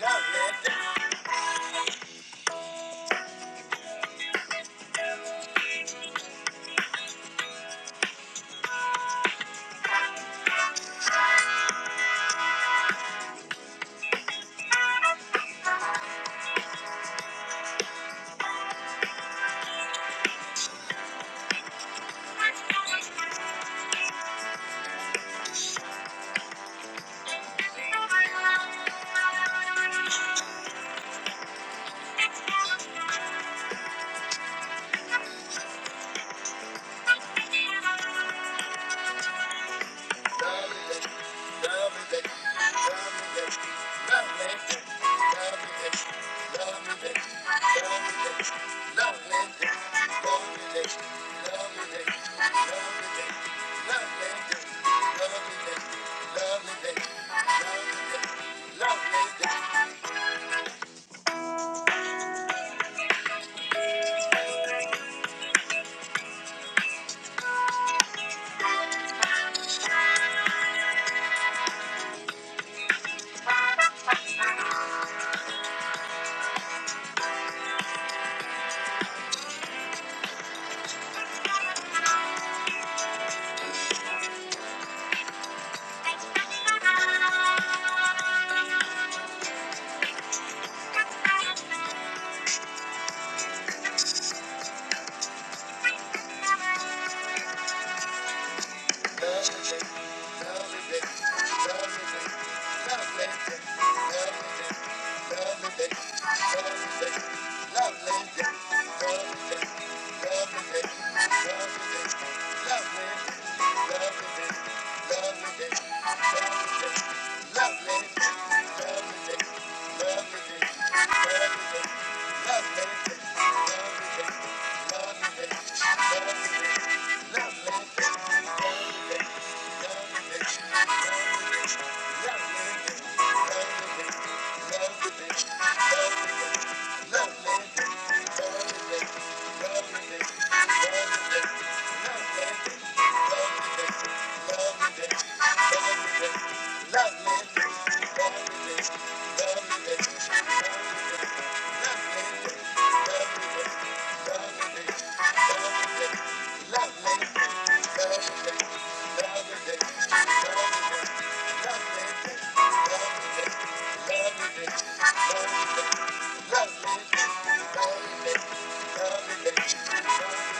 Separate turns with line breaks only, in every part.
Love it. Thank you. Thank you. Lovely, lovely, lovely, lovely,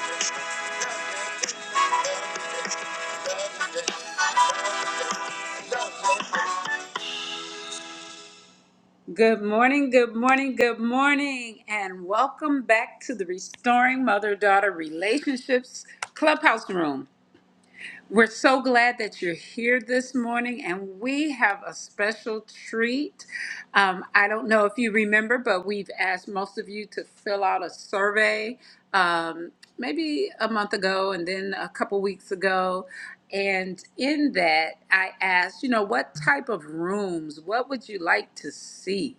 lovely, lovely. Good morning, good morning, good morning, and welcome back to the Restoring Mother Daughter Relationships Clubhouse Room. We're so glad that you're here this morning, and we have a special treat. Um, I don't know if you remember, but we've asked most of you to fill out a survey um, maybe a month ago and then a couple weeks ago. And in that, I asked, you know, what type of rooms, what would you like to see?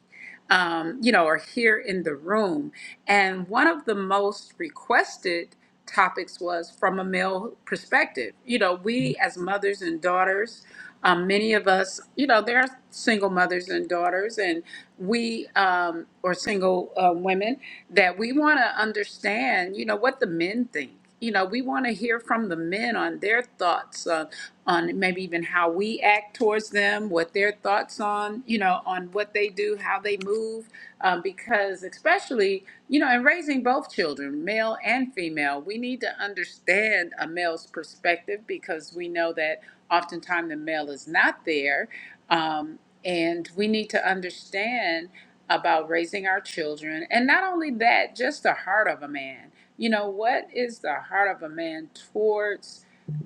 um, you know, are here in the room. And one of the most requested topics was from a male perspective. You know, we as mothers and daughters, um, many of us, you know, there are single mothers and daughters, and we um, or single uh, women that we want to understand, you know, what the men think you know, we want to hear from the men on their thoughts on, on maybe even how we act towards them, what their thoughts on, you know, on what they do, how they move, um, because especially, you know, in raising both children, male and female, we need to understand a male's perspective because we know that oftentimes the male is not there, um, and we need to understand about raising our children, and not only that, just the heart of a man you know, what is the heart of a man towards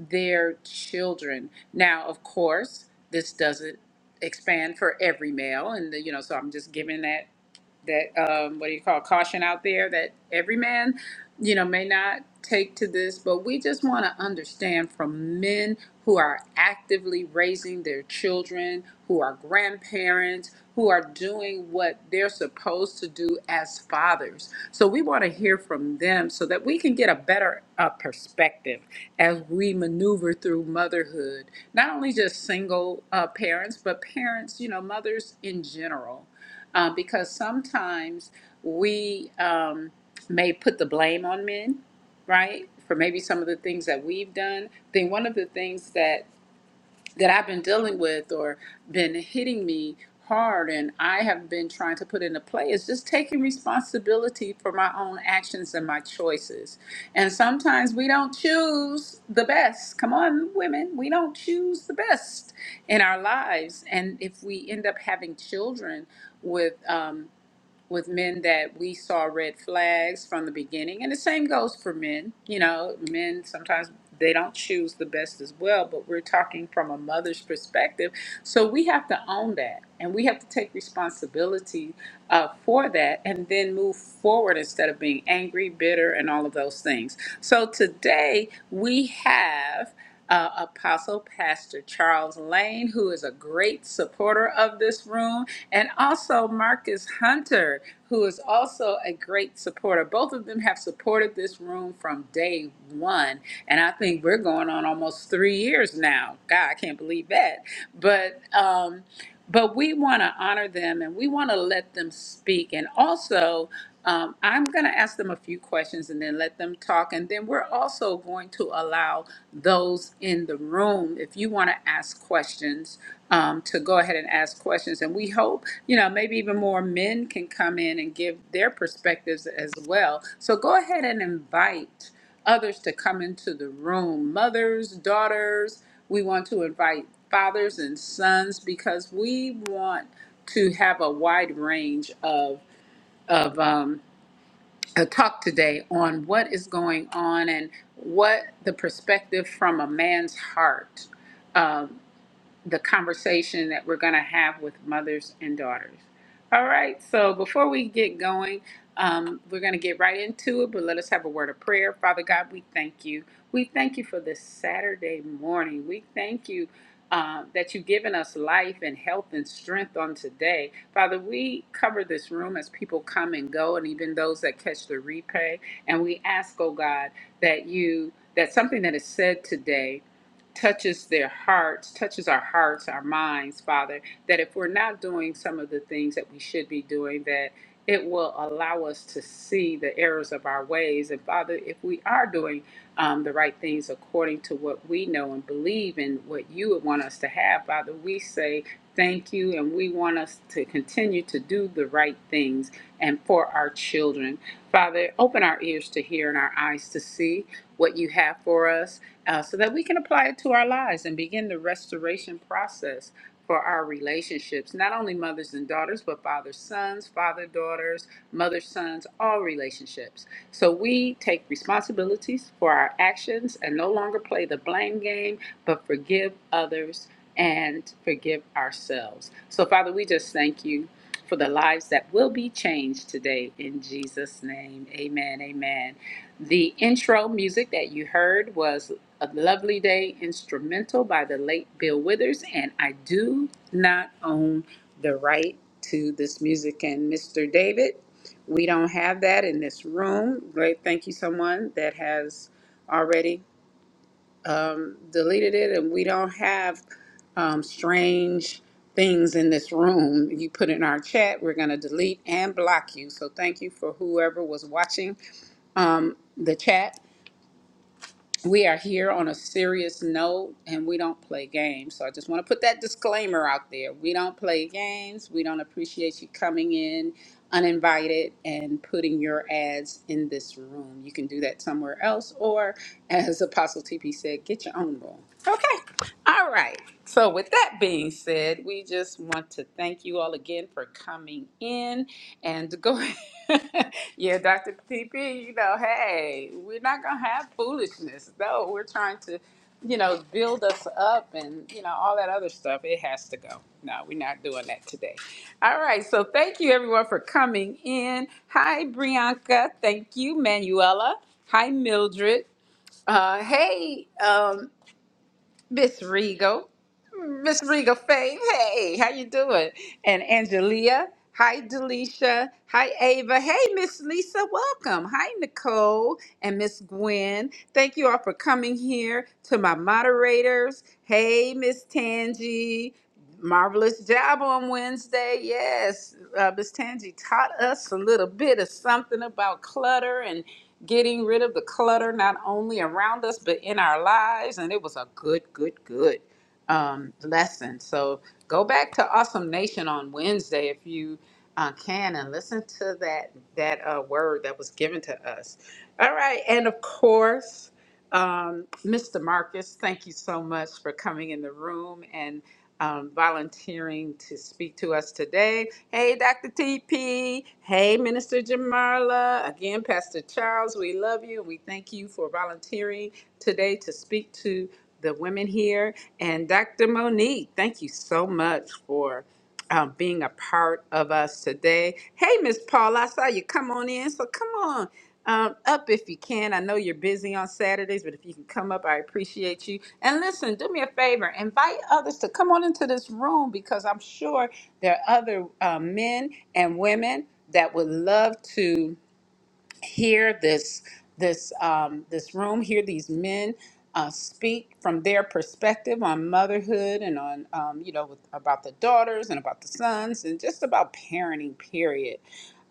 their children? Now, of course, this doesn't expand for every male, and the, you know, so I'm just giving that that um, what do you call caution out there that every man you know may not take to this but we just want to understand from men who are actively raising their children who are grandparents who are doing what they're supposed to do as fathers so we want to hear from them so that we can get a better uh, perspective as we maneuver through motherhood not only just single uh, parents but parents you know mothers in general uh, because sometimes we um, may put the blame on men, right? For maybe some of the things that we've done. I think one of the things that that I've been dealing with or been hitting me hard and I have been trying to put into play is just taking responsibility for my own actions and my choices. And sometimes we don't choose the best. Come on, women, we don't choose the best in our lives. And if we end up having children with, um, with men that we saw red flags from the beginning. And the same goes for men. You know, men sometimes they don't choose the best as well, but we're talking from a mother's perspective. So we have to own that and we have to take responsibility uh, for that and then move forward instead of being angry, bitter, and all of those things. So today we have uh, Apostle Pastor Charles Lane, who is a great supporter of this room, and also Marcus Hunter, who is also a great supporter. Both of them have supported this room from day one. And I think we're going on almost three years now. God, I can't believe that. But, um, but we want to honor them and we want to let them speak. And also, um, I'm going to ask them a few questions and then let them talk. And then we're also going to allow those in the room, if you want to ask questions, um, to go ahead and ask questions. And we hope, you know, maybe even more men can come in and give their perspectives as well. So go ahead and invite others to come into the room. Mothers, daughters, we want to invite fathers and sons because we want to have a wide range of of um, a talk today on what is going on and what the perspective from a man's heart. um, the conversation that we're going to have with mothers and daughters. All right, so before we get going, um, we're going to get right into it, but let us have a word of prayer. Father God, we thank you. We thank you for this Saturday morning. We thank you uh, that you've given us life and health and strength on today. Father, we cover this room as people come and go, and even those that catch the replay. And we ask, oh God, that you, that something that is said today, touches their hearts, touches our hearts, our minds, Father, that if we're not doing some of the things that we should be doing, that it will allow us to see the errors of our ways. And Father, if we are doing um, the right things according to what we know and believe in what you would want us to have, Father, we say thank you and we want us to continue to do the right things and for our children. Father, open our ears to hear and our eyes to see what you have for us uh, so that we can apply it to our lives and begin the restoration process for our relationships, not only mothers and daughters, but father sons, father daughters, mother sons, all relationships. So we take responsibilities for our actions and no longer play the blame game, but forgive others and forgive ourselves. So, Father, we just thank you for the lives that will be changed today in Jesus' name. Amen. Amen. The intro music that you heard was A Lovely Day instrumental by the late Bill Withers, and I do not own the right to this music. And Mr. David, we don't have that in this room. Great, thank you, someone that has already um, deleted it, and we don't have um, strange things in this room. You put in our chat, we're going to delete and block you. So thank you for whoever was watching um, the chat we are here on a serious note and we don't play games. So I just want to put that disclaimer out there. We don't play games. We don't appreciate you coming in uninvited and putting your ads in this room. You can do that somewhere else or as Apostle TP said, get your own room. Okay. All right. So, with that being said, we just want to thank you all again for coming in and go. yeah, Dr. TP, you know, hey, we're not going to have foolishness, though. We're trying to, you know, build us up and, you know, all that other stuff. It has to go. No, we're not doing that today. All right. So, thank you everyone for coming in. Hi, Brianka. Thank you, Manuela. Hi, Mildred. Uh, hey, um, Miss Regal, Miss Regal Faith. Hey, how you doing? And Angelia. Hi, Delisha. Hi, Ava. Hey, Miss Lisa. Welcome. Hi, Nicole and Miss Gwen. Thank you all for coming here. To my moderators. Hey, Miss Tangi. Marvelous job on Wednesday. Yes, uh, Miss Tangi taught us a little bit of something about clutter getting rid of the clutter not only around us but in our lives and it was a good good good um, lesson so go back to awesome nation on wednesday if you uh, can and listen to that that uh, word that was given to us all right and of course um, mr marcus thank you so much for coming in the room and um, volunteering to speak to us today. Hey, Dr. TP. Hey, Minister Jamarla. Again, Pastor Charles, we love you. We thank you for volunteering today to speak to the women here. And Dr. Monique, thank you so much for um, being a part of us today. Hey, Miss Paul, I saw you come on in, so come on um, up if you can. I know you're busy on Saturdays, but if you can come up, I appreciate you. And listen, do me a favor, invite others to come on into this room because I'm sure there are other uh, men and women that would love to hear this this um, this room, hear these men uh, speak from their perspective on motherhood and on um, you know with, about the daughters and about the sons and just about parenting. Period.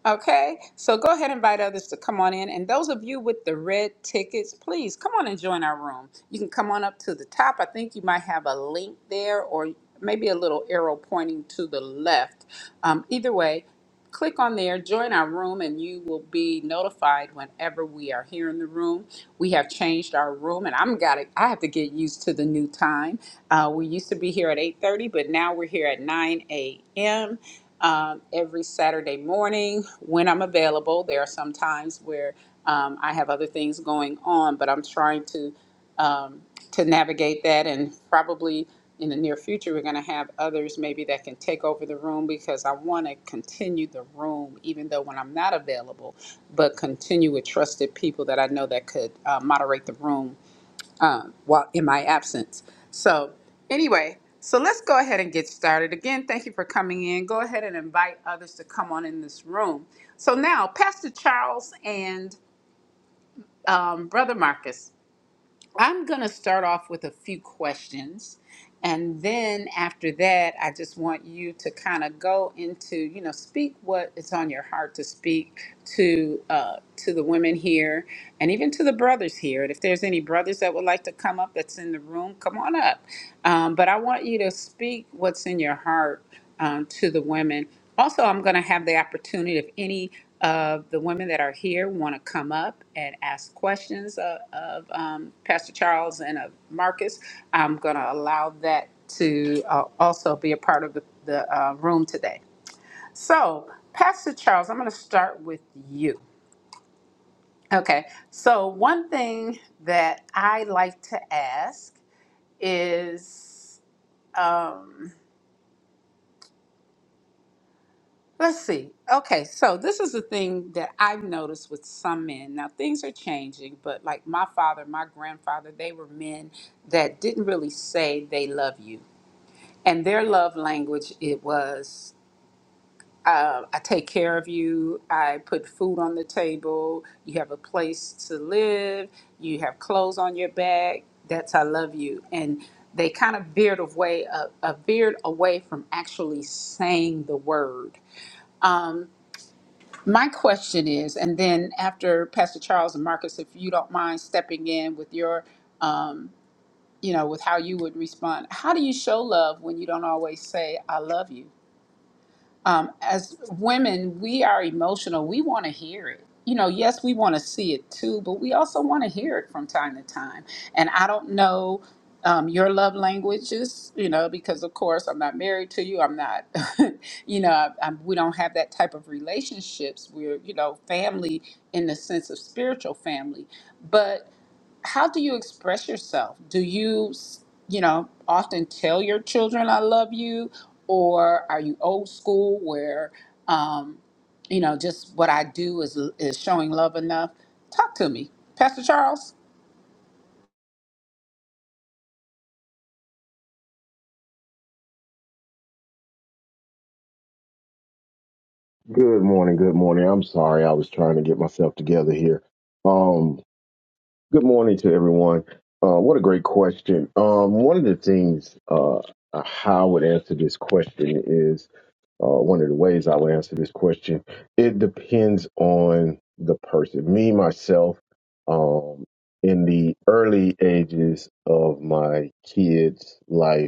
Okay, so go ahead and invite others to come on in. And those of you with the red tickets, please come on and join our room. You can come on up to the top. I think you might have a link there or maybe a little arrow pointing to the left. Um, either way, click on there, join our room, and you will be notified whenever we are here in the room. We have changed our room, and I'm got to I have to get used to the new time. Uh, we used to be here at 8:30, but now we're here at 9 a.m. Um, every Saturday morning when I'm available. There are some times where um, I have other things going on, but I'm trying to um, to navigate that. And probably in the near future, we're going to have others maybe that can take over the room because I want to continue the room, even though when I'm not available, but continue with trusted people that I know that could uh, moderate the room uh, while in my absence. So, anyway. So let's go ahead and get started. Again, thank you for coming in. Go ahead and invite others to come on in this room. So now, Pastor Charles and um, Brother Marcus, I'm going to start off with a few questions. And then after that, I just want you to kind of go into, you know, speak what is on your heart to speak to uh, to the women here and even to the brothers here. And if there's any brothers that would like to come up that's in the room, come on up. Um, but I want you to speak what's in your heart um, to the women. Also, I'm going to have the opportunity if any of the women that are here want to come up and ask questions of, of um, Pastor Charles and of Marcus. I'm going to allow that to uh, also be a part of the, the uh, room today. So, Pastor Charles, I'm going to start with you. Okay, so one thing that I like to ask is. Um, Let's see. Okay, so this is the thing that I've noticed with some men. Now things are changing, but like my father, my grandfather, they were men that didn't really say they love you, and their love language it was, uh, I take care of you, I put food on the table, you have a place to live, you have clothes on your back. That's I love you, and they kind of veered away, uh, uh, veered away from actually saying the word. Um, my question is, and then after Pastor Charles and Marcus, if you don't mind stepping in with your, um, you know, with how you would respond, how do you show love when you don't always say, I love you? um, as women, we are emotional. We want to hear it. You know, yes, we want to see it too, but we also want to hear it from time to time. And I don't know um, your love languages, you know, because of course I'm not married to you. I'm not, you know, I, I'm, we don't have that type of relationships. We're, you know, family in the sense of spiritual family. But how do you express yourself? Do you, you know, often tell your children I love you, or are you old school where, um, you know, just what I do is is showing love enough? Talk to me, Pastor Charles.
Good morning. Good morning. I'm sorry. I was trying to get myself together here. Um, good morning to everyone. Uh, what a great question. Um, one of the things uh, how I would answer this question is uh, one of the ways I would answer this question. It depends on the person. Me, myself, um, in the early ages of my kids' life,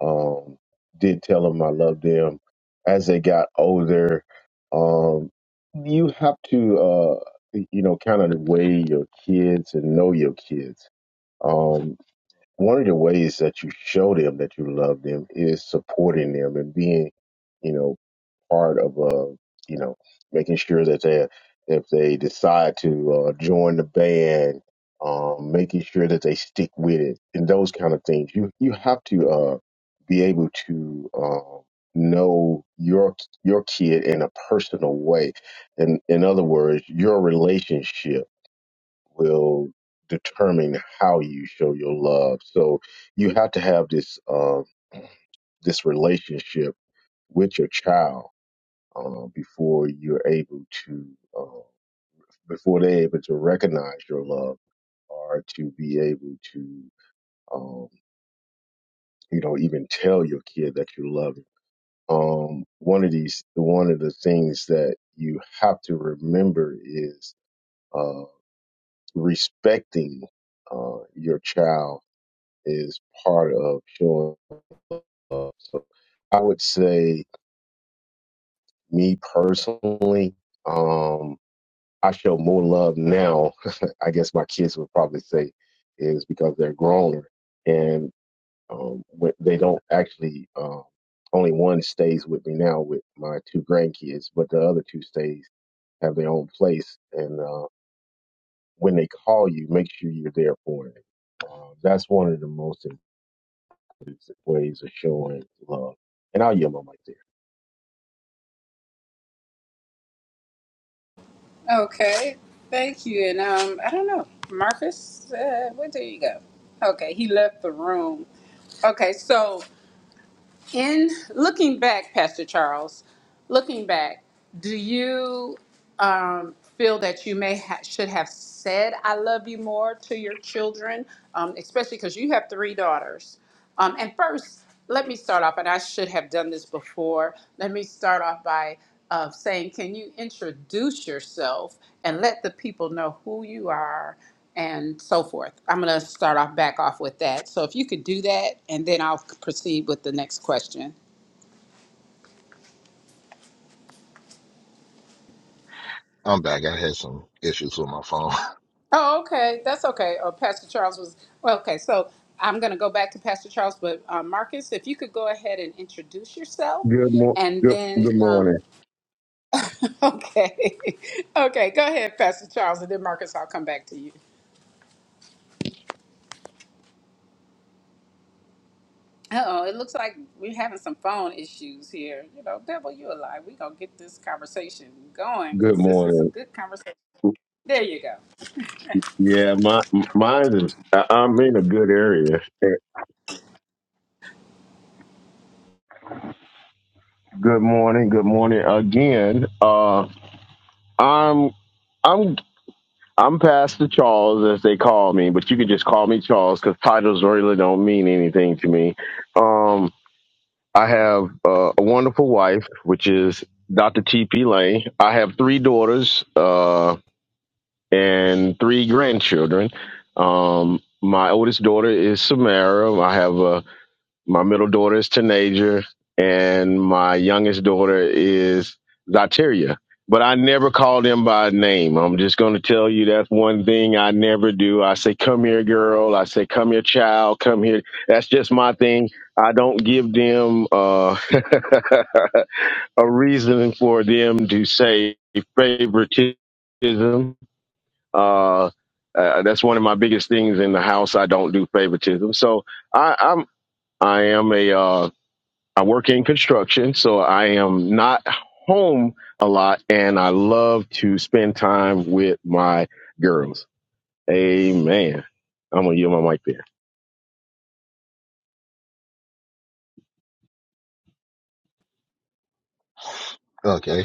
um, did tell them I loved them. As they got older, um, you have to, uh, you know, kind of weigh your kids and know your kids. Um, one of the ways that you show them that you love them is supporting them and being, you know, part of uh you know making sure that they if they decide to uh, join the band um making sure that they stick with it and those kind of things you you have to uh be able to um know your your kid in a personal way and in in other words your relationship will determine how you show your love so you have to have this um this relationship with your child uh, before you're able to, uh, before they're able to recognize your love or to be able to, um, you know, even tell your kid that you love them. Um, one of these, one of the things that you have to remember is uh, respecting uh, your child is part of showing love. So I would say, me personally, um, I show more love now, I guess my kids would probably say, is because they're growner and um, they don't actually, um, only one stays with me now with my two grandkids, but the other two stays have their own place. And uh, when they call you, make sure you're there for them. Uh, that's one of the most important ways of showing love. And I'll yell my mic
Okay, thank you. And um, I don't know, Marcus, uh, where did you go? Okay, he left the room. Okay, so. in looking back, Pastor Charles, looking back, do you um, feel that you may ha- should have said "I love you" more to your children, um, especially because you have three daughters? Um, and first, let me start off, and I should have done this before. Let me start off by uh, saying, can you introduce yourself and let the people know who you are? and so forth. I'm going to start off back off with that. So if you could do that, and then I'll proceed with the next question.
I'm back. I had some issues with my phone.
Oh, okay, that's okay. Oh, Pastor Charles was well, okay. So I'm going to go back to Pastor Charles, but uh, Marcus, if you could go ahead and introduce yourself,
there. Good, mo-
and
good,
then
good
um,
morning.
okay, okay, go ahead, Pastor Charles, and then Marcus, I'll come back to you. Oh, it looks like we're having some phone issues here. You know, devil, you alive. We gonna get this conversation going
Good
because this is a
morning.
good conversation. There you go.
Yeah, my mine is. I- I'm in a good area. Good morning. Good morning again. Uh, I'm I'm I'm Pastor Charles as they call me, but you can just call me Charles because titles really don't mean anything to me. Um, I have uh, a wonderful wife, which is Dr. T.P. Lane. I have three daughters uh, and three grandchildren. Um, my oldest daughter is Samara. I have a My middle daughter is Tanager, and my youngest daughter is Zateria. But I never call them by name. I'm just going to tell you that's one thing I never do. I say, come here, girl. I say, come here, child. Come here. That's just my thing. I don't give them uh, a reason for them to say favoritism. Uh, uh, that's one of my biggest things in the house. I don't do favoritism. So I, I'm I am a uh, I work in construction, so I am not home a lot, and I love to spend time with my girls. Amen. I'm gonna yield my mic there.
okay.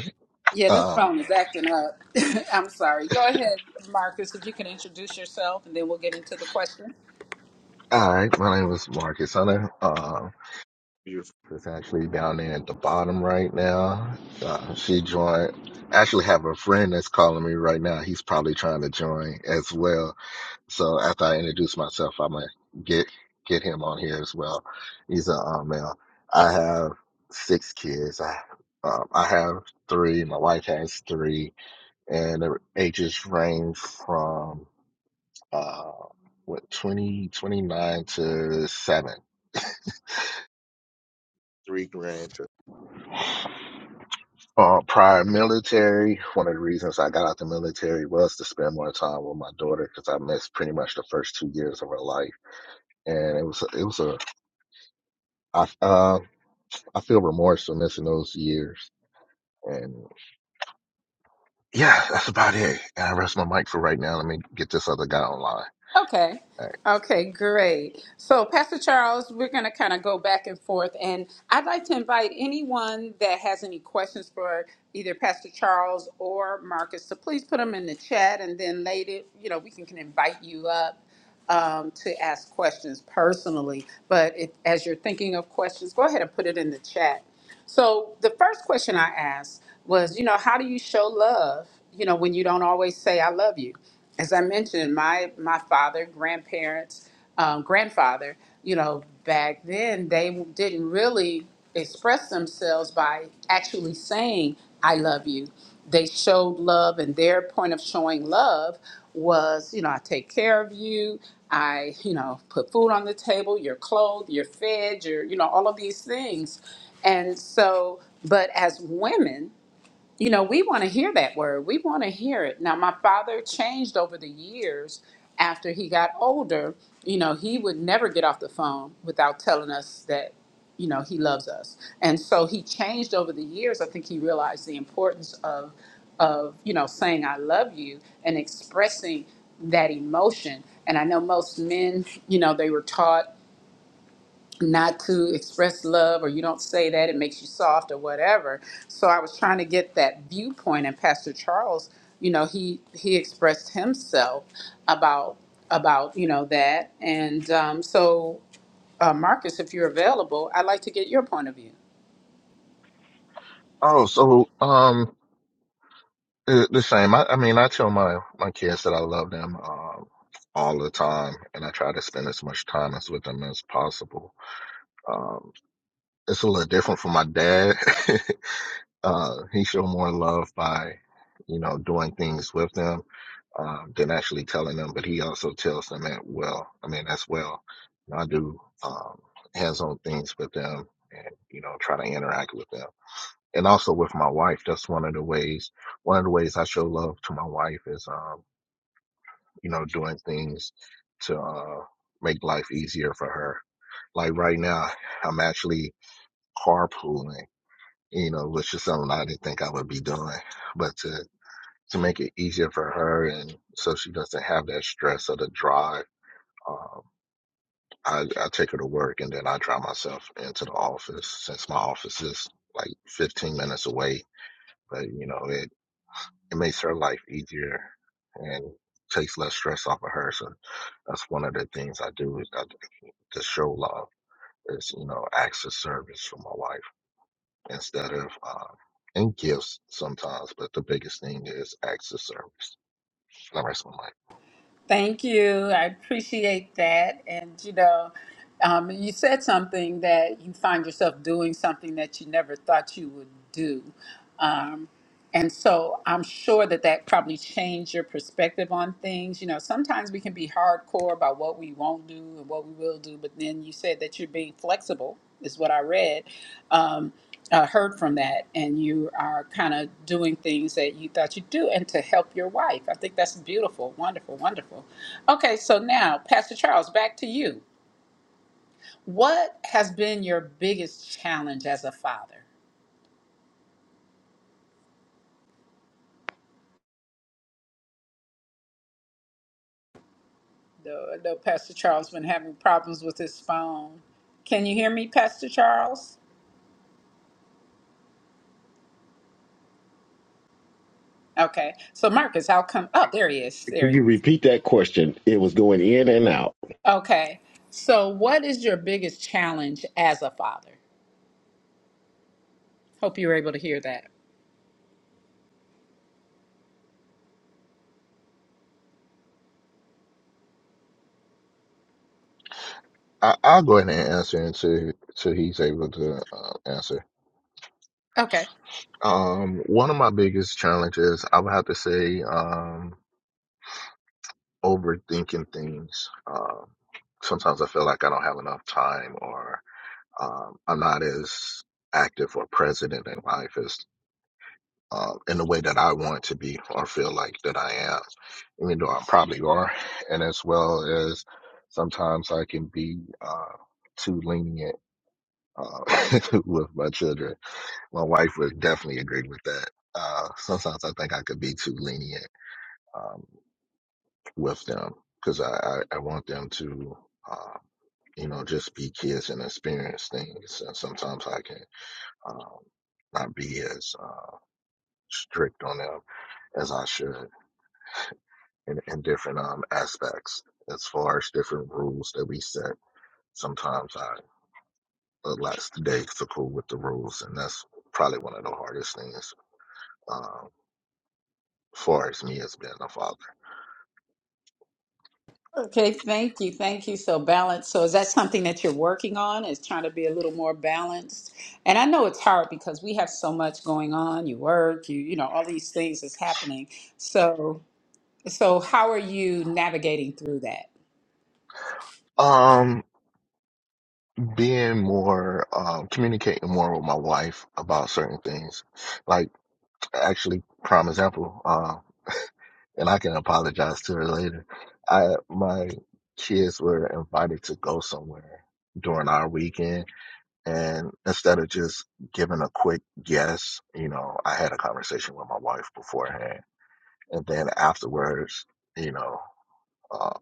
Yeah, this
Um,
phone is acting up. I'm sorry. Go ahead, Marcus, if you can introduce yourself and then we'll get into the question.
all right. My name is Marcus Hunter. Uh, Beautiful. it's actually down there at the bottom right now. Uh, she joined. I actually have a friend that's calling me right now. He's probably trying to join as well. So after I introduce myself, I'm gonna get get him on here as well. He's a um, male. I have six kids. I um, I have three. My wife has three, and their ages range from uh, what 20 29 to 7, three grand. To, uh, prior military, one of the reasons I got out the military was to spend more time with my daughter because I missed pretty much the first two years of her life. And it was, it was a, I, uh, I feel remorse for missing those years. And yeah, that's about it. And I rest my mic for right now. Let me get this other guy online.
Okay.
All right.
Okay, great. So, Pastor Charles, we're going to kind of go back and forth. And I'd like to invite anyone that has any questions for either Pastor Charles or Marcus to please put them in the chat and then later, you know, we can, can invite you up. um, to ask questions personally. But it, as you're thinking of questions, go ahead and put it in the chat. So the first question I asked was, you know, how do you show love? You know, when you don't always say "I love you." As I mentioned, my my father, grandparents, um, grandfather, you know, back then they didn't really express themselves by actually saying "I love you." they showed love and their point of showing love was you know i take care of you i you know put food on the table you're clothed you're fed you're you know all of these things and so but as women you know, we want to hear that word. We want to hear it. Now, my father changed over the years after he got older. You know, he would never get off the phone without telling us that, you know, he loves us. And so he changed over the years. I think he realized the importance of, of you know, saying, I love you and expressing that emotion. And I know most men, you know, they were taught not to express love or you don't say that it makes you soft or whatever so i was trying to get that viewpoint and pastor charles you know he he expressed himself about about you know that and um, so uh, marcus if you're available i'd like to get your point of view
Oh, so, um, Uh, The same. I, I mean, I tell my my kids that I love them um, all the time, and I try to spend as much time as with them as possible. Um, it's a little different for my dad. uh, he showed more love by, you know, doing things with them um, than actually telling them. But he also tells them that well. I mean, as well. And I do um, hands-on things with them, and you know, try to interact with them and also with my wife. That's one of the ways. One of the ways I show love to my wife is, um, you know, doing things to uh, make life easier for her. Like right now, I'm actually carpooling, you know, which is something I didn't think I would be doing, but to to make it easier for her and so she doesn't have that stress of the drive. Um, I, I take her to work and then I drive myself into the office since my office is like 15 minutes away but you know it it makes her life easier and takes less stress off of her. So that's one of the things I do is I, to show love is you know acts of service for my wife instead of um, and gifts sometimes, but the biggest thing is acts of service. The rest of my life.
Thank you. I appreciate that. And you know, um, you said something that you find yourself doing something that you never thought you would do. Um, and so I'm sure that that probably changed your perspective on things. You know, sometimes we can be hardcore about what we won't do and what we will do, but then you said that you're being flexible, is what I read. Um, uh, heard from that and you are kind of doing things that you thought you'd do and to help your wife. I think that's beautiful, wonderful, wonderful. Okay, so now, Pastor Charles, back to you. What has been your biggest challenge as a father? No, I know Pastor Charles been having problems with his phone. Can you hear me, Pastor Charles? Okay. So Marcus, I'll come. Oh, there he is. There
Can
he
you
is.
repeat that question? It was going in and out.
Okay. So what is your biggest challenge as a father? Hope you were able to hear that.
I, I'll go ahead and answer until until he's able to uh, answer.
Okay.
Um, one of my biggest challenges, I would have to say, um, overthinking things. Um, sometimes I feel like I don't have enough time, or um, I'm not as active or present in life as um, in the way that I want to be or feel like that I am, even though I probably are. And as well as sometimes I can be uh, too lenient uh, with my children. My wife would definitely agree with that. Uh, sometimes I think I could be too lenient um, with them because I, I, I want them to. Uh, you know, just be kids and experience things. And sometimes I can um, not be as uh, strict on them as I should in, in different um, aspects. As far as different rules that we set, sometimes I lax lackadaisical with the rules, and that's probably one of the hardest things um, as far as me as being a father.
Okay, thank you. Thank you. So balanced. So is that something that you're working on? Is trying to be a little more balanced? And I know it's hard because we have so much going on. You work, you you know, all these things is happening. So so how are you navigating through that?
Um, being more, um, communicating more with my wife about certain things, like actually, prime example. uh, and I can apologize to her later. I my kids were invited to go somewhere during our weekend, and instead of just giving a quick yes, you know, I had a conversation with my wife beforehand, and then afterwards, you know, uh,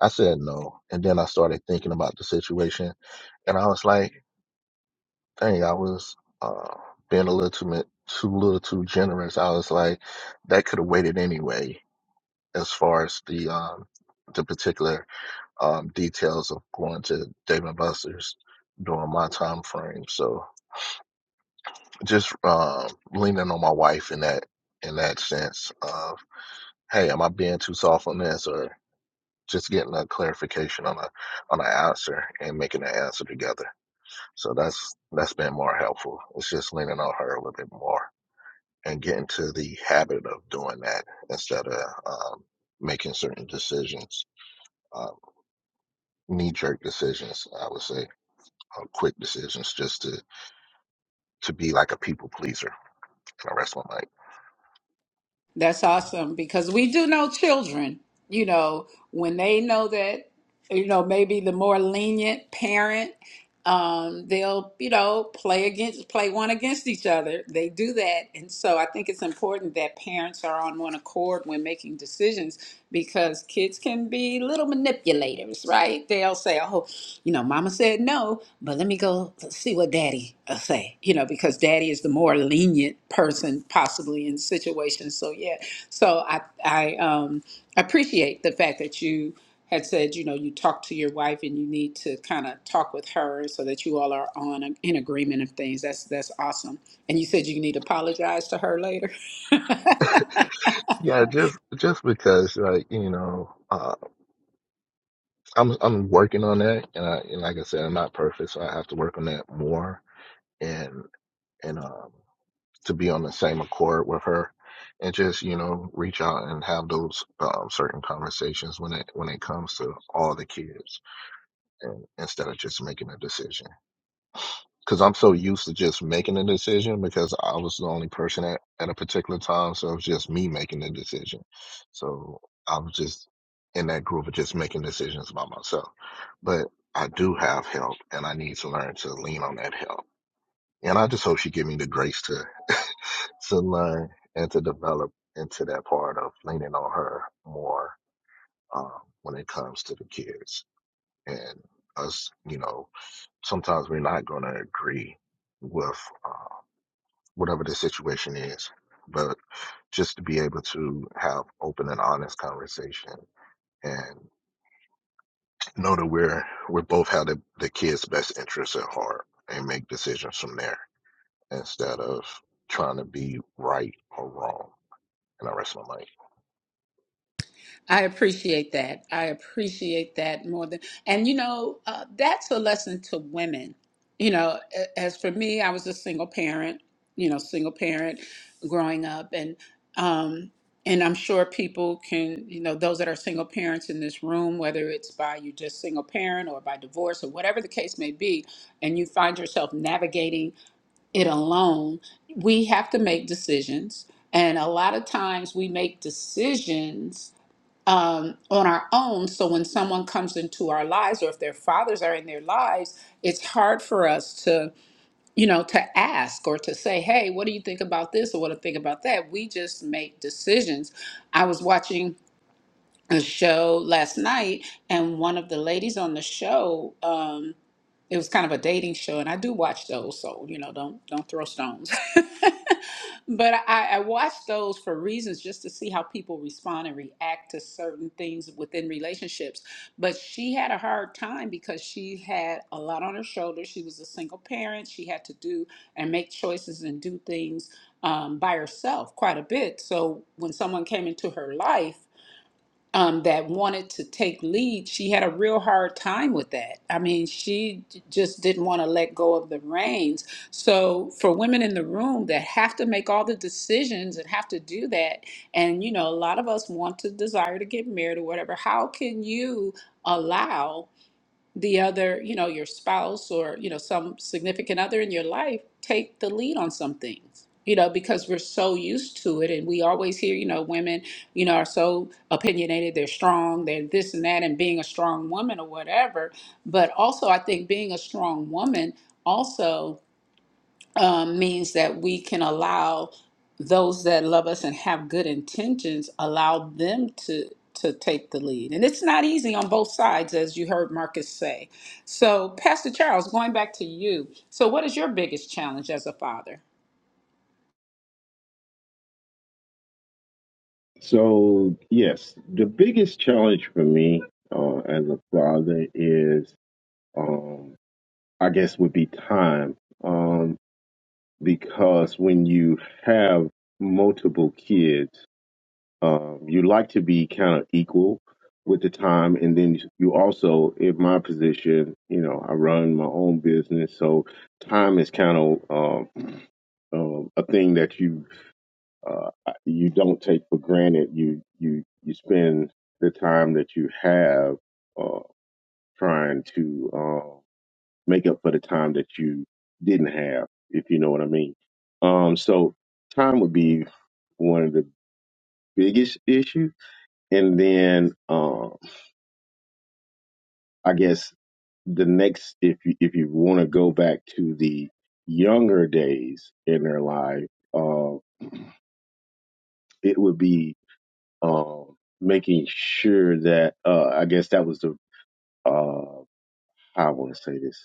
I said no, and then I started thinking about the situation, and I was like, dang, I was uh, being a little too mi- too little too generous. I was like, that could have waited anyway as far as the um, the particular um, details of going to Dave and Buster's during my time frame. So just um, leaning on my wife in that in that sense of hey, am I being too soft on this or just getting a clarification on a on an answer and making an answer together. So that's that's been more helpful. It's just leaning on her a little bit more and getting to the habit of doing that instead of um, making certain decisions uh, knee jerk decisions, I would say, or quick decisions just to, to be like a people pleaser. And I rest my mic.
That's awesome because we do know children, you know, when they know that, you know, maybe the more lenient parent um, they'll you know play against play one against each other they do that and so i think it's important that parents are on one accord when making decisions because kids can be little manipulators right they'll say oh you know mama said no but let me go see what daddy will say you know because daddy is the more lenient person possibly in situations so yeah so i i um appreciate the fact that you had said, you know, you talk to your wife and you need to kind of talk with her so that you all are on a, in agreement of things. That's that's awesome. And you said you need to apologize to her later.
Yeah, just just because like, you know, uh I'm I'm working on that and I and like I said, I'm not perfect, so I have to work on that more and and um to be on the same accord with her and just, you know, reach out and have those um, certain conversations when it when it comes to all the kids and instead of just making a decision. because I'm so used to just making a decision because I was the only person at, at a particular time. So it was just me making the decision. So I was just in that group of just making decisions by myself. But I do have help and I need to learn to lean on that help. And I just hope she give me the grace to, to learn and to develop into that part of leaning on her more um, when it comes to the kids and us, you know, sometimes we're not going to agree with whatever the situation is, but just to be able to have open and honest conversation and know that we're we both have the, the kids' best interests at heart and make decisions from there instead of trying to be right or wrong. And I rest my mic.
I appreciate that. I appreciate that more than, and you know, uh, that's a lesson to women. You know, a- as for me, I was a single parent. You know, single parent growing up, and um, and I'm sure people can, you know, those that are single parents in this room, whether it's by you just single parent or by divorce or whatever the case may be, and you find yourself navigating it alone, we have to make decisions, and a lot of times we make decisions um, on our own. So when someone comes into our lives, or if their fathers are in their lives, it's hard for us to, you know, to ask or to say, "Hey, what do you think about this?" or "What do you think about that?" We just make decisions. I was watching a show last night, and one of the ladies on the show, um, it was kind of a dating show, and I do watch those, so you know, don't don't throw stones. but I, I watch those for reasons just to see how people respond and react to certain things within relationships. But she had a hard time because she had a lot on her shoulders. She was a single parent. She had to do and make choices and do things um, by herself quite a bit. So when someone came into her life um, that wanted to take lead, she had a real hard time with that. I mean, she j- just didn't want to let go of the reins. So, for women in the room that have to make all the decisions and have to do that, and you know, a lot of us want to desire to get married or whatever, how can you allow? the other, you know, your spouse or, you know, some significant other in your life take the lead on some things, you know, because we're so used to it. And we always hear, you know, women, you know, are so opinionated, they're strong, they're this and that, and being a strong woman or whatever. But also, I think being a strong woman also um, means that we can allow those that love us and have good intentions allow them to to take the lead and it's not easy on both sides as you heard marcus say so pastor charles going back to you so what is your biggest challenge as a father
So, yes, the biggest challenge for me uh, as a father is, um, I guess, would be time. Um, because when you have multiple kids, Um, you like to be kind of equal with the time, and then you also, in my position, you know, I run my own business, so time is kind of um, um, a thing that you uh, you don't take for granted. You you you spend the time that you have uh, trying to uh, make up for the time that you didn't have, if you know what I mean. Um, so time would be one of the biggest issues and then um, I guess the next, if you, if you want to go back to the younger days in their life, uh, it would be um, making sure that uh, I guess that was the uh, how I want to say this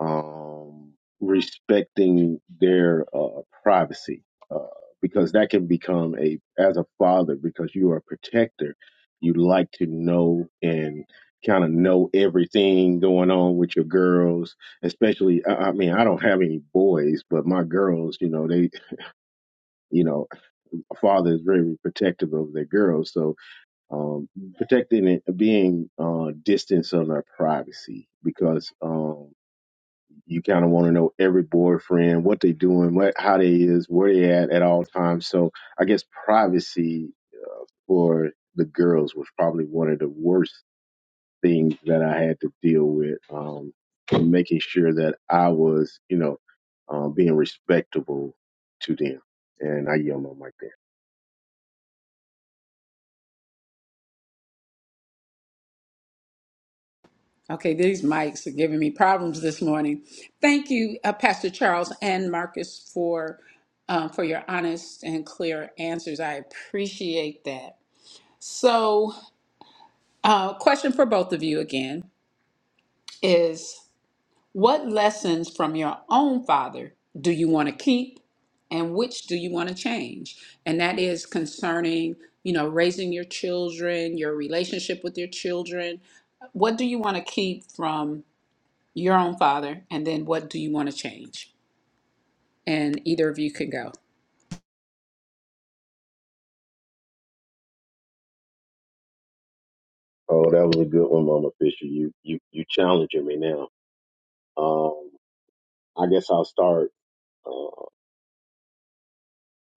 um, respecting their uh, privacy uh, because that can become a as a father because you are a protector you like to know and kind of know everything going on with your girls especially I, I mean i don't have any boys but my girls you know they you know a father is very protective of their girls so um protecting it being uh distance on their privacy because um, you kind of want to know every boyfriend, what they doing, what how they is, where they at at all times. So I guess privacy for the girls was probably one of the worst things that I had to deal with. Um, and making sure that I was, you know, um, being respectable to them. And I yell on like that.
okay these mics are giving me problems this morning thank you uh, pastor charles and marcus for um, for your honest and clear answers i appreciate that so uh, question for both of you again is what lessons from your own father do you want to keep and which do you want to change and that is concerning you know raising your children your relationship with your children what do you want to keep from your own father and then what do you want to change and either of you can go
Oh, that was a good one, Mama Fisher. You you you challenging me now. Um, I guess I'll start.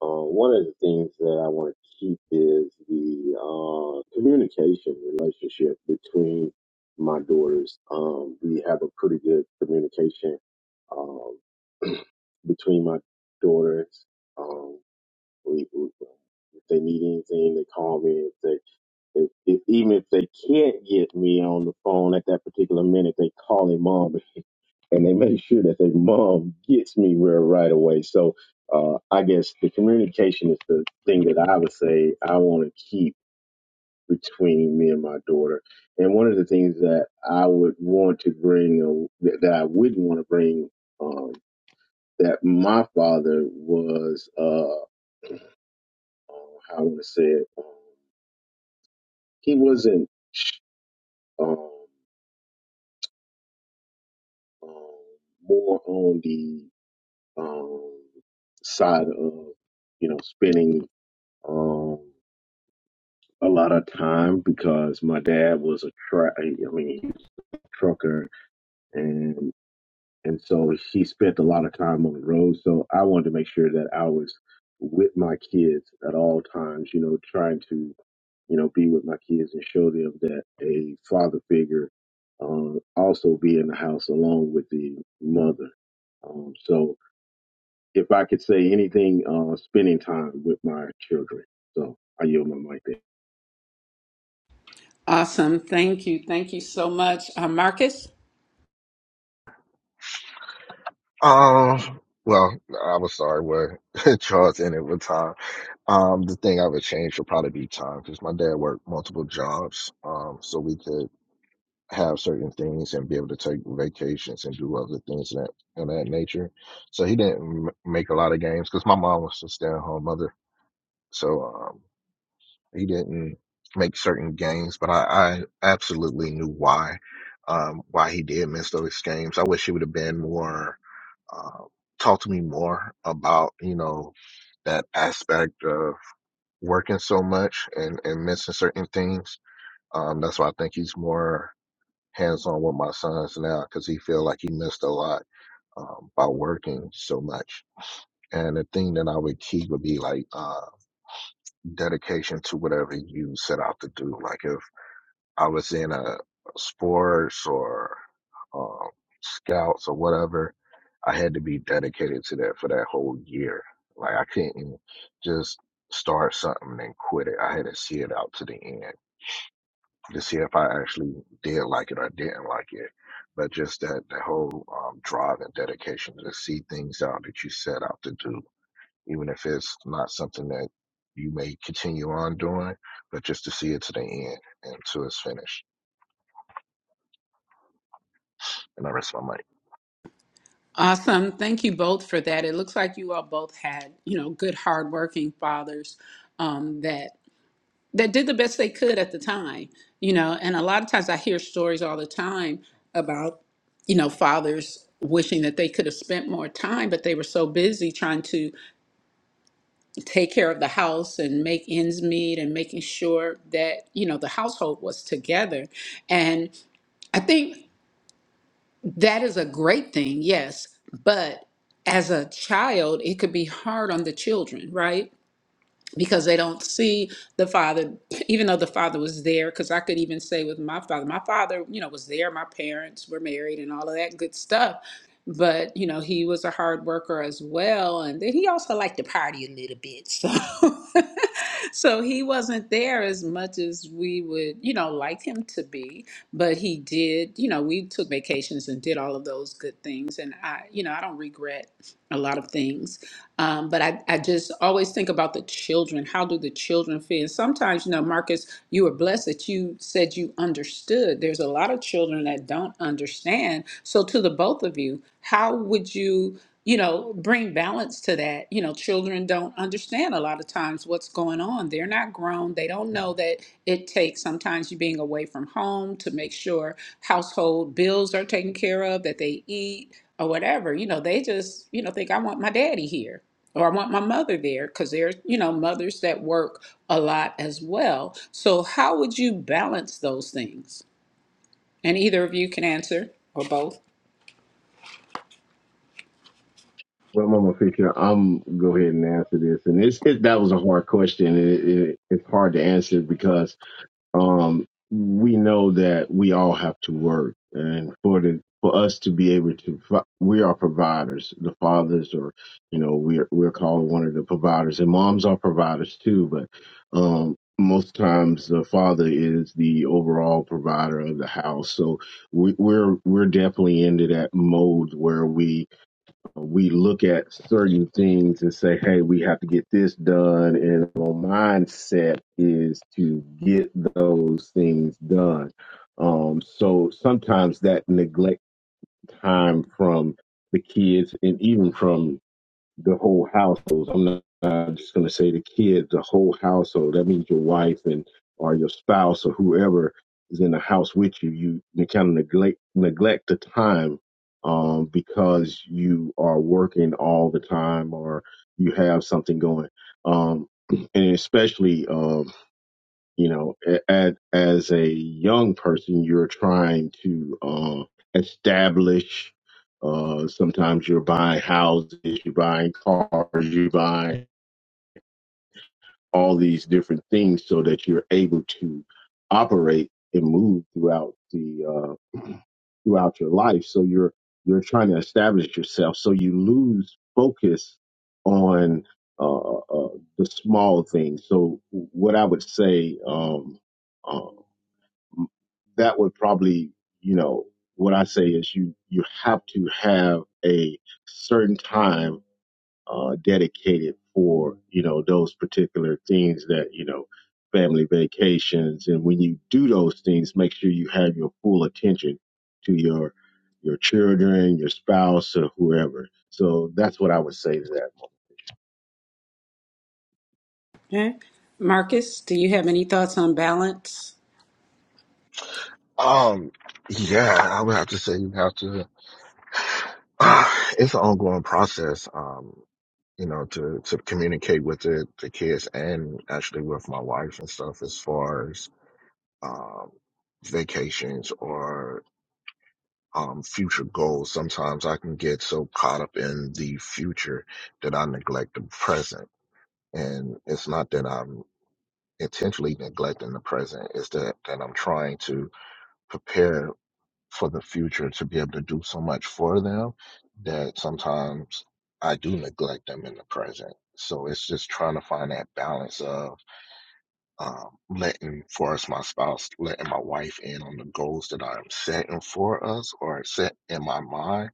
Uh, one of the things that I want to keep is the uh, communication relationship between my daughters. Um, we have a pretty good communication um, between my daughters. Um, we, we, if they need anything, they call me. If they if, if even if they can't get me on the phone at that particular minute, they call their mom and they make sure that their mom gets me where right away. So uh, I guess the communication is the thing that I would say I want to keep between me and my daughter. And one of the things that I would want to bring, uh, that that I wouldn't want to bring, um, that my father was, uh, uh, how I want to say it, um, he wasn't. Um, um, more on the um, side of you know spending um, a lot of time because my dad was a truck. I mean, he was a trucker, and and so he spent a lot of time on the road. So I wanted to make sure that I was with my kids at all times. You know, trying to you know be with my kids and show them that a father figure. Um, also be in the house along with the mother. Um, so if I could say anything, uh, spending time with my children. So I yield my mic there.
awesome thank you thank you so much uh, marcus
Um well, I was sorry where Charles ended with time. Um, the thing I would change would probably be time because my dad worked multiple jobs. Um, so we could have certain things and be able to take vacations and do other things of that of that nature. So he didn't m- make a lot of games because my mom was a stay at home mother. So um, he didn't make certain games, but I, I absolutely knew why um, why he did miss those games. I wish he would have been more uh, talk to me more about you know that aspect of working so much and and missing certain things. Um, that's why I think he's more hands on with my sons now because he feel like he missed a lot um, by working so much. And the thing that I would keep would be like uh, dedication to whatever you set out to do. Like if I was in a sports or um, scouts or whatever, I had to be dedicated to that for that whole year. Like I couldn't just start something and quit it. I had to see it out to the end. to see if I actually did like it or didn't like it. But just that the whole um, drive and dedication to see things out that you set out to do, even if it's not something that you may continue on doing, but just to see it to the end and to its finish. And the rest of my mic.
awesome thank you both for that it looks like you all both had you know good hardworking fathers um, that that did the best they could at the time, you know. And a lot of times I hear stories all the time about, you know, fathers wishing that they could have spent more time, but they were so busy trying to take care of the house and make ends meet and making sure that, you know, the household was together. And I think that is a great thing, yes. But as a child, it could be hard on the children, right? because they don't see the father even though the father was there because i could even say with my father my father you know was there my parents were married and all of that good stuff but you know he was a hard worker as well and then he also liked to party a little bit so so he wasn't there as much as we would you know like him to be but he did you know we took vacations and did all of those good things and i you know i don't regret a lot of things um, but I, I just always think about the children. How do the children feel? And sometimes, you know, Marcus, you were blessed that you said you understood. There's a lot of children that don't understand. So, to the both of you, how would you, you know, bring balance to that? You know, children don't understand a lot of times what's going on. They're not grown. They don't know that it takes sometimes you being away from home to make sure household bills are taken care of, that they eat or whatever. You know, they just, you know, think I want my daddy here or I want my mother there because there are, you know, mothers that work a lot as well. So how would you balance those things? And either of you can answer or both.
Well, Mama Fisher, I'm gonna go ahead and answer this, and it's it, that was a hard question. It, it, it's hard to answer because um, we know that we all have to work, and for the for us to be able to, pro- we are providers. The fathers, or you know, we're we're called one of the providers, and moms are providers too. But um, most times, the father is the overall provider of the house. So we, we're we're definitely into that mode where we we look at certain things and say, hey, we have to get this done. And our mindset is to get those things done. Um, so sometimes that neglect time from the kids and even from the whole household. I'm not uh, just going to say the kids, the whole household. That means your wife and or your spouse or whoever is in the house with you. You, you kind of neglect neglect the time um, because you are working all the time or you have something going. Um, and especially um, you know a- as a young person you're trying to uh, establish uh, sometimes you're buying houses you're buying cars you're buying all these different things so that you're able to operate and move throughout the uh, throughout your life so you're you're trying to establish yourself so you lose focus on uh, uh, the small things so what i would say um, uh, that would probably, you know, what I say is you you have to have a certain time uh, dedicated for you know those particular things that you know family vacations and when you do those things, make sure you have your full attention to your your children, your spouse, or whoever. So that's what I would say to that.
Okay. Marcus, do you have any thoughts on balance?
Um, yeah, I would have to say you have to. Uh, it's an ongoing process. Um, you know, to to communicate with the the kids and actually with my wife and stuff as far as um, vacations or um, future goals. Sometimes I can get so caught up in the future that I neglect the present. And it's not that I'm intentionally neglecting the present, it's that, that I'm trying to prepare for the future to be able to do so much for them that sometimes I do neglect them in the present. So it's just trying to find that balance of um, letting for us my spouse letting my wife in on the goals that i'm setting for us or set in my mind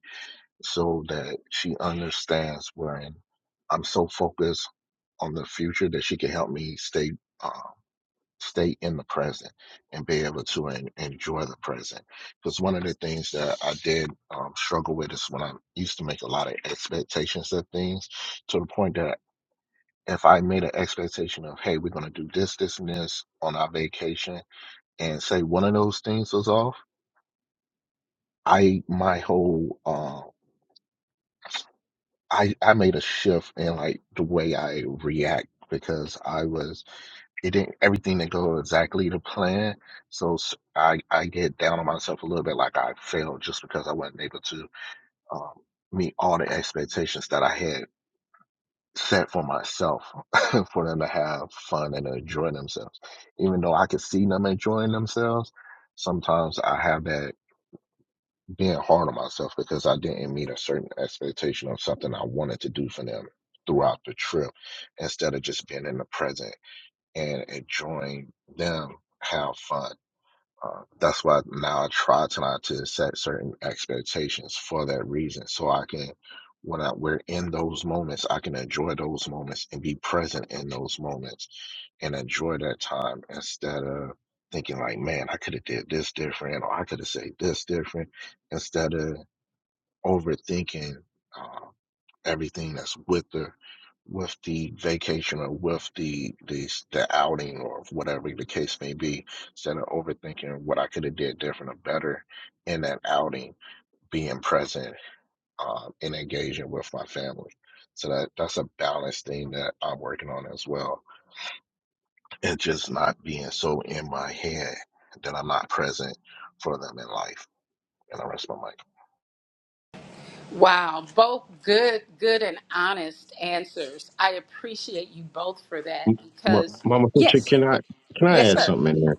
so that she understands when i'm so focused on the future that she can help me stay uh, stay in the present and be able to en- enjoy the present because one of the things that i did um, struggle with is when i used to make a lot of expectations of things to the point that if I made an expectation of, hey, we're going to do this, this, and this on our vacation, and say one of those things was off, I my whole uh, I I made a shift in like the way I react because I was it didn't everything didn't go exactly to plan, so s- I I get down on myself a little bit like I failed just because I wasn't able to um, meet all the expectations that I had set for myself for them to have fun and enjoy themselves. Even though I could see them enjoying themselves, sometimes I have that being hard on myself because I didn't meet a certain expectation of something I wanted to do for them throughout the trip instead of just being in the present and enjoying them have fun. Uh, that's why now I try to not to set certain expectations for that reason, so I can, when I, we're in those moments, I can enjoy those moments and be present in those moments and enjoy that time instead of thinking like, man, I could have did this different or I could have said this different instead of overthinking. uh, everything that's with the with the vacation or with the the the outing or whatever the case may be, instead of overthinking what I could have did different or better in that outing, being present um, and engaging with my family. So that that's a balanced thing that I'm working on as well, and just not being so in my head that I'm not present for them in life. And I rest my mic.
Wow, both good, good and honest answers. I appreciate you both for that
Ma-
because
Mama Fisher,
yes,
can I can I
yes
add
sir.
something in there?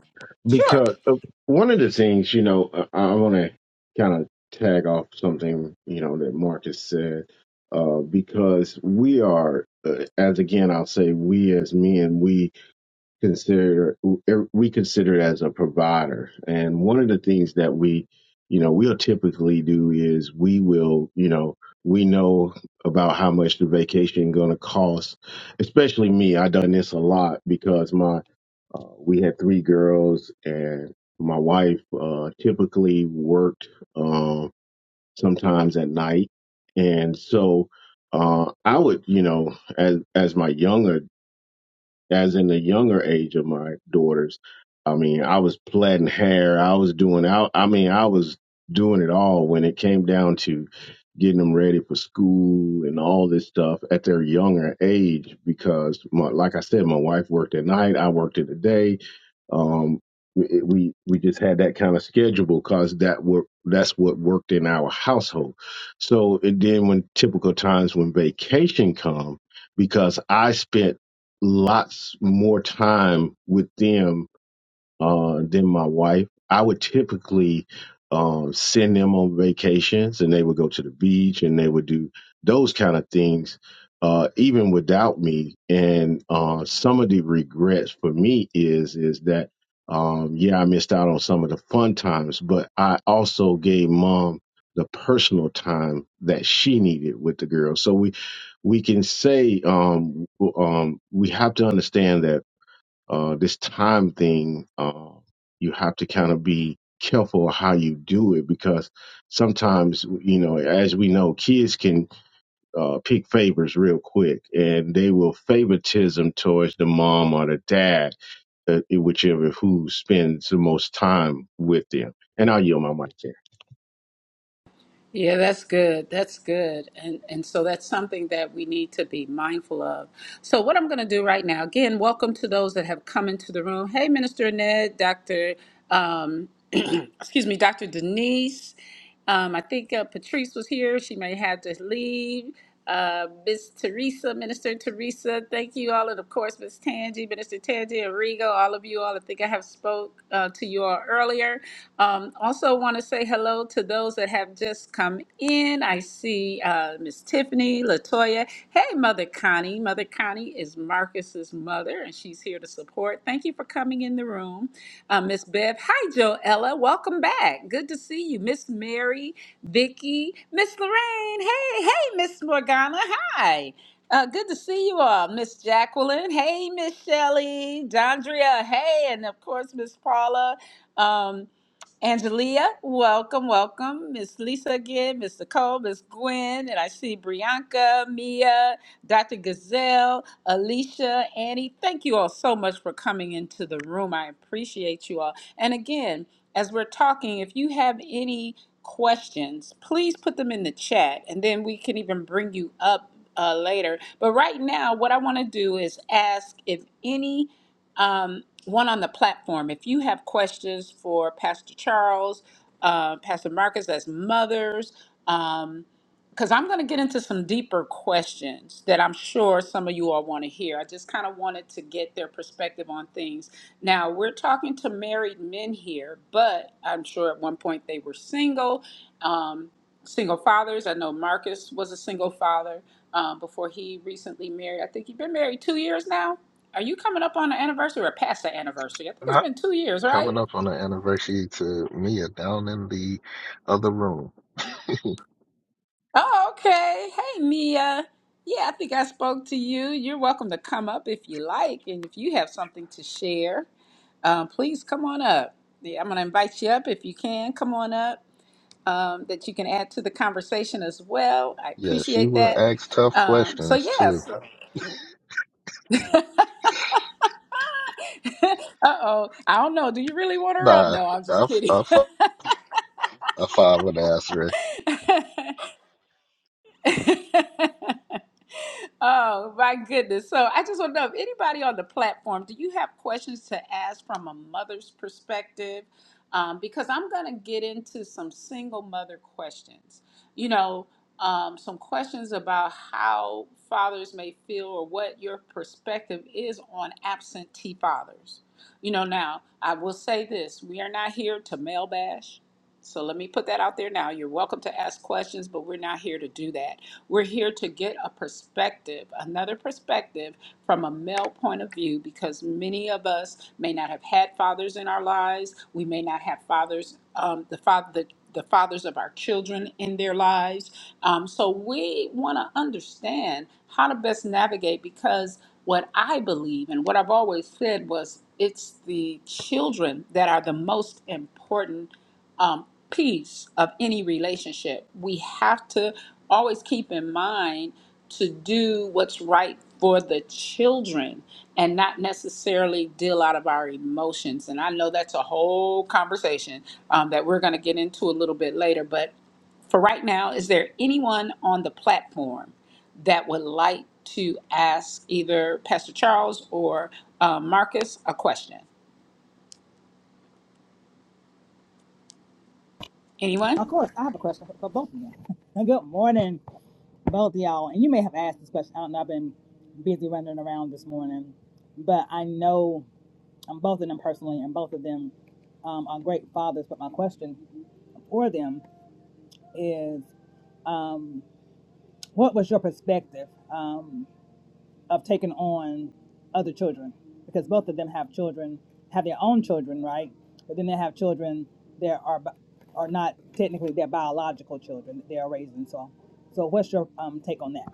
Sure.
Because uh, one of the things, you know, uh, I want to kind of tag off something, you know, that Marcus said, uh, because we are, uh, as again, I'll say, we as men, we Consider we consider it as a provider and one of the things that we you know we'll typically do is we will you know we know about how much the vacation going to cost especially me i done this a lot because my uh, we had three girls and my wife uh, typically worked um, sometimes at night and so uh, i would you know as as my younger as in the younger age of my daughters, I mean, I was plaiting hair. I was doing out. I I mean, I was doing it all when it came down to getting them ready for school and all this stuff at their younger age. Because, my, like I said, my wife worked at night. I worked in the day. Um, we we we just had that kind of schedule because that were that's what worked in our household. So and then when typical times when vacation come, because I spent lots more time with them uh, then my wife. I would typically um, send them on vacations, and they would go to the beach, and they would do those kind of things, uh, even without me. And uh, some of the regrets for me is is that um, yeah, I missed out on some of the fun times, but I also gave mom the personal time that she needed with the girls. So we we can say um, um, we have to understand that uh, this time thing, uh, you have to kind of be careful how you do it because sometimes, you know, as we know, kids can uh, pick favors real quick and they will favoritism towards the mom or the dad, uh, whichever who spends the most time with them. And I'll yield my mic there.
Yeah, that's good. That's good. And and so that's something that we need to be mindful of. So what I'm going to do right now, again, welcome to those that have come into the room. Hey, Minister Ned, Dr. Um, excuse me, Dr. Denise. Um, I think uh, Patrice was here. She may have to leave. Uh, Miss Teresa, Minister Teresa, thank you all, and of course, Miss Tangi, Minister Tangi, and Rigo, all of you all. I think I have spoke uh, to you all earlier. Um, also, want to say hello to those that have just come in. I see uh, Miss Tiffany, Latoya. Latoya. Hey, Mother Connie. Mother Connie is Marcus's mother, and she's here to support. Thank you for coming in the room, uh, Miss Bev. Hi, Joella. Welcome back. Good to see you, Miss Mary, Vicky, Miss Lorraine. Hey, hey, Miss Morgana. Hi. Uh, good to see you all, Miss Jacqueline. Hey, Miss Shelley, Dondria. Hey, and of course, Miss Paula. Um, Angelia, welcome, welcome. Miss Lisa again, Miss Nicole, Miss Gwen, and I see Brianka, Mia, Dr. Gazelle, Alicia, Annie. Thank you all so much for coming into the room. I appreciate you all. And again, as we're talking, if you have any questions, please put them in the chat and then we can even bring you up uh, later. But right now, what I want to do is ask if any um, one on the platform. If you have questions for Pastor Charles, uh, Pastor Marcus as mothers, um, because I'm going to get into some deeper questions that I'm sure some of you all want to hear. I just kind of wanted to get their perspective on things. Now, we're talking to married men here, but I'm sure at one point they were single. Um, single fathers. I know Marcus was a single father um, before he recently married. I think he's been married two years now. Are you coming up on the anniversary or past the anniversary? I think it's
Not
been two years, right?
coming up on the anniversary to Mia down in the other room.
Oh, okay. Hey, Mia. Yeah, I think I spoke to you. You're welcome to come up if you like, and if you have something to share, um, please come on up. Yeah, I'm going to invite you up if you can. Come on up. Um, that you can add to the conversation as well. I
Yeah, she
appreciate
would
that.
ask tough
Um, so
questions too.
yes. Uh oh. I don't know. Do you really want her up?
Nah,
No, I'm
I,
just
f-
kidding.
I, f- I find would answer
Oh my goodness. So I just want to know if anybody on the platform, do you have questions to ask from a mother's perspective? Um, because I'm going to get into some single mother questions. You know, um, some questions about how fathers may feel or what your perspective is on absentee fathers. You know, now I will say this we are not here to male bash. So let me put that out there now. You're welcome to ask questions, but we're not here to do that we're here to get a perspective, another perspective from a male point of view, because many of us may not have had fathers in our lives. We may not have fathers, um, the father, the, the fathers of our children in their lives. Um, so we want to understand how to best navigate because what I believe and what I've always said was it's the children that are the most important um, piece of any relationship. We have to always keep in mind to do what's right for the children and not necessarily deal out of our emotions. And I know that's a whole conversation um, that we're going to get into a little bit later. But for right now, is there anyone on the platform that would like to ask either Pastor Charles or uh, Marcus a question? Anyone?
Of course, I have a question for, for both of you. Good morning, both of y'all. And you may have asked this question. I don't know. I've been busy running around this morning, but I know um, both of them personally, and both of them um, are great fathers. But my question for them is, um, what was your perspective? Um, of taking on other children because both of them have children, have their own children, right? But then they have children that are bi- are not technically their biological children that they are raising. So, so what's your um, take on that?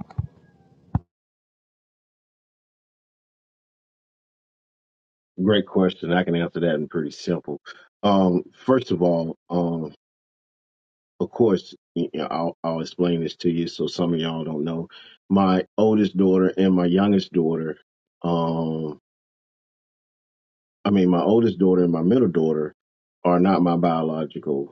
Great question. I can answer that in pretty simple. Um, first of all, um, of course, you know, I'll, I'll explain this to you. So some of y'all don't know. My oldest daughter and my youngest daughter, um, I mean, my oldest daughter and my middle daughter are not my biological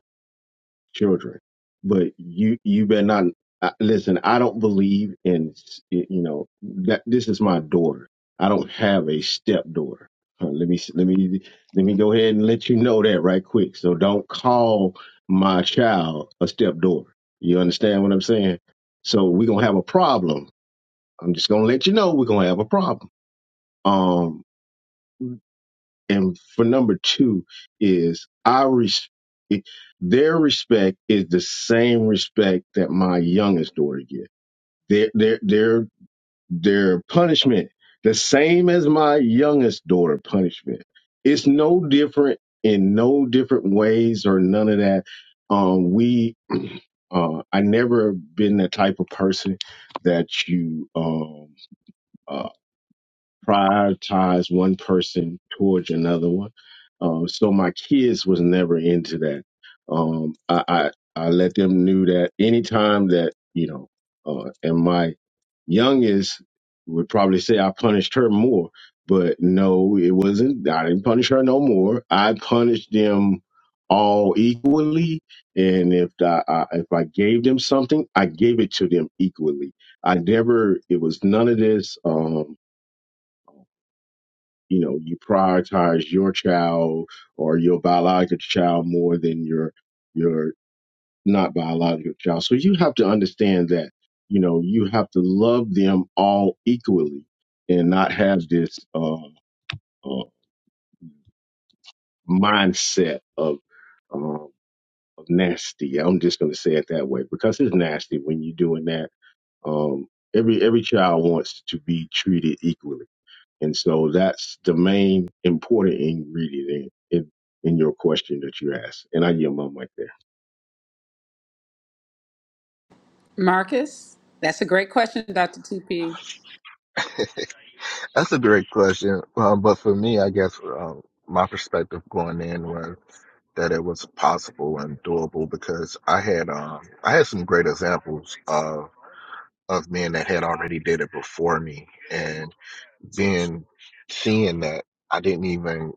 children. But you you better not uh, listen. I don't believe in s- you know that this is my daughter. I don't have a stepdaughter. Uh, Let me let me let me go ahead and let you know that right quick. So don't call my child a stepdaughter. You understand what I'm saying? So we're gonna have a problem. I'm just gonna let you know we're gonna have a problem. Um. And for number two is I res- their respect is the same respect that my youngest daughter gets. Their their their their punishment the same as my youngest daughter punishment. It's no different in no different ways or none of that. Um, we uh, I never been the type of person that you um uh, prioritize one person towards another one. Um, so my kids was never into that. Um, I, I I let them knew that anytime that you know, uh, and my youngest would probably say I punished her more, but no, it wasn't. I didn't punish her no more. I punished them all equally, and if I, I if I gave them something, I gave it to them equally. I never. It was none of this. Um, you know you prioritize your child or your biological child more than your your not biological child so you have to understand that you know you have to love them all equally and not have this uh, uh mindset of um of nasty i'm just going to say it that way because it's nasty when you're doing that um every every child wants to be treated equally And so that's the main important ingredient in, in, in your question that you asked. And I yield my mic
Marcus, that's a great question, Dr. TP.
it. That's a great question. Um, but for me, I guess um, my perspective going in was that it was possible and doable because I had um, I had some great examples of of men that had already did it before me, and then seeing that I didn't even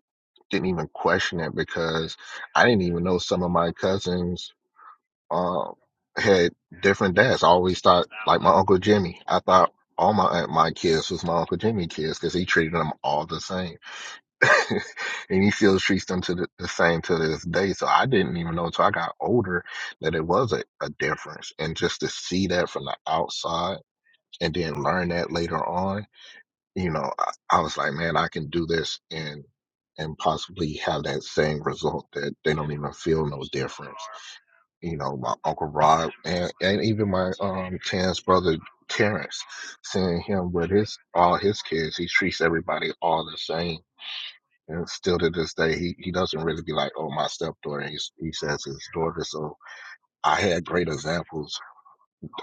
didn't even question it because I didn't even know some of my cousins um, had different dads. I always thought like my uncle Jimmy. I thought all my uh, my kids was my uncle Jimmy kids because he treated them all the same, and he still treats them to the, the same to this day. So I didn't even know until I got older that it was a, a difference, and just to see that from the outside and then learn that later on, you know, I, I was like, man, I can do this and and possibly have that same result that they don't even feel no difference you know, my Uncle Rob and, and even my um Tan's brother Terrence, seeing him with his all his kids, he treats everybody all the same. And still to this day, he, he doesn't really be like, oh, my stepdaughter. He, he says his daughter. So I had great examples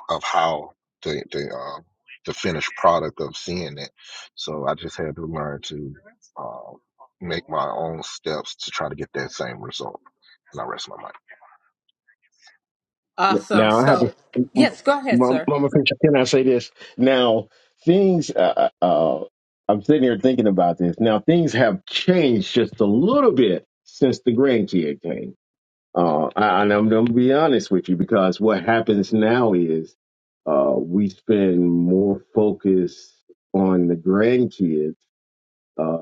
of how the the um, the finished product of seeing it. So I just had to learn to um, make my own steps to try to get that same result. And I rest my mind.
there.
Awesome.
Now I have
So,
to,
yes, go ahead,
Mama
sir.
Mama Fisher, can I say this? Now things, uh, uh, uh, I'm sitting here thinking about this. Now things have changed just a little bit since the grandkid came. Uh, I- and I'm going to be honest with you because what happens now is uh, we spend more focus on the grandkids Uh,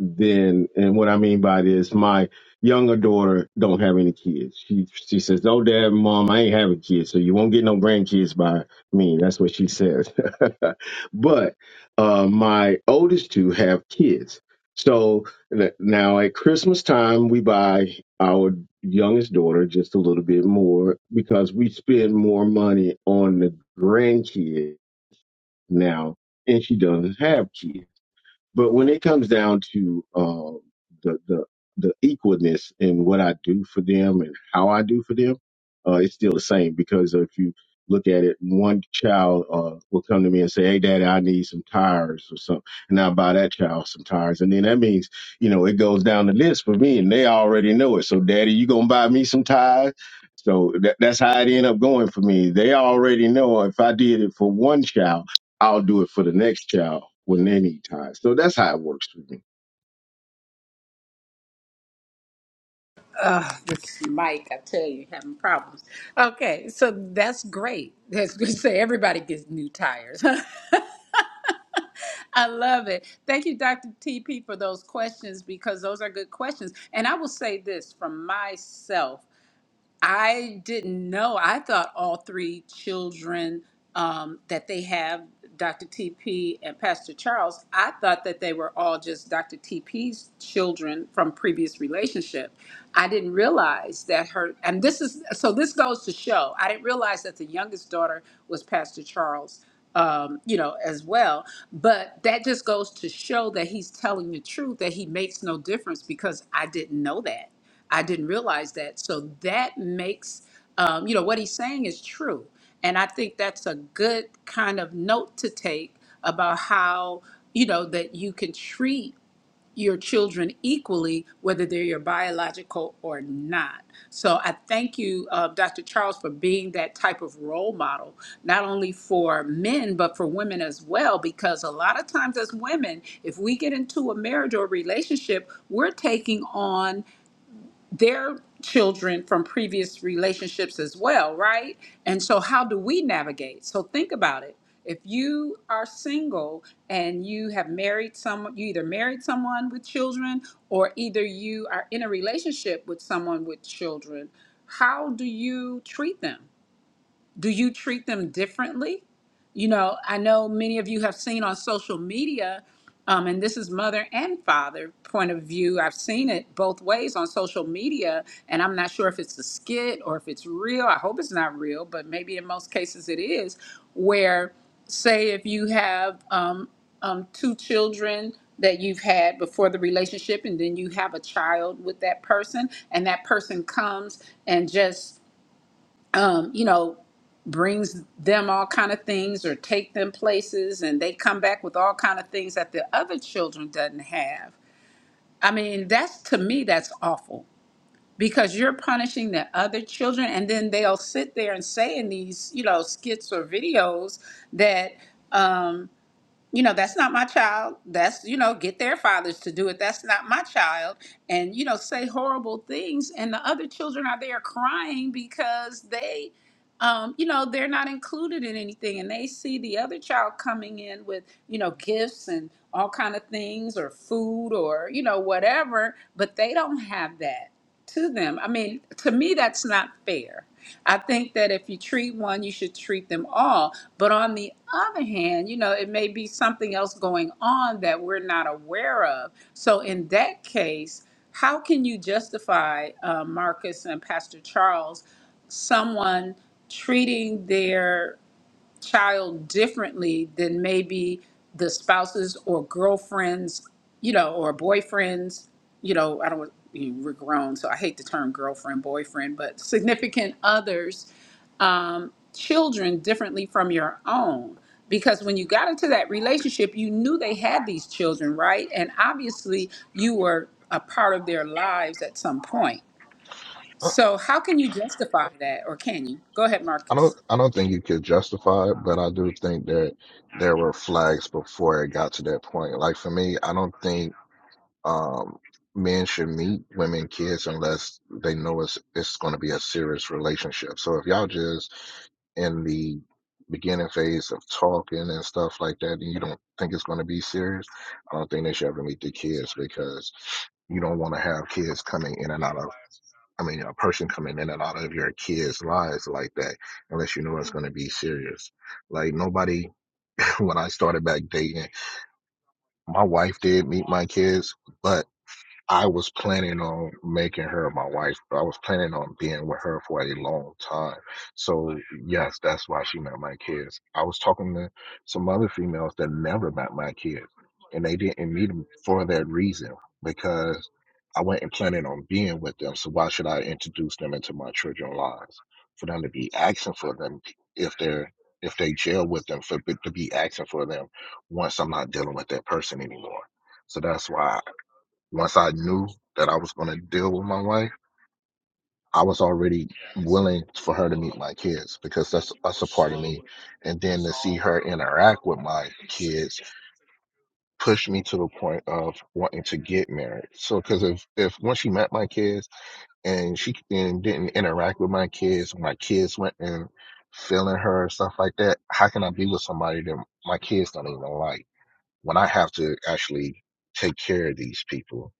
then, and what I mean by this, my younger daughter don't have any kids. She she says, "No, Dad, Mom, I ain't having kids, so you won't get no grandkids by me." That's what she says. but uh, my oldest two have kids. So n- now at Christmas time, we buy our youngest daughter just a little bit more because we spend more money on the grandkids now, and she doesn't have kids. But when it comes down to uh, the the the equalness in what I do for them and how I do for them, uh, it's still the same because if you look at it, one child uh, will come to me and say, "Hey, Daddy, I need some tires or something," and I buy that child some tires, and then that means you know it goes down the list for me, and they already know it. So, Daddy, you gonna buy me some tires? So that, that's how it end up going for me. They already know if I did it for one child I'll do it for the next child when they need time. So that's how it works for me.
Uh, this mic, I tell you, having problems. Okay, so that's great. That's good to say everybody gets new tires. I love it. Thank you, Dr. TP, for those questions because those are good questions. And I will say this from myself. I didn't know. I thought all three children um, that they have, Dr. TP and Pastor Charles, I thought that they were all just Dr. TP's children from previous relationship. I didn't realize that her, and this is, so this goes to show, I didn't realize that the youngest daughter was Pastor Charles, um, you know, as well. But that just goes to show that he's telling the truth, that he makes no difference because I didn't know that. I didn't realize that. So that makes, um, you know, what he's saying is true. And I think that's a good kind of note to take about how, you know, that you can treat your children equally, whether they're your biological or not. So I thank you, uh, Dr. Charles, for being that type of role model, not only for men, but for women as well, because a lot of times as women, if we get into a marriage or a relationship, we're taking on their children from previous relationships as well, right? And so, how do we navigate? So, think about it. If you are single and you have married someone, you either married someone with children or either you are in a relationship with someone with children, how do you treat them? do you treat them differently? You know, I know many of you have seen on social media, um, and this is mother and father point of view. I've seen it both ways on social media, and I'm not sure if it's a skit or if it's real. I hope it's not real, but maybe in most cases it is. Where, say, if you have um, um, two children that you've had before the relationship, and then you have a child with that person, and that person comes and just um, you know, brings them all kind of things or take them places and they come back with all kind of things that the other children doesn't have. I mean, that's to me that's awful because you're punishing the other children and then they'll sit there and say in these, you know, skits or videos that um, you know that's not my child that's you know get their fathers to do it that's not my child and you know say horrible things and the other children are there crying because they um, you know they're not included in anything and they see the other child coming in with you know gifts and all kind of things or food or you know whatever but they don't have that to them. I mean, to me, that's not fair. I think that if you treat one, you should treat them all. But on the other hand, you know, it may be something else going on that we're not aware of. So in that case, how can you justify uh, Marcus and Pastor Charles, someone treating their child differently than maybe the spouses or girlfriends, you know, or boyfriends, you know, I don't, you know, we're grown, so I hate the term girlfriend, boyfriend, but significant others, um, children differently from your own. Because when you got into that relationship, you knew they had these children, right? And obviously you were a part of their lives at some point. So how can you justify that, or can you? Go ahead,
I
Marcus.
don't I don't think you could justify it, but I do think that there were flags before it got to that point. Like for me, I don't think um men should meet women kids unless they know it's it's going to be a serious relationship. So if y'all just in the beginning phase of talking and stuff like that and you don't think it's going to be serious, I don't think they should ever meet the kids because you don't want to have kids coming in and out of I mean, a person coming in and out of your kids' lives like that, unless you know it's going to be serious. Like, nobody, when I started back dating, my wife did meet my kids, but. I was planning on making her my wife. I was planning on being with her for a long time. So yes, that's why she met my kids. I was talking to some other females that never met my kids, and they didn't meet them for that reason because I wasn't planning on being with them. So why should I introduce them into my children's lives for them to be asking for them if they're if they jail with them for to be asking for them once I'm not dealing with that person anymore. So that's why once I knew that I was going to deal with my wife, I was already willing for her to meet my kids because that's that's a part of me. And then to see her interact with my kids pushed me to the point of wanting to get married. So because if if once she met my kids and she and didn't interact with my kids, my kids went and feeling her and stuff like that, how can I be with somebody that my kids don't even like? when I have to actually take care of these people,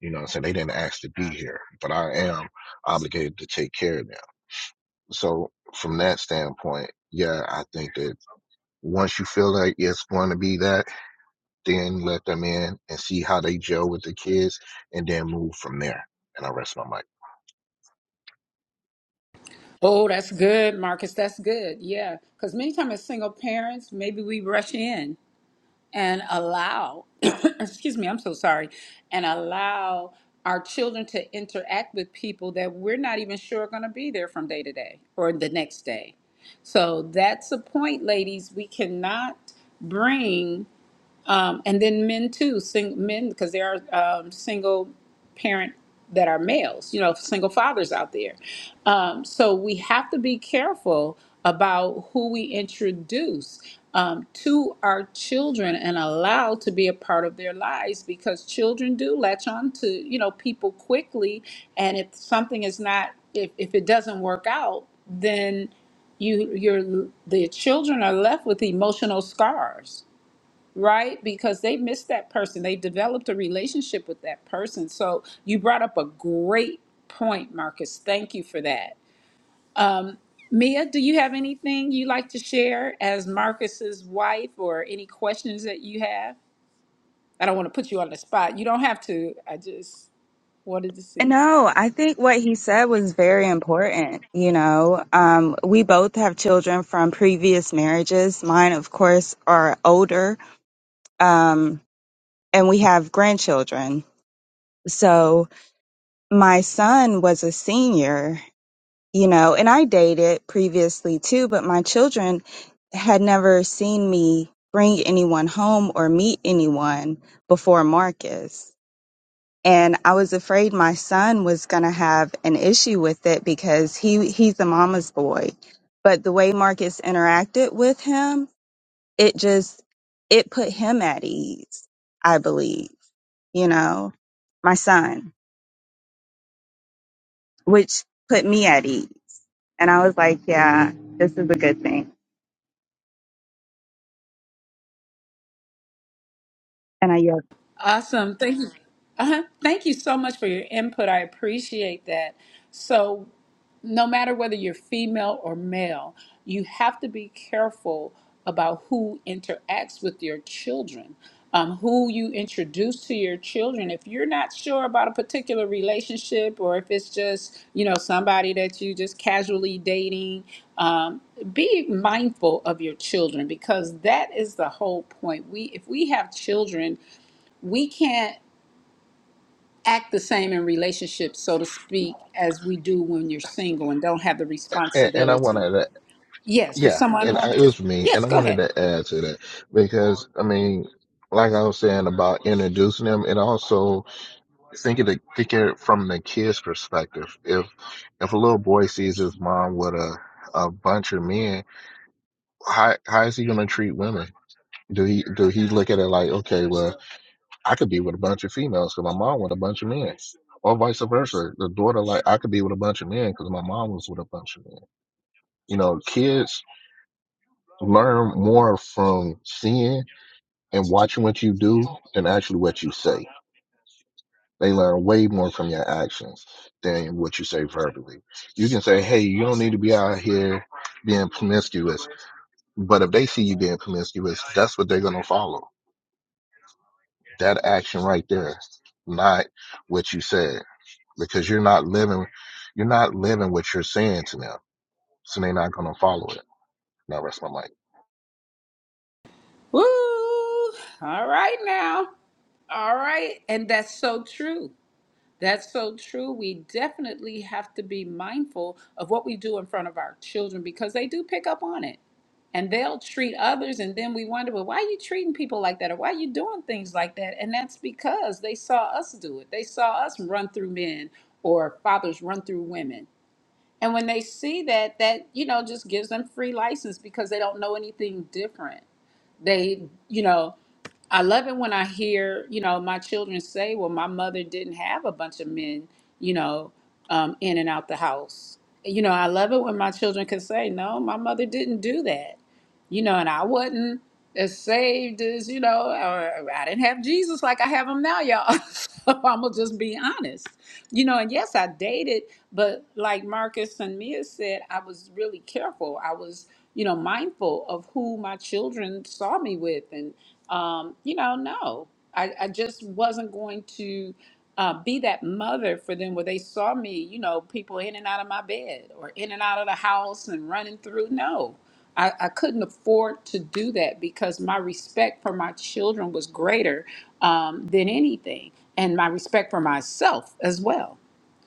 you know what I'm saying? They didn't ask to be here, but I am obligated to take care of them. So from that standpoint, yeah, I think that once you feel like it's going to be that, then let them in and see how they gel with the kids and then move from there. And I rest my mic.
Oh, that's good, Marcus. That's good. Yeah. Because many times as single parents, maybe we rush in and allow, excuse me, I'm so sorry, and allow our children to interact with people that we're not even sure are going to be there from day to day or the next day. So that's the point, ladies. We cannot bring um, and then men too, sing, men because there are um, single parent that are males, you know, single fathers out there. Um, so we have to be careful about who we introduce um, to our children and allow to be a part of their lives because children do latch on to you know people quickly, and if something is not if, if it doesn't work out, then you you're the children are left with emotional scars right? Because they missed that person. They developed a relationship with that person. So you brought up a great point, Marcus. Thank you for that. Um, Mia, do you have anything you'd like to share as Marcus's wife or any questions that you have? I don't want to put you on the spot. You don't have to. I just wanted to see.
No, I think what he said was very important. You know, um, we both have children from previous marriages. Mine, of course, are older, um, and we have grandchildren. So my son was a senior, you know, and I dated previously too, but my children had never seen me bring anyone home or meet anyone before Marcus. and I was afraid my son was going to have an issue with it because he he's a mama's boy. But the way Marcus interacted with him, it just it put him at ease, I believe, you know, my son, which put me at ease. And I was like, yeah, this is a good thing. And I yelled.
Awesome. Thank you. Uh-huh. Thank you so much for your input. I appreciate that. So no matter whether you're female or male, you have to be careful about who interacts with your children, um, who you introduce to your children. If you're not sure about a particular relationship, or if it's just you know somebody that you just casually dating, um, be mindful of your children because that is the whole point. We if we have children, we can't act the same in relationships, so to speak, as we do when you're single and don't have the
And, and I
responsibility.
wanted to,
Yes, was
yeah,
someone
and I, it
wanted to?
was for me.
Yes,
And I
go
wanted
ahead.
to add to that because, I mean, like I was saying about introducing them, it also thinking to think of it from the kid's perspective. If if a little boy sees his mom with a a bunch of men, how how is he gonna treat women? Do he do he look at it like, okay, well, I could be with a bunch of females because my mom with a bunch of men, or vice versa? The daughter like, I could be with a bunch of men because my mom was with a bunch of men. You know, kids learn more from seeing and watching what you do than actually what you say. They learn way more from your actions than what you say verbally. You can say, hey, you don't need to be out here being promiscuous. But if they see you being promiscuous, that's what they're going to follow. That action right there, not what you said, because you're not living, you're not living what you're saying to them. So they're not going to follow it. Now rest my mic.
Woo! All right now. All right, and that's so true. That's so true. We definitely have to be mindful of what we do in front of our children because they do pick up on it. And they'll treat others, and then we wonder, well, why are you treating people like that? Or why are you doing things like that? And that's because they saw us do it. They saw us run through men or fathers run through women. And when they see that, that, you know, just gives them free license because they don't know anything different. They, you know, I love it when I hear, you know, my children say, well, my mother didn't have a bunch of men, you know, um, in and out the house. You know, I love it when my children can say, no, my mother didn't do that, you know, and I wasn't as saved as, you know, or I didn't have Jesus like I have him now, y'all. so I'm going to just be honest you know, and yes, I dated, but like Marcus and Mia said, I was really careful. I was, you know, mindful of who my children saw me with. And, um, you know, no, I, I just wasn't going to uh, be that mother for them where they saw me, you know, people in and out of my bed or in and out of the house and running through. No. I, I couldn't afford to do that because my respect for my children was greater um, than anything, and my respect for myself as well.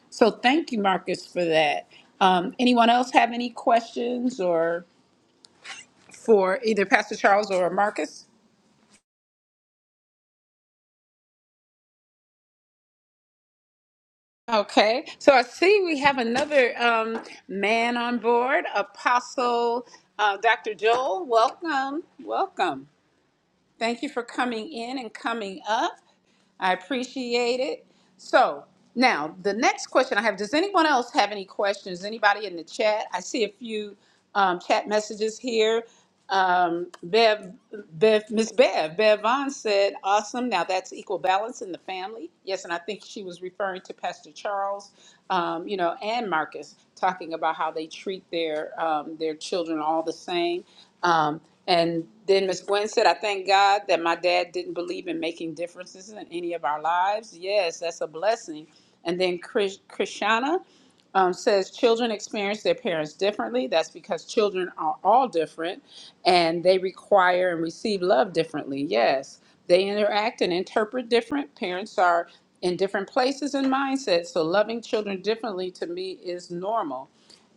So thank you, Marcus, for that. Um, anyone else have any questions or for either Pastor Charles or Marcus? Okay, so I see we have another um, man on board, Apostle uh, Dr. Joel. Welcome, welcome. Thank you for coming in and coming up. I appreciate it. So now the next question I have, does anyone else have any questions? Anybody in the chat? I see a few um, chat messages here. Um, Bev, Bev, Miss Bev, Bev Vaughn said, "Awesome! Now that's equal balance in the family." Yes, and I think she was referring to Pastor Charles, um, you know, and Marcus talking about how they treat their um, their children all the same. Um, and then Miss Gwen said, "I thank God that my dad didn't believe in making differences in any of our lives. Yes, that's a blessing." And then Chris, Krishana um, says children experience their parents differently. That's because children are all different and they require and receive love differently. Yes, they interact and interpret different. Parents are in different places and mindsets, so loving children differently to me is normal.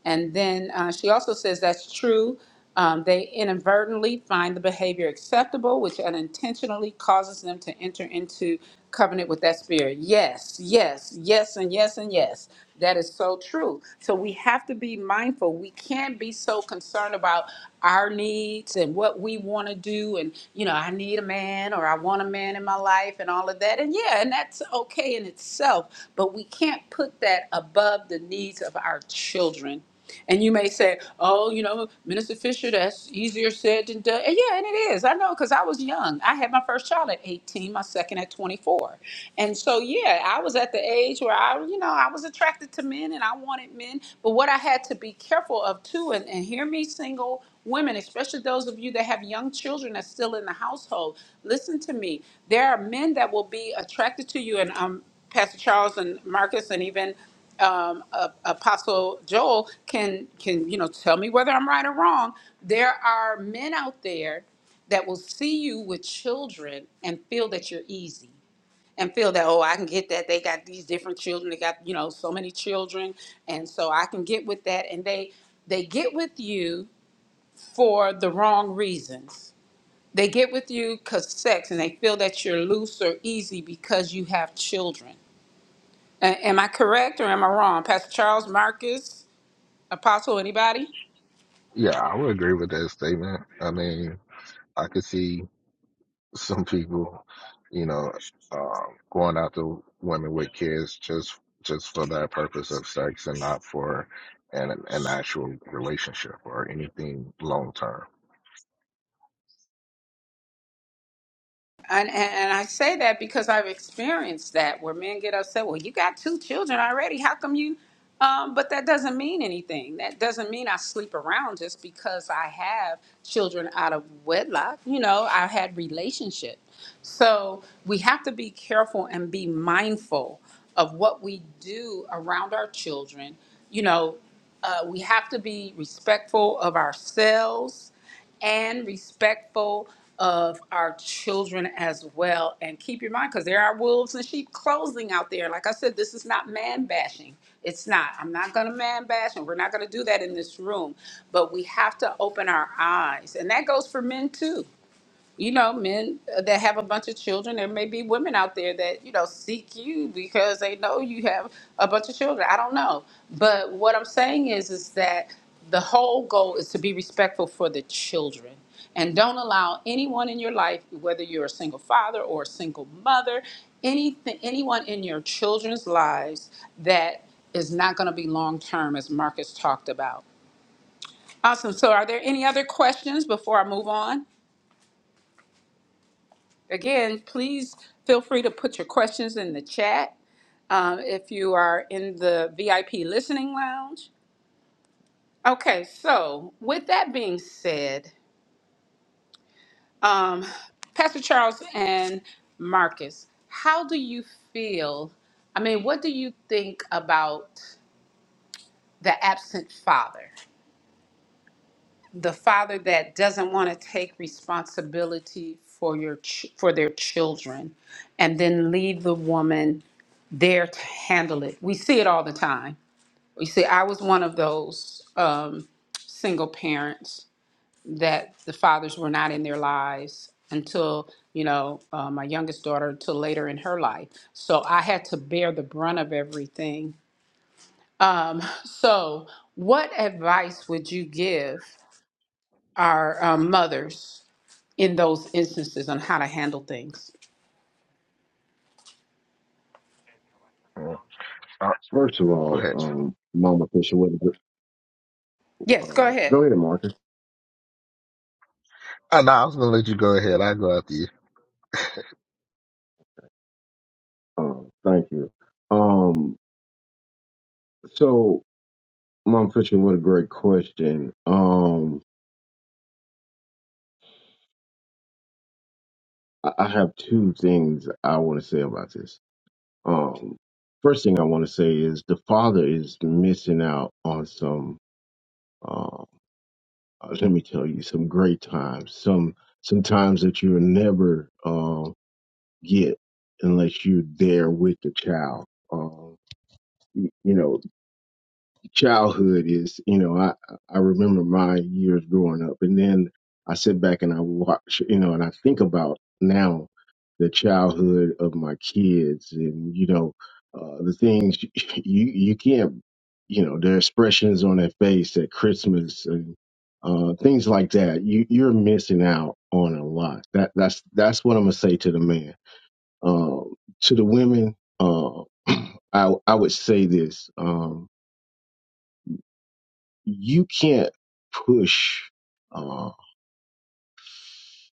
And then uh, she also says that's true. Um, they inadvertently find the behavior acceptable, which unintentionally causes them to enter into covenant with that spirit. Yes, yes, yes, and yes, and yes. That is so true. So we have to be mindful. We can't be so concerned about our needs and what we want to do. And, you know, I need a man or I want a man in my life life and all of that. And yeah, and that's okay in itself, but we can't put that above the needs of our children. And you may say, oh, you know, Minister Fisher, that's easier said than done. And yeah, and it is. I know because I was young. I had my first child at 18, my second at 24. And so, yeah, I was at the age where I, you know, I was attracted to men and I wanted men. But what I had to be careful of too, and, and hear me, single women, especially those of you that have young children that's still in the household, listen to me. There are men that will be attracted to you, and um, Pastor Charles and Marcus, and even um, uh, Apostle Joel can can you know tell me whether I'm right or wrong. There are men out there that will see you with children and feel that you're easy and feel that oh i can get that they got these different children they got you know so many children and so i can get with that and they they get with you for the wrong reasons. They get with you because sex, and they feel that you're loose or easy because you have children. A- am I correct or am I wrong, Pastor Charles Marcus, Apostle? Anybody?
Yeah, I would agree with that statement. I mean, I could see some people, you know, um, going after women with kids just just for that purpose of sex and not for an an actual relationship or anything long term.
And, and and I say that because I've experienced that where men get upset. Well, you got two children already. How come you? Um, but that doesn't mean anything. That doesn't mean I sleep around just because I have children out of wedlock. You know, I had relationship. So we have to be careful and be mindful of what we do around our children. You know, uh, we have to be respectful of ourselves and respectful of our children as well. And keep your mind, because there are wolves and sheep closing out there. Like I said, this is not man bashing. It's not. I'm not going to man bash, and we're not going to do that in this room. But we have to open our eyes. And that goes for men too you know, men that have a bunch of children. There may be women out there that, you know, seek you because they know you have a bunch of children. I don't know. But what I'm saying is is that the whole goal is to be respectful for the children. And don't allow anyone in your life, whether you're a single father or a single mother, anything anyone in your children's lives that is not going to be long term as Marcus talked about. Awesome. So are there any other questions before I move on? Again, please feel free to put your questions in the chat um, if you are in the VIP listening lounge. Okay, so with that being said, um, Pastor Charles and Marcus, how do you feel? I mean, what do you think about the absent father? the father that doesn't want to take responsibility for your ch- for their children and then leave the woman there to handle it we see it all the time we see i was one of those um, single parents that the fathers were not in their lives until you know uh, my youngest daughter until later in her life so i had to bear the brunt of everything um, so what advice would you give our um, mothers in those instances on how to handle things.
Mm. Uh,
First of
go
all,
ahead.
um, Mama Fisher, what is it?
Yes, go
Uh,
ahead.
go ahead, Marcus.
Uh, no, I was gonna let you go ahead. I go after you.
Um, thank you. Um, so, Mama Fisher, what a great question. Um, I, I have two things I want to say about this. Um, first thing I want to say is the father is missing out on some. um, Uh, let me tell you, some great times, some some times that you will never. Um, get unless you're there with the child. Um, you know, childhood is, you know, I, I remember my years growing up and then I sit back and I watch, you know, and I think about now the childhood of my kids and, you know, uh, the things you, you can't, you know, their expressions on their face at Christmas and, uh, things like that. You, you're missing out on a lot. That, that's, that's what I'm going to say to the man um, to the women, uh, I I would say this: um, you can't push. Uh,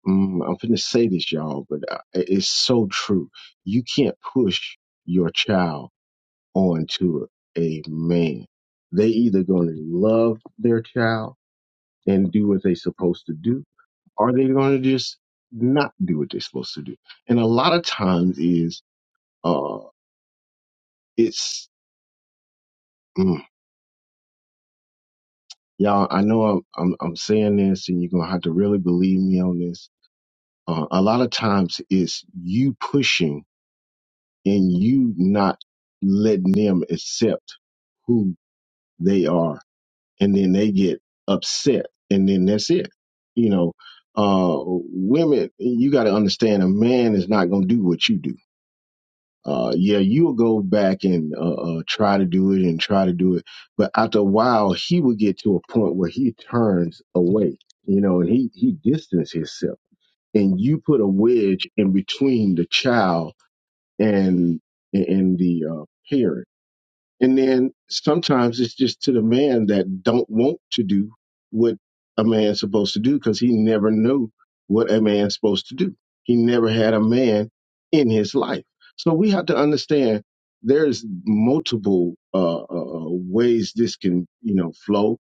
mm, I'm going to say this, y'all, but I- it's so true. You can't push your child onto a man. They either going to love their child and do what they're supposed to do, or they're going to just not do what they're supposed to do. And a lot of times is uh, it's mm, y'all i know i'm i'm, I'm saying this and you're gonna have to really believe me on this uh, a lot of times it's you pushing and you not letting them accept who they are and then they get upset and then that's it you know uh women you got to understand a man is not gonna do what you do uh, yeah, you'll go back and uh, uh, try to do it and try to do it. But after a while, he will get to a point where he turns away, you know, and he, he distances himself. And you put a wedge in between the child and and the uh, parent and then sometimes it's just to the man that don't want to do what a man's supposed to do because he never knew what a man's supposed to do. He never had a man in his life. So we have to understand there's multiple uh, uh, uh, ways this can, you know, flow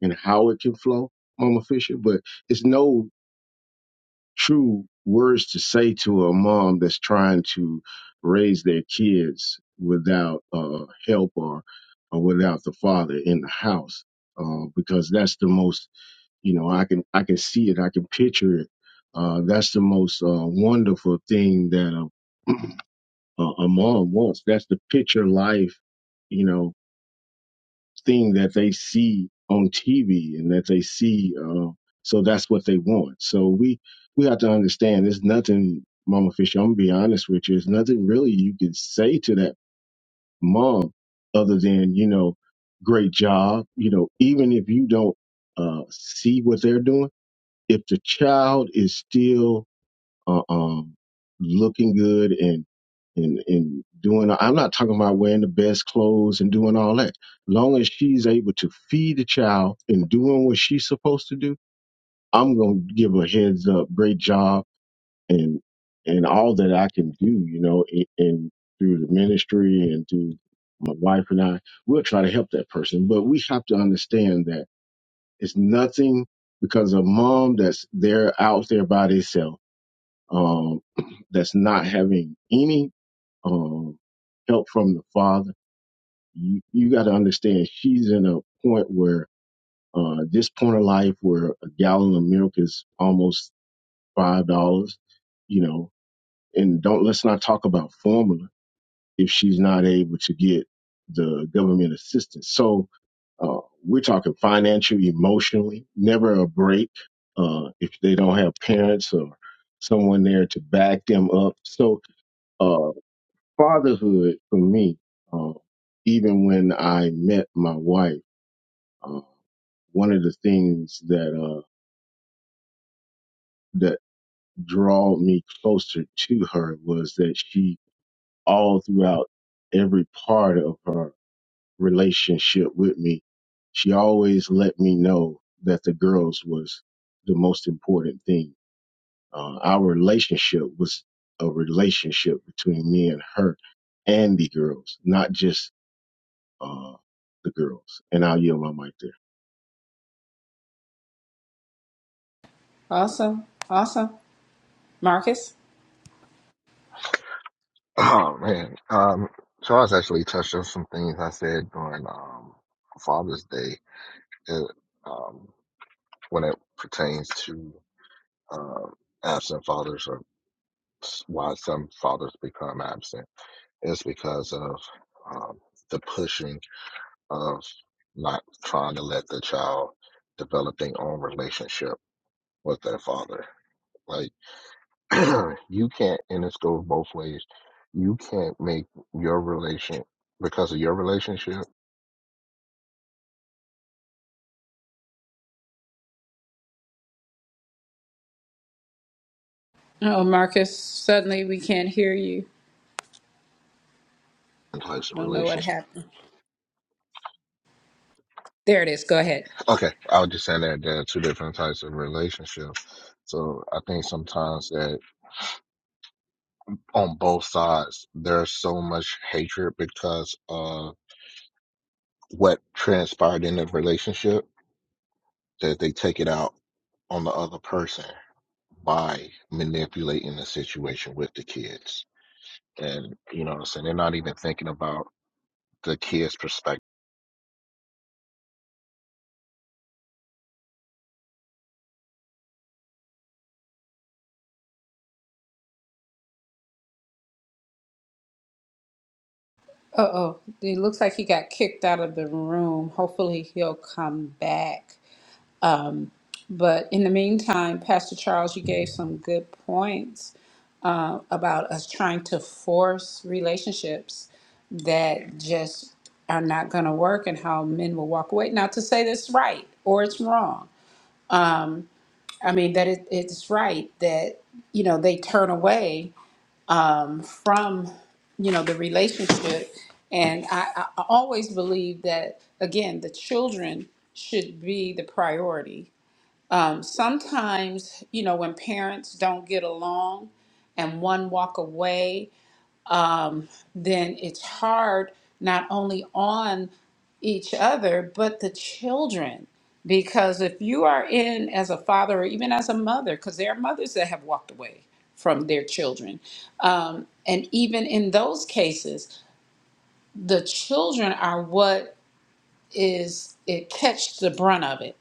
and how it can flow, Mama Fisher, but it's no true words to say to a mom that's trying to raise their kids without uh, help or, or without the father in the house, uh, because that's the most you know I can I can see it I can picture it. Uh, that's the most uh, wonderful thing that a, a a mom wants. That's the picture life, you know, thing that they see on TV and that they see. Uh, so that's what they want. So we we have to understand. There's nothing, Mama Fisher. I'm gonna be honest with you. There's nothing really you can say to that mom other than you know, great job. You know, even if you don't uh, see what they're doing, if the child is still uh, um, looking good and and and doing. I'm not talking about wearing the best clothes and doing all that. Long as she's able to feed the child and doing what she's supposed to do, I'm gonna give her heads up, great job, and and all that I can do. You know, and, and through the ministry and through my wife and I, we'll try to help that person. But we have to understand that it's nothing because a mom that's there out there by themselves um, that's not having any um, help from the father. You, you got to understand she's in a point where uh, this point of life where a gallon of milk is almost five dollars, you know. And don't let's not talk about formula if she's not able to get the government assistance. So uh, we're talking financially, emotionally, never a break uh, if they don't have parents or someone there to back them up. So uh, fatherhood for me, uh, even when I met my wife, uh, one of the things that uh, that drawed me closer to her was that she, all throughout every part of her relationship with me, she always let me know that the girls was the most important thing. Uh, our relationship was a relationship between me and her and the girls, not just uh, the girls. And I'll yield my mic there.
Awesome. Awesome. Marcus?
Oh man, um, Charles actually touched on some things I said during um, Father's Day uh, um, when it pertains to uh, absent fathers or why some fathers become absent is because of um, the pushing of not trying to let the child develop their own relationship with their father. Like you can't, and this goes both ways. You can't make your relation because of your relationship
Oh, Marcus, suddenly we can't hear you.
and types of
Don't know what
relationships.
happened. There it is. Go ahead.
Okay, I was just saying that there are two different types of relationships. So I think sometimes that on both sides there's so much hatred because of what transpired in the relationship that they take it out on the other person by manipulating the situation with the kids. And you know what I'm saying? They're not even thinking about the kids' perspective.
Uh oh. It looks like he got kicked out of the room. Hopefully he'll come back. Um, but in the meantime, Pastor Charles, you gave some good points uh, about us trying to force relationships that just are not going to work and how men will walk away. Not to say that's right or it's wrong. I mean, that it, it's right that, you know, they turn away from, you know, the relationship. And I, I I always believe that, again, the children should be the priority sometimes you know when parents don't get along and one walk away um, then it's hard not only on each other but the children because if you are in as a father or even as a mother because there are mothers that have walked away from their children um, and even in those cases the children are what is it catch the brunt of it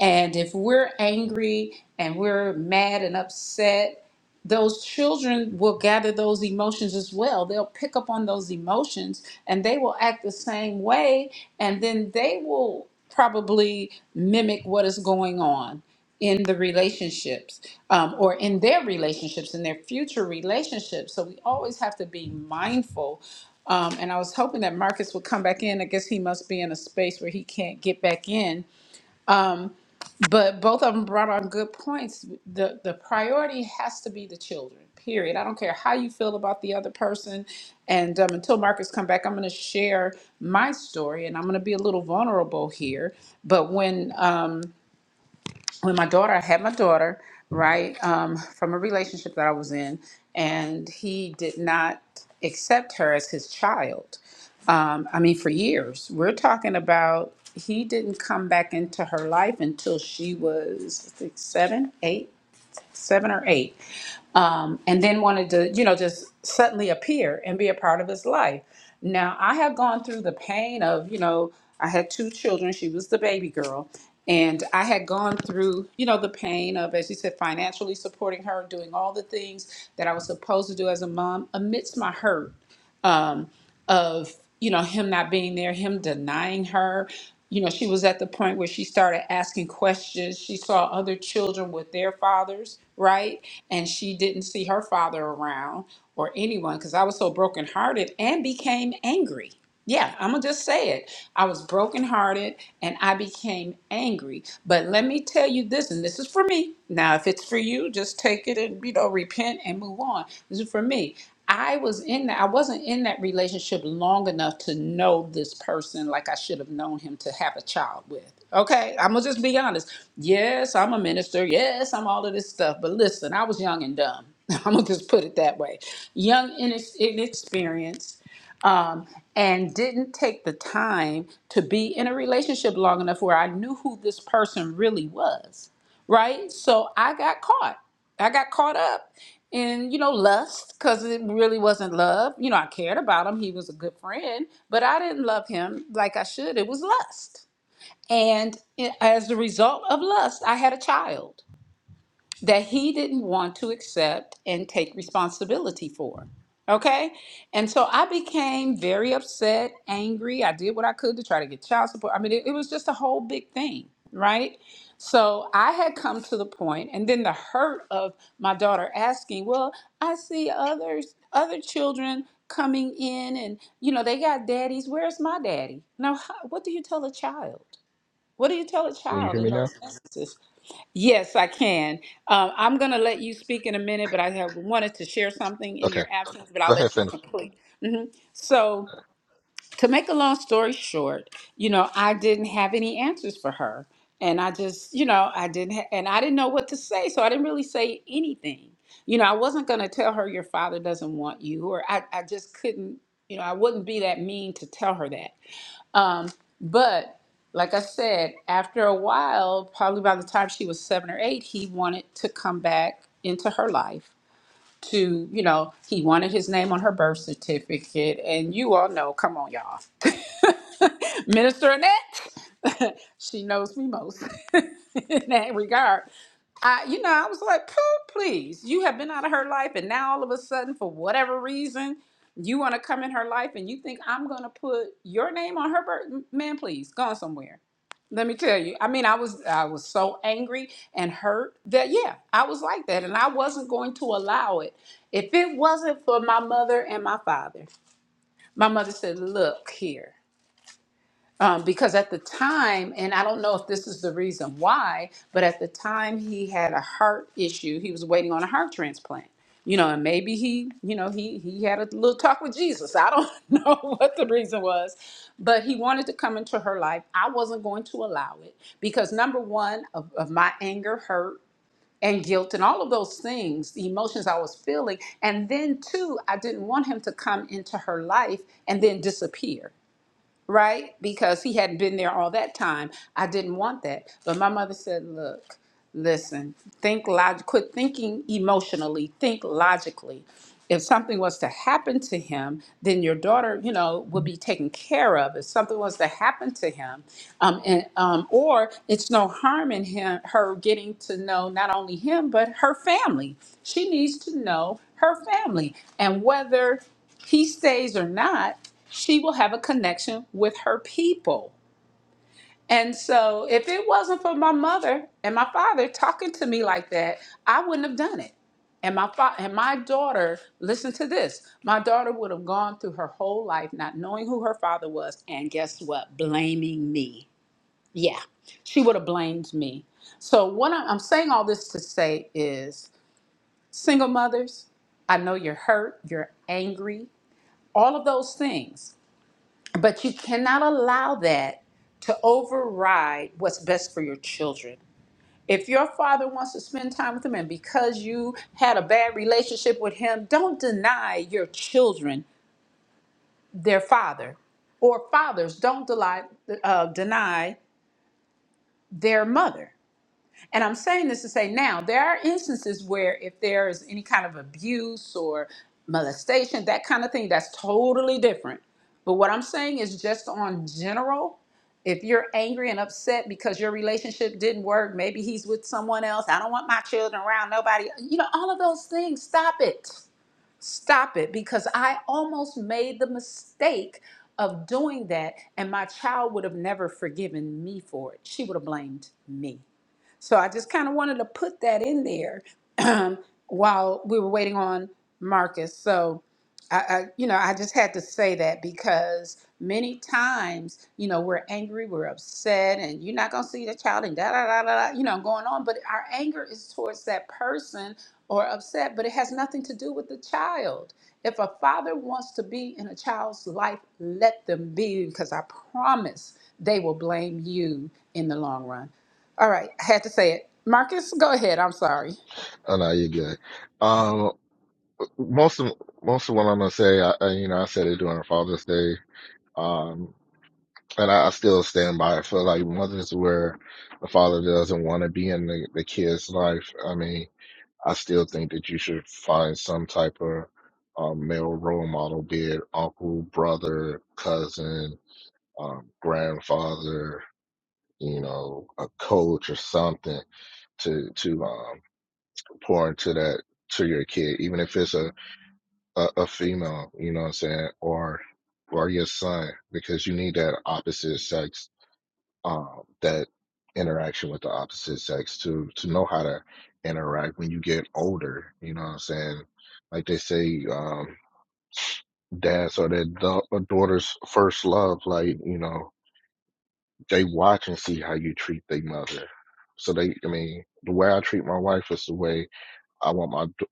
And if we're angry and we're mad and upset, those children will gather those emotions as well. They'll pick up on those emotions and they will act the same way. And then they will probably mimic what is going on in the relationships um, or in their relationships, in their future relationships. So we always have to be mindful. Um, and I was hoping that Marcus would come back in. I guess he must be in a space where he can't get back in but both of them brought on good points. The the priority has to be the children. Period. I don't care how you feel about the other person. And um, until Marcus come back, I'm going to share my story, and I'm going to be a little vulnerable here. But when um, when my daughter, I had my daughter, right, um, from a relationship that I was in, and he did not accept her as his child. Um, I mean, for years. We're talking about he didn't come back into her life until she was I think, seven, eight seven or eight, um, and then wanted to, you know, just suddenly appear and be a part of his life. Now, I have gone through the pain of, you know, I had two children. She was the baby girl. And I had gone through, you know, the pain of, as you said, financially supporting her, doing all the things that I was supposed to do as a mom amidst my hurt. Um, of you know him not being there him denying her you know she was at the point where she started asking questions she saw other children with their fathers right and she didn't see her father around or anyone because i was so brokenhearted and became angry yeah, I'm gonna just say it. I was brokenhearted and I became angry. But let me tell you this, and this is for me. Now, if it's for you, just take it and you know repent and move on. This is for me. I was in that. I wasn't in that relationship long enough to know this person like I should have known him to have a child with. Okay, I'm gonna just be honest. Yes, I'm a minister. Yes, I'm all of this stuff. But listen, I was young and dumb. I'm gonna just put it that way. Young and inex- inexperienced um, and didn't take the time to be in a relationship long enough where I knew who this person really was, right? So I got caught. I got caught up in, you know, lust because it really wasn't love. You know, I cared about him. He was a good friend, but I didn't love him like I should. It was lust. And it- as a result of lust, I had a child that he didn't want to accept and take responsibility for. Okay. And so I became very upset, angry. I did what I could to try to get child support. I mean, it, it was just a whole big thing, right? So I had come to the point, and then the hurt of my daughter asking, Well, I see others, other children coming in, and you know, they got daddies. Where's my daddy? Now, how, what do you tell a child? What do you tell a
Can you
child
hear
in
me now?
those instances? Yes, I can. Um, I'm going to let you speak in a minute, but I have wanted to share something in
Okay.
your absence, but
Go
I'll
ahead,
let you
finish.
complete. hmm So, to make a long story short, you know, I didn't have any answers for her. And I just, you know, I didn't, ha- and I didn't know what to say. So, I didn't really say anything. You know, I wasn't going to tell her your father doesn't want you, or I, I just couldn't, you know, I wouldn't be that mean to tell her that. Um, but like I said, after a while, probably by the time she was seven or eight, he wanted to come back into her life to, you know, he wanted his name on her birth certificate. And you all know, come on, y'all. Minister Annette, she knows me most in that regard. I, you know, I was like, Pooh, please, you have been out of her life, and now all of a sudden, for whatever reason, you want to come in her life, and you think I'm gonna put your name on her birth? Man, please, go on somewhere. Let me tell you. I mean, I was I was so angry and hurt that yeah, I was like that and I wasn't going to allow it. If it wasn't for my mother and my father. My mother said, "Look here um, because at the time, and I don't know if this is the reason why, but at the time he had a heart issue. He was waiting on a heart transplant. You know, and maybe he, you know, he he had a little talk with Jesus. I don't know what the reason was, but he wanted to come into her life. I wasn't going to allow it because number one of, of my anger, hurt, and guilt, and all of those things, the emotions I was feeling, and then two, I didn't want him to come into her life and then disappear right? Because he hadn't been there all that time. I didn't want that. But my mother said, look, listen, think log- quit thinking emotionally, think logically. If something was to happen to him, then your daughter, you know, would be taken care of. If something was to happen to him, um, and um, or it's no harm in him, her getting to know not only him but her family. She needs to know her family and whether he stays or not, she will have a connection with her people. And so, if it wasn't for my mother and my father talking to me like that, I wouldn't have done it. And my fa- and my daughter, listen to this. My daughter would have gone through her whole life not knowing who her father was, and guess what? Blaming me. Yeah, she would have blamed me. So what I- I'm saying all this to say is, single mothers, I know you're hurt, you're angry, all of those things. But you cannot allow that to override what's best for your children. If your father wants to spend time with them and because you had a bad relationship with him, don't deny your children their father. Or fathers, don't deny, uh, deny their mother. And I'm saying this to say now there are instances where if there is any kind of abuse or molestation, that kind of thing, that's totally different. But what I'm saying is just on general, if you're angry and upset because your relationship didn't work, maybe he's with someone else. I don't want my children around nobody. You know, all of those things. Stop it. Stop it because I almost made the mistake of doing that, and my child would have never forgiven me for it. She would have blamed me. So I just kind of wanted to put that in there while we were waiting on Marcus. So I, I, you know, I just had to say that because many times, you know, we're angry, we're upset, and you're not gonna see the child, and da da da da, da you know, going on. But our anger is towards that person or upset, but it has nothing to do with the child. If a father wants to be in a child's life, let them be, because I promise they will blame you in the long run. All right, I had to say it. Marcus, go ahead. I'm sorry.
Oh no, you're good. Um most of most of what I'm gonna say, I, I you know, I said it during Father's Day. Um and I, I still stand by it. I feel like mothers where the father doesn't want to be in the, the kid's life. I mean, I still think that you should find some type of um, male role model, be it uncle, brother, cousin, um, grandfather, you know, a coach or something to to um, pour into that to your kid, even if it's a, a a female, you know what I'm saying, or or your son, because you need that opposite sex um, that interaction with the opposite sex to to know how to interact when you get older. You know what I'm saying? Like they say, um, dads are their da- uh, daughter's first love. Like you know, they watch and see how you treat their mother. So they, I mean, the way I treat my wife is the way I want my d-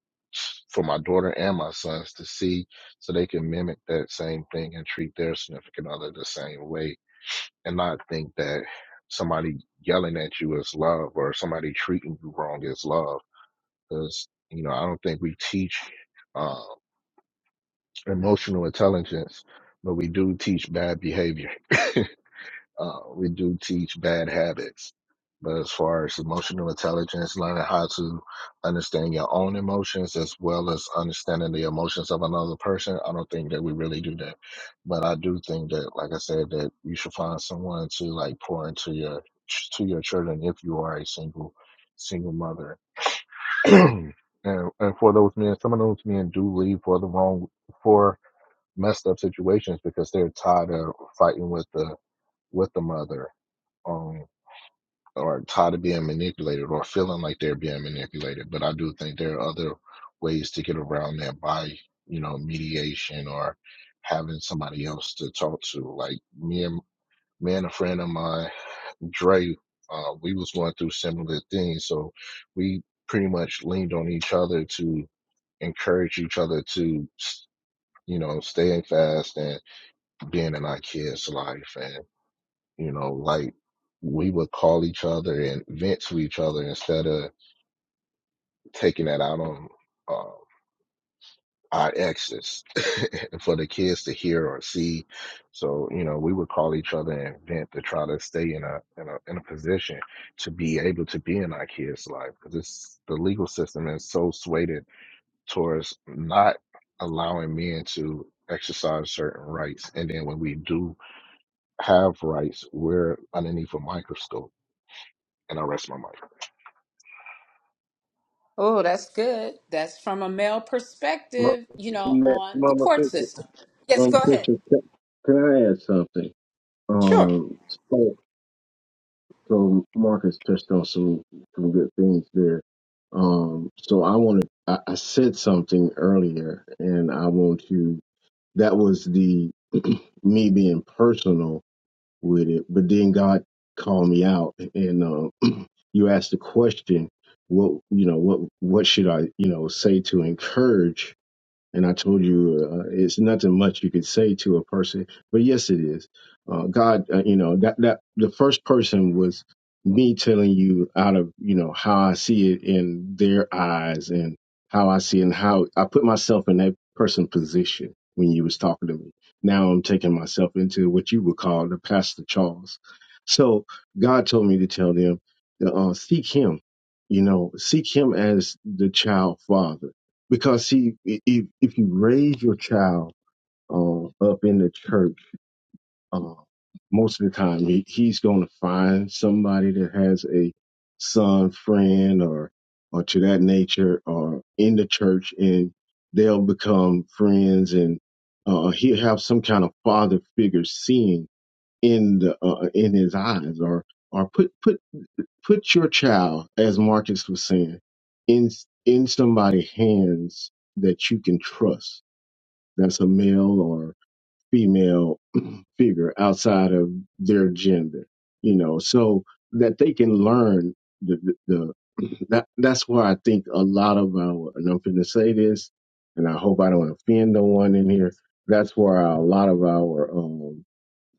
for my daughter and my sons to see, so they can mimic that same thing and treat their significant other the same way and not think that somebody yelling at you is love or somebody treating you wrong is love. Because, you know, I don't think we teach uh, emotional intelligence, but we do teach bad behavior. Uh, we do teach bad habits, but as far as emotional intelligence, learning how to understand your own emotions as well as understanding the emotions of another person, I don't think that we really do that. But I do think that, like I said, that you should find someone to like pour into your to your children if you are a single single mother. and, and for those men, some of those men do leave for the wrong for messed up situations because they're tired of fighting with the with the mother um, or tired of being manipulated or feeling like they're being manipulated. But I do think there are other ways to get around that by, you know, mediation or having somebody else to talk to. Like me and me and a friend of mine, Dre, uh, we was going through similar things, so we pretty much leaned on each other to encourage each other to, you know, staying fast and being in our kids' life. and you know, like we would call each other and vent to each other instead of taking that out on um our exes for the kids to hear or see. So you know, we would call each other and vent to try to stay in a in a in a position to be able to be in our kids' life because it's the legal system is so swayed towards not allowing men to exercise certain rights, and then when we do have rights, we're underneath a microscope. And I rest my mind.
Oh, that's good. That's from a male perspective, you know,
Mama,
on the
Mama
court
Fisher,
system. Yes,
Mama
go ahead.
Fisher, can, can I add something?
Sure.
Um, so, so Marcus touched on some some good things there. Um, so I want to, I, I said something earlier, and I want to. That was the me being personal with it, but then God called me out, and uh, you asked the question, what you know, what what should I you know say to encourage And I told you, uh, it's nothing much you could say to a person, but yes, it is. Uh, God, uh, you know that that the first person was me telling you out of you know how I see it in their eyes and how I see it and how I put myself in that person's position when you was talking to me. Now I'm taking myself into what you would call the Pastor Charles. So God told me to tell them, uh, seek Him, you know, seek Him as the child father because see, i- if if you raise your child um, up in the church, um, most of the time he, he's going to find somebody that has a son friend or or to that nature or in the church, and they'll become friends, and uh, he'll have some kind of father figure seeing in the uh, in his eyes, or or put put put your child, as Marcus was saying, in in somebody's hands that you can trust. That's a male or female figure outside of their gender, you know, so that they can learn the the, the that that's why I think a lot of our and I'm gonna say this, and I hope I don't offend no one in here. That's where a lot of our um,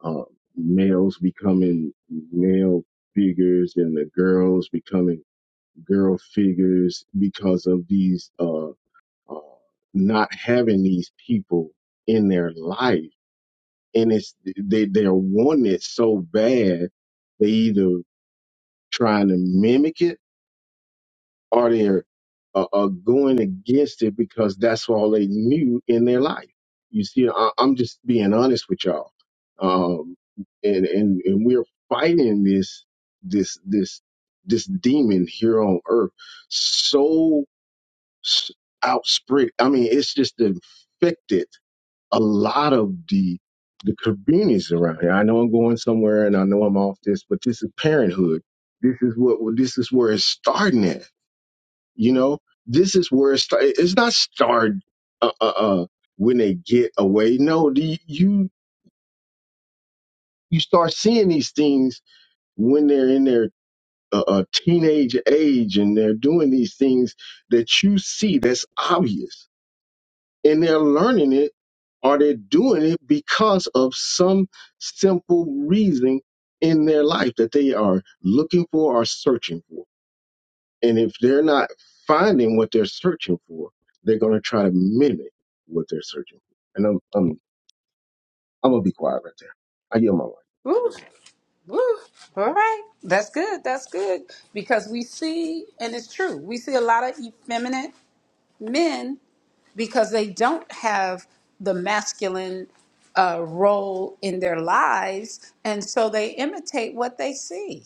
uh, males becoming male figures and the girls becoming girl figures because of these uh, uh not having these people in their life and it's they they're wanting it so bad they either trying to mimic it or they're uh, uh, going against it because that's all they knew in their life you see I, i'm just being honest with y'all um and and and we're fighting this this this this demon here on earth so s- outsprit. I mean, it's just infected a lot of the the communities around here. I know I'm going somewhere, and I know I'm off this, but this is parenthood. This is what this is where it's starting at. You know, this is where it's start. It's not start uh, uh, uh, when they get away. No, the, you you start seeing these things when they're in their uh, uh, teenage age, and they're doing these things that you see. That's obvious and they're learning it or they're doing it because of some simple reason in their life that they are looking for or searching for. And if they're not finding what they're searching for, they're going to try to mimic what they're searching for. And I'm I'm, I'm gonna be quiet right there. I yield my
Woo. Woo. All right. That's good. That's good. Because we see, and it's true, we see a lot of effeminate men because they don't have the masculine uh, role in their lives. And so they imitate what they see.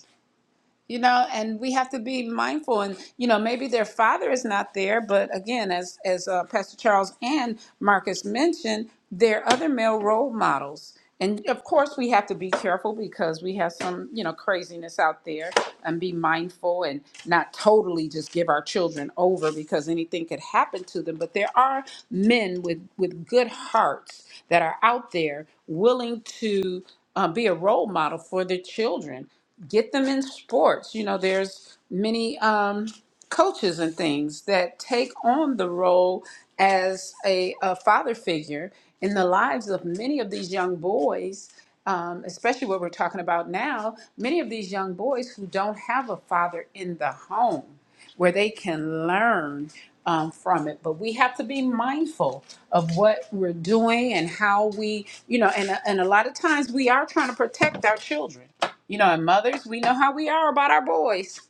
you know and we have to be mindful and you know maybe their father is not there but again as as uh, pastor charles and marcus mentioned there are other male role models and of course we have to be careful because we have some you know craziness out there and be mindful and not totally just give our children over because anything could happen to them but there are men with with good hearts that are out there willing to uh, be a role model for their children get them in sports. You know, there's many um, coaches and things that take on the role as a, a father figure in the lives of many of these young boys. Um, especially what we're talking about now, many of these young boys who don't have a father in the home where they can learn um, from it. But we have to be mindful of what we're doing and how we, you know, and, and a lot of times we are trying to protect our children. You know, and mothers, we know how we are about our boys.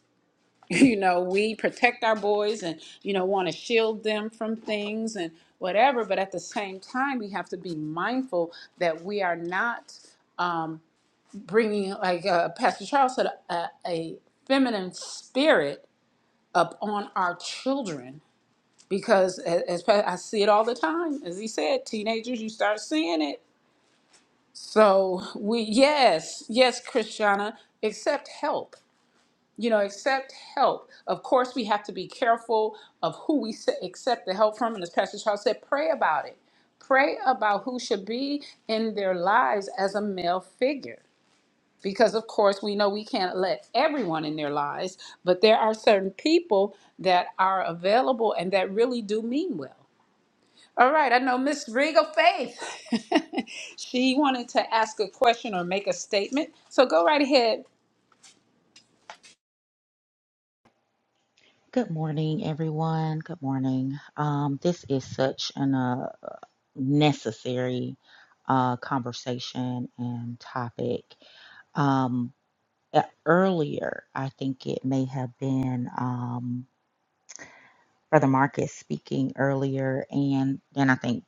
You know, we protect our boys and, you know, want to shield them from things and whatever. But at the same time, we have to be mindful that we are not um, bringing, like uh, Pastor Charles said, a, a feminine spirit up on our children because a- as pa- I see it all the time. As he said, teenagers, you start seeing it. So we yes, yes, Christiana, accept help. You know, accept help. Of course, we have to be careful of who we se- accept the help from. And as Pastor Charles said, pray about it. Pray about who should be in their lives as a male figure because of course we know we can't let everyone in their lives but there are certain people that are available and that really do mean well all right i know miss regal faith she wanted to ask a question or make a statement so go right ahead
Good morning, everyone. Good morning. Um, this is such an uh, necessary uh, conversation and topic. Um, e- earlier, I think it may have been um, Brother Marcus speaking earlier, and then I think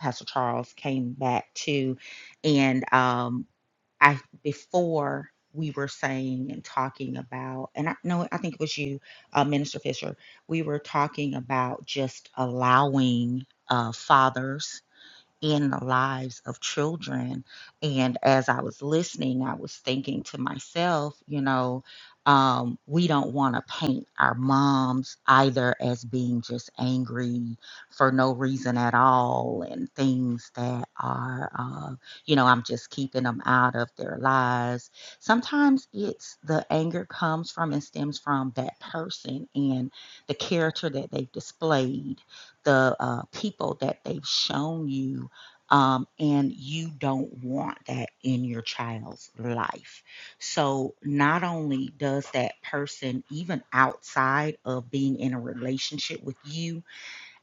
Pastor Charles came back too. And um, I before we were saying and talking about, and I know I think it was you, uh, Minister Fisher. We were talking about just allowing uh, fathers in the lives of children. And as I was listening, I was thinking to myself, you know, um, we don't want to paint our moms either as being just angry for no reason at all and things that are, uh, you know, I'm just keeping them out of their lives. Sometimes it's the anger comes from and stems from that person and the character that they've displayed the uh, people that they've shown you um, and you don't want that in your child's life. So, not only does that person, even outside of being in a relationship with you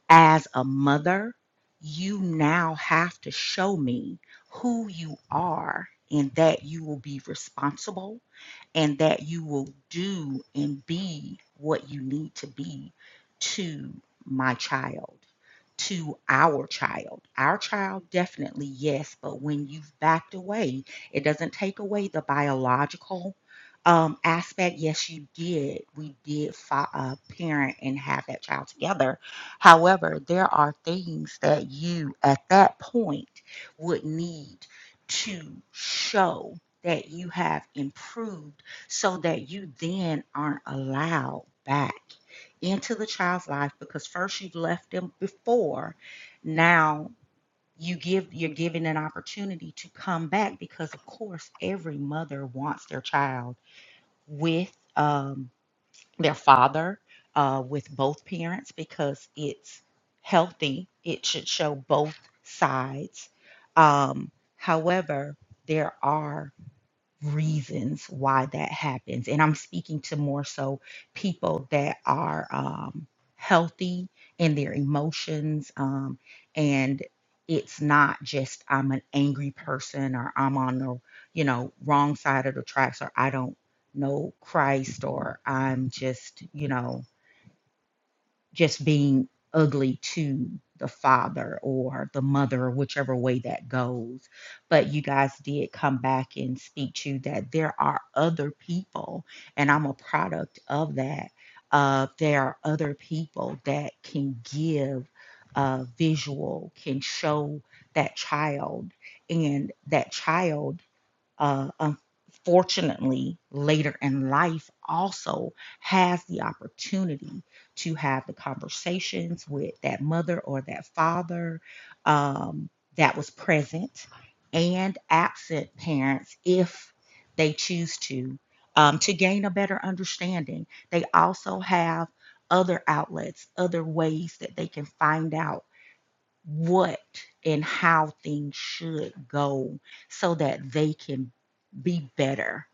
as a mother, you now have to show me who you are and that you will be responsible and that you will do and be what you need to be to my child to our child. Our child, definitely, yes, but when you've backed away, it doesn't take away the biological um, aspect. Yes, you did. We did fi- uh, parent and have that child together. However, there are things that you at that point would need to show that you have improved so that you then aren't allowed back into the child's life because first you've left them before now you give you're giving an opportunity to come back because of course every mother wants their child with um, their father uh, with both parents because it's healthy it should show both sides um, however there are reasons why that happens. And I'm speaking to more so people that are um, healthy in their emotions. Um, and it's not just I'm an angry person or I'm on the, you know, wrong side of the tracks or I don't know Christ or I'm just, you know, just being ugly to the father or the mother, whichever way that goes. But you guys did come back and speak to that there are other people, and I'm a product of that. Uh, there are other people that can give uh, visual, can show that child, and that child uh, unfortunately, later in life also has the opportunity to have the conversations with that mother or that father um, that was present and absent parents if they choose to, um, to gain a better understanding. They also have other outlets, other ways that they can find out what and how things should go so that they can be better.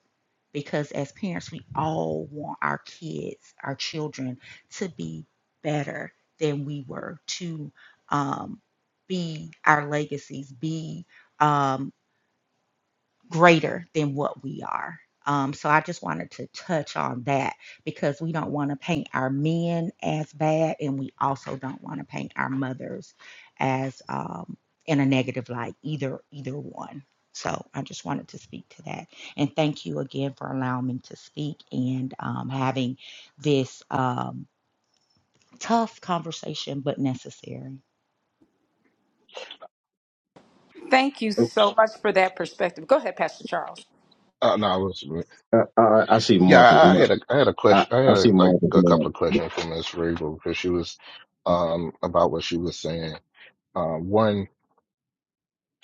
Because as parents, we all want our kids, our children, to be better than we were, to um, be our legacies, be um, greater than what we are. Um, so I just wanted to touch on that because we don't want to paint our men as bad, and we also don't want to paint our mothers as um, in a negative light either either one. So I just wanted to speak to that, and thank you again for allowing me to speak and um, having this um, tough conversation, but necessary.
thank you
life.
so much for that perspective go ahead pastor charles
Uh, no, I was.
I, I, I see
Yeah,
Marcus.
I I had a, I had a
I,
question. I
I
had a,
see
like
Marcus.
a couple of questions for Miss Rabel because she was, um, about what she was saying. Um, one,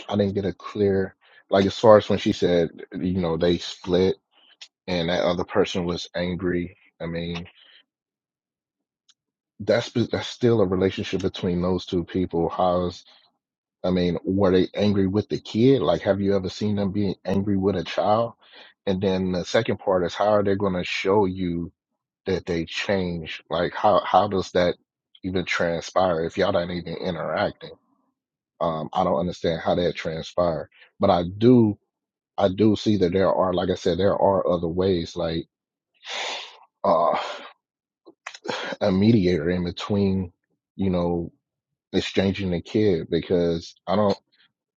I didn't get a clear, like as far as when she said, you know, they split and that other person was angry. I mean, that's be- that's still a relationship between those two people. How's, I mean, were they angry with the kid? Like, have you ever seen them being angry with a child? And then the second part is, how are they going to show you? that they change? Like, how how does that even transpire if y'all not even interacting? Um, I don't understand how that transpired, but I do I do see that there are, like I said, there are other ways, like uh, a mediator in between, you know, exchanging the kid because I don't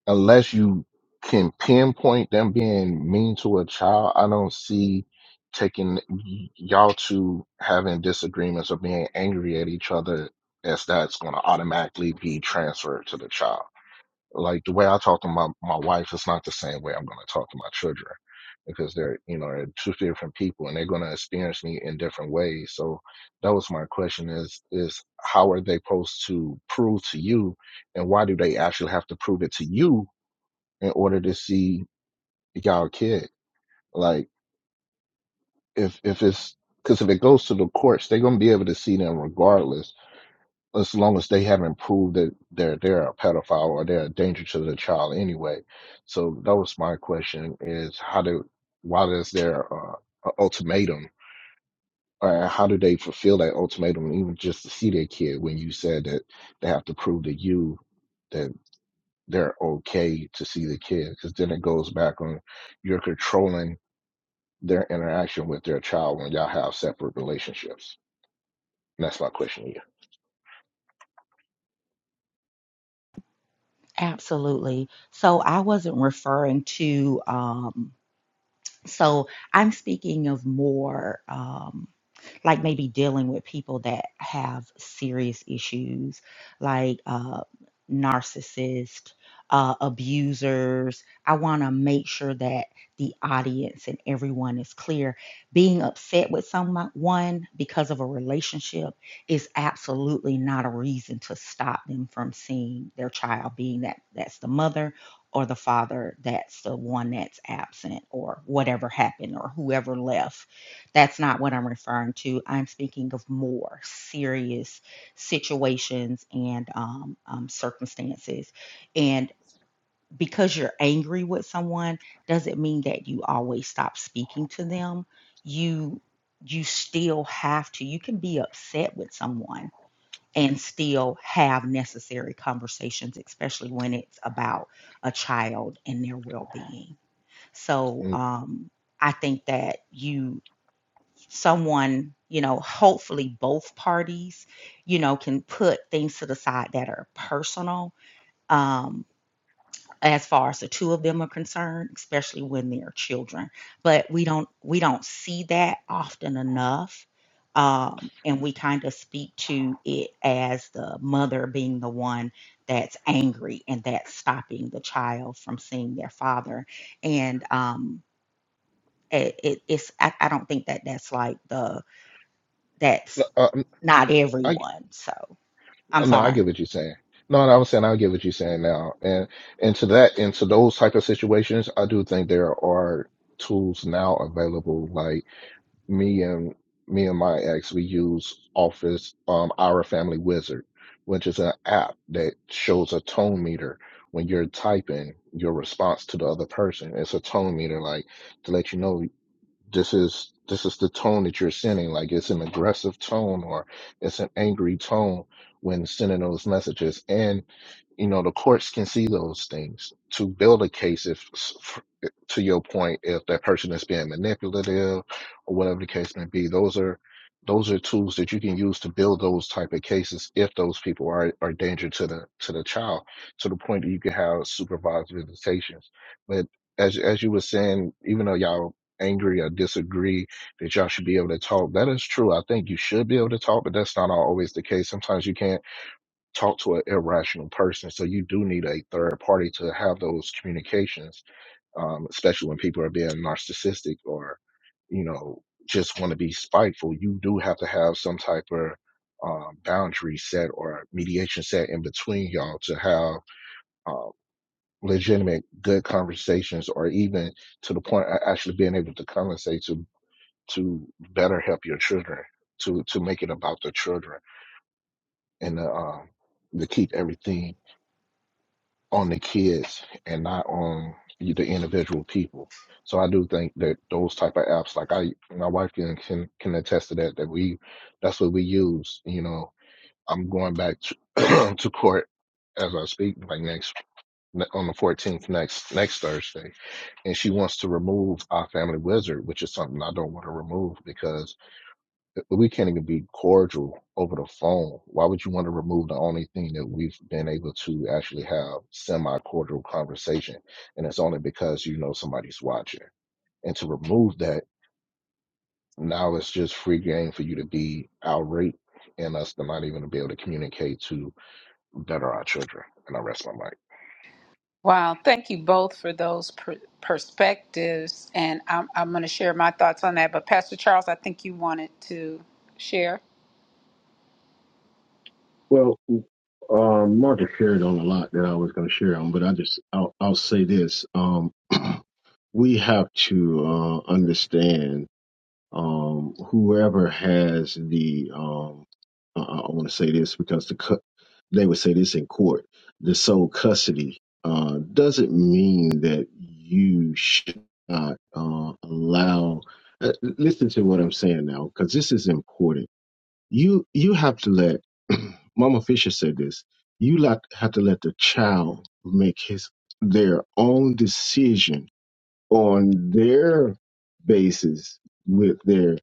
unless you can pinpoint them being mean to a child, I don't see taking y- y'all two having disagreements or being angry at each other as that's going to automatically be transferred to the child. Like the way I talk to my, my wife is not the same way I'm going to talk to my children because they're, you know, they're two different people and they're going to experience me in different ways. So that was my question is, is how are they supposed to prove to you and why do they actually have to prove it to you in order to see y'all kid. Like if if it's because if it goes to the courts, they're gonna be able to see them regardless, as long as they haven't proved that they're they're a pedophile or they're a danger to the child anyway. So that was my question: is how do why is there uh, an ultimatum? Or how do they fulfill that ultimatum, even just to see their kid? When you said that they have to prove to you that they're okay to see the kid, because then it goes back on you're controlling their interaction with their child when y'all have separate relationships? And that's my question to you.
Absolutely. So I wasn't referring to. Um, So I'm speaking of more. Um, like maybe dealing with people that have serious issues like uh narcissists uh abusers i want to make sure that the audience and everyone is clear being upset with someone because of a relationship is absolutely not a reason to stop them from seeing their child being that that's the mother or the father that's the one that's absent or whatever happened or whoever left that's not what I'm referring to. I'm speaking of more serious situations and um, um, circumstances. And because you're angry with someone, doesn't mean that you always stop speaking to them. You you still have to. You can be upset with someone and still have necessary conversations, especially when it's about a child and their well-being. So
And,
um, I think that you someone, you know, hopefully both parties, you know, can put things to the side that are personal um, as far as the two of them are concerned, especially when they're children. But we don't we don't see that often enough. Um, and we kind of speak to it as the mother being the one that's angry and that's stopping the child from seeing their father. And um, it, it, it's I, I don't think that that's like the that's
uh, um,
not
I
everyone. So I'm
no, I
sorry.
get what you're saying. No, no, I was saying I get what you're saying now. And and to that and to those type of situations, I do think there are tools now available. Like me and me and my ex, we use Office, um, our Family Wizard, which is an app that shows a tone meter when you're typing your response to the other person. It's a tone meter, like to let you know this is this is the tone that you're sending like it's an aggressive tone or it's an angry tone when sending those messages and you know the courts can see those things to build a case if to your point if that person is being manipulative or whatever the case may be those are those are tools that you can use to build those type of cases if those people are are a danger to the to the child to the point that you can have supervised visitations but as as you were saying even though y'all angry or disagree that y'all should be able to talk. That is true. I think you should be able to talk, but that's not always the case. Sometimes you can't talk to an irrational person, so you do need a third party to have those communications, um, especially when people are being narcissistic or, you know, just want to be spiteful. You do have to have some type of um, boundary set or mediation set in between y'all to have um, legitimate, good conversations, or even to the point of actually being able to conversate to better help your children, to to make it about the children, and to, um, to keep everything on the kids and not on the individual people. So I do think that those type of apps, like I, my wife can can, can attest to that. That we, that's what we use. You know, I'm going back to, to court as I speak, like next on the 14th, next next Thursday, and she wants to remove our family wizard, which is something I don't want to remove because But we can't even be cordial over the phone. Why would you want to remove the only thing that we've been able to actually have semi cordial conversation? And it's only because you know somebody's watching. And to remove that, now it's just free game for you to be outraged and us to not even be able to communicate to better our children. And I rest my mic.
Wow, thank you both for those per- perspectives. And I'm, I'm going to share my thoughts on that. But Pastor Charles, I think you wanted to share.
Well, um, Marcus shared on a lot that I was going to share on, but I just I'll, I'll say this. Um, we have to uh, understand um, whoever has the um, I, I want to say this because the cu- they would say this in court the sole custody uh, doesn't mean that you should not uh, allow. Uh, listen to what I'm saying now because this is important. You you have to let Mama Fisher said this. You lot- have to let the child make his their own decision on their basis with their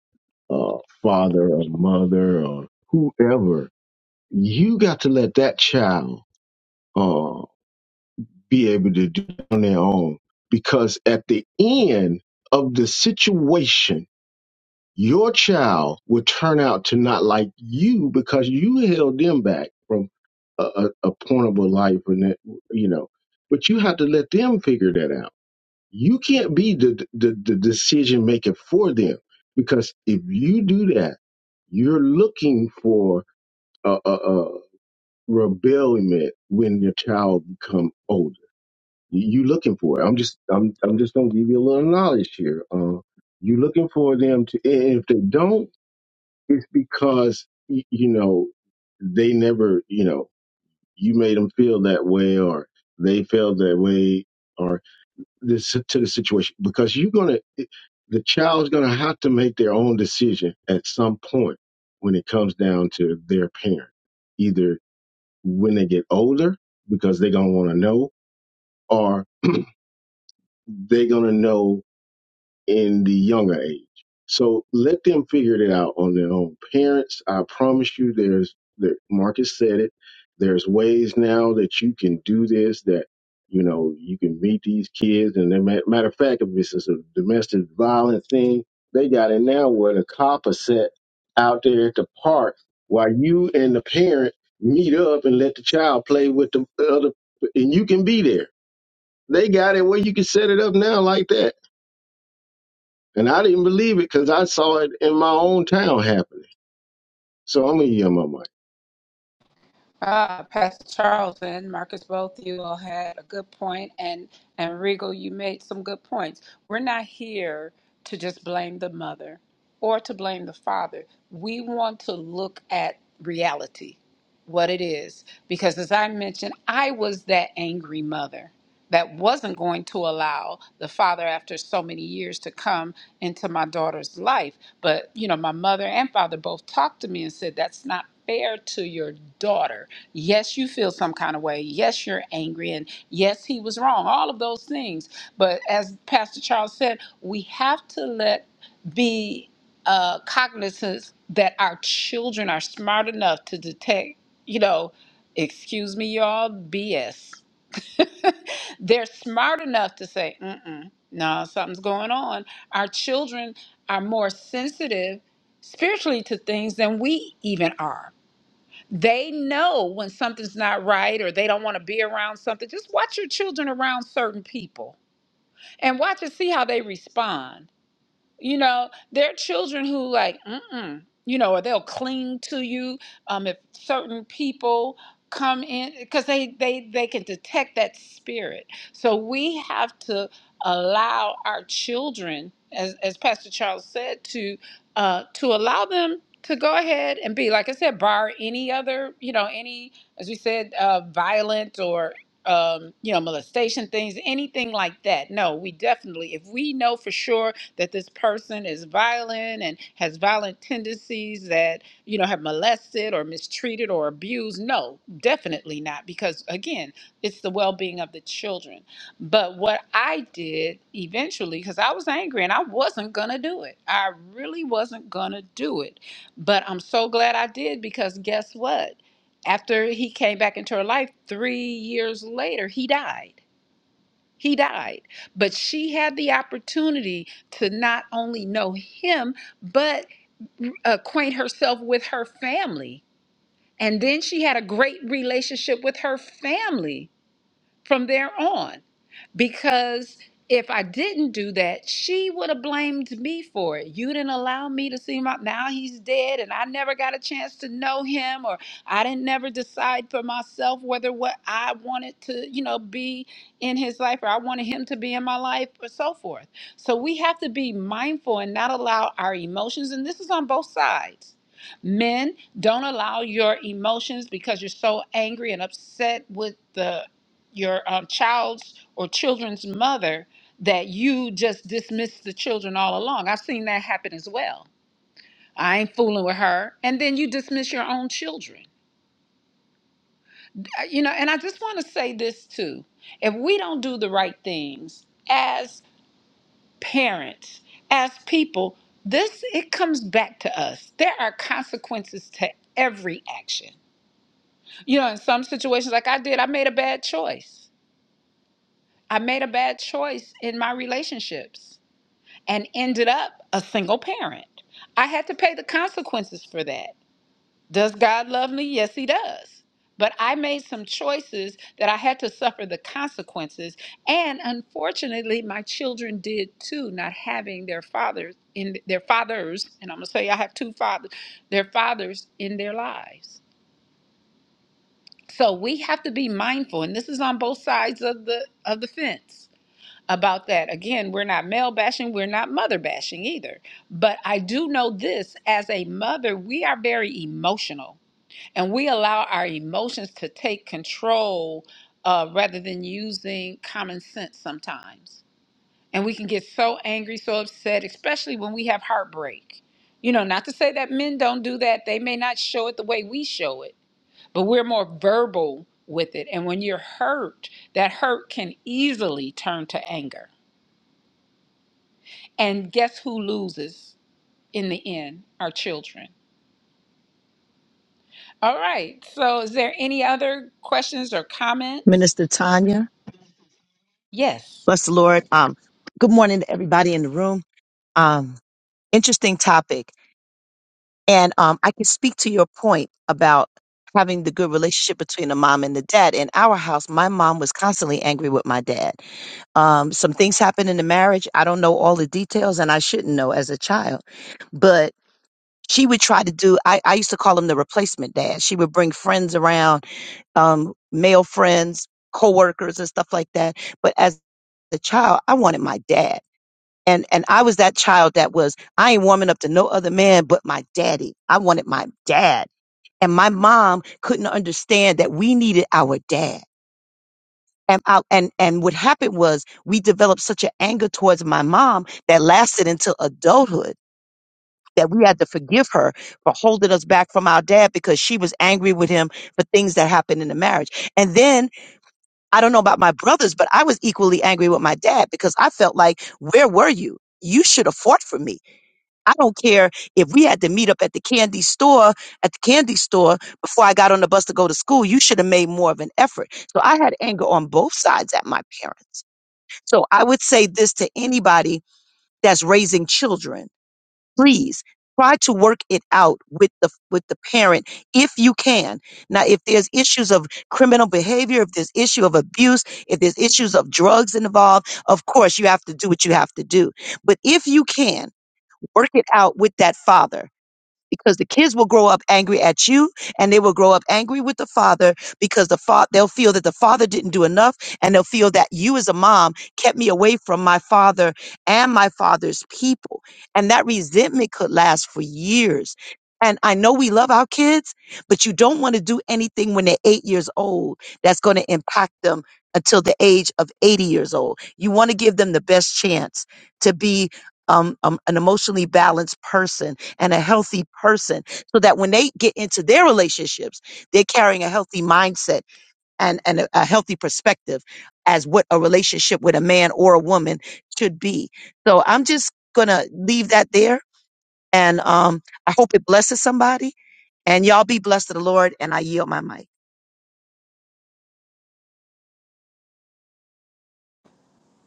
uh, father or mother or whoever, you got to let that child uh, be able to do it on their own. Because at the end of the situation, your child will turn out to not like you because you held them back from a, a, a point of a life and that, you know, but you have to let them figure that out you can't be the, the, the decision maker for them because if you do that, you're looking for a, a, a rebellion when your child become older. You, you looking for it. I'm just I'm I'm just gonna give you a little knowledge here. Uh, you looking for them to, and if they don't, because y- you know they never, you know, you made them feel that way or they felt that way this to the situation because you're gonna the child's gonna have to make their own decision at some point when it comes down to their parent, either when they get older because they're gonna want to know, or they're gonna know in the younger age. So let them figure it out on their own. Parents, I promise you, there's there, Marcus said it. There's ways now that you can do this. That you know you can meet these kids, and then, ma- matter of fact, if this is a domestic violence thing, they got it now where the cop is set out there at the park while you and the parent meet up and let the child play with the other, and you can be there. They got it where you can set it up now like that and I didn't believe it because I saw it in my own town happening. So I'm going to yell my mic.
Uh, Pastor Charles and Marcus, both you all had a good point, and and Regal, you made some good points. We're not here to just blame the mother or to blame the father. We want to look at reality, what it is, because as I mentioned, I was that angry mother that wasn't going to allow the father after so many years to come into my daughter's life but you know my mother and father both talked to me and said that's not fair to your daughter yes you feel some kind of way yes you're angry and yes he was wrong all of those things but as pastor charles said we have to let be uh, cognizant that our children are smart enough to detect you know excuse me y'all bs They're smart enough to say, mm-mm, no, something's going on. Our children are more sensitive spiritually to things than we even are. They know when something's not right or they don't want to be around something. Just watch your children around certain people and watch and see how they respond you know there are children who like mm-mm you know or they'll cling to you um if certain people come in because they they they can detect that spirit so we have to allow our children as as pastor charles said to uh to allow them to go ahead and be like i said bar any other you know any as we said uh violent or um you know molestation things anything like that no we definitely if we know for sure that this person is violent and has violent tendencies that, you know, have molested or mistreated or abused. No, definitely not, because again, it's the well being of the children. But what I did eventually, because I was angry and I wasn't going to do it, I really wasn't going to do it. But I'm so glad I did because guess what? After he came back into her life three years later, he died. He died. But she had the opportunity to not only know him, but acquaint herself with her family. And then she had a great relationship with her family from there on because if I didn't do that, she would have blamed me for it. You didn't allow me to see my now he's dead and I never got a chance to know him or I didn't never decide for myself whether what I wanted to, you know, be in his life or I wanted him to be in my life or so forth. So we have to be mindful and not allow our emotions and this is on both sides. Men, don't allow your emotions because you're so angry and upset with the your um, child's or children's mother that you just dismiss the children all along. I've seen that happen as well. I ain't fooling with her. And then you dismiss your own children. Uh, You know, and I just want to say this too. If we don't do the right things as parents, as people, this it comes back to us. There are consequences to every action. You know, in some situations like I did, I made a bad choice. I made a bad choice in my relationships and ended up a single parent. I had to pay the consequences for that. Does God love me? Yes, He does. But I made some choices that I had to suffer the consequences. And unfortunately, my children did too, not having their fathers in their fathers, and I'm gonna say I have two fathers, their fathers in their lives. So we have to be mindful, and this is on both sides of the of the fence about that. Again, we're not male bashing, we're not mother bashing either. But I do know this as a mother, we are very emotional and we allow our emotions to take control uh, rather than using common sense sometimes. And we can get so angry, so upset, especially when we have heartbreak. You know, not to say that men don't do that, they may not show it the way we show it, but we're more verbal with it. And when you're hurt, that hurt can easily turn to anger and guess who loses in the end? Our children. All right. So, is there any other questions or comments?
Minister Tanya.
Yes.
Bless the Lord. Um, good morning to everybody in the room. Um, interesting topic. And um, I can speak to your point about having the good relationship between the mom and the dad. In our house, my mom was constantly angry with my dad. Um, some things happened in the marriage. I don't know all the details, and I shouldn't know as a child. But she would try to do, I, I used to call him the replacement dad. She would bring friends around um, male friends, coworkers, and stuff like that. But as a child, I wanted my dad. And, and I was that child that was, I ain't warming up to no other man but my daddy. I wanted my dad. And my mom couldn't understand that we needed our dad. And, I, and, and what happened was we developed such an anger towards my mom that lasted until adulthood that we had to forgive her for holding us back from our dad because she was angry with him for things that happened in the marriage. And then I don't know about my brothers, but I was equally angry with my dad because I felt like, where were you? You should have fought for me. I don't care if we had to meet up at the candy store, at the candy store before I got on the bus to go to school. You should have made more of an effort. So I had anger on both sides at my parents. So I would say this to anybody that's raising children please try to work it out with the with the parent if you can now if there's issues of criminal behavior if there's issue of abuse if there's issues of drugs involved of course you have to do what you have to do but if you can work it out with that father because the kids will grow up angry at you and they will grow up angry with the father because the father they'll feel that the father didn't do enough and they'll feel that you as a mom kept me away from my father and my father's people and that resentment could last for years and I know we love our kids, but you don't want to do anything when they're eight years old that's going to impact them until the age of 80 years old. You want to give them the best chance to be um, um, an emotionally balanced person and a healthy person so that when they get into their relationships, they're carrying a healthy mindset and, and a, a healthy perspective as what a relationship with a man or a woman should be. So I'm just going to leave that there. And um, I hope it blesses somebody. And y'all be blessed to the Lord. And I yield my mic.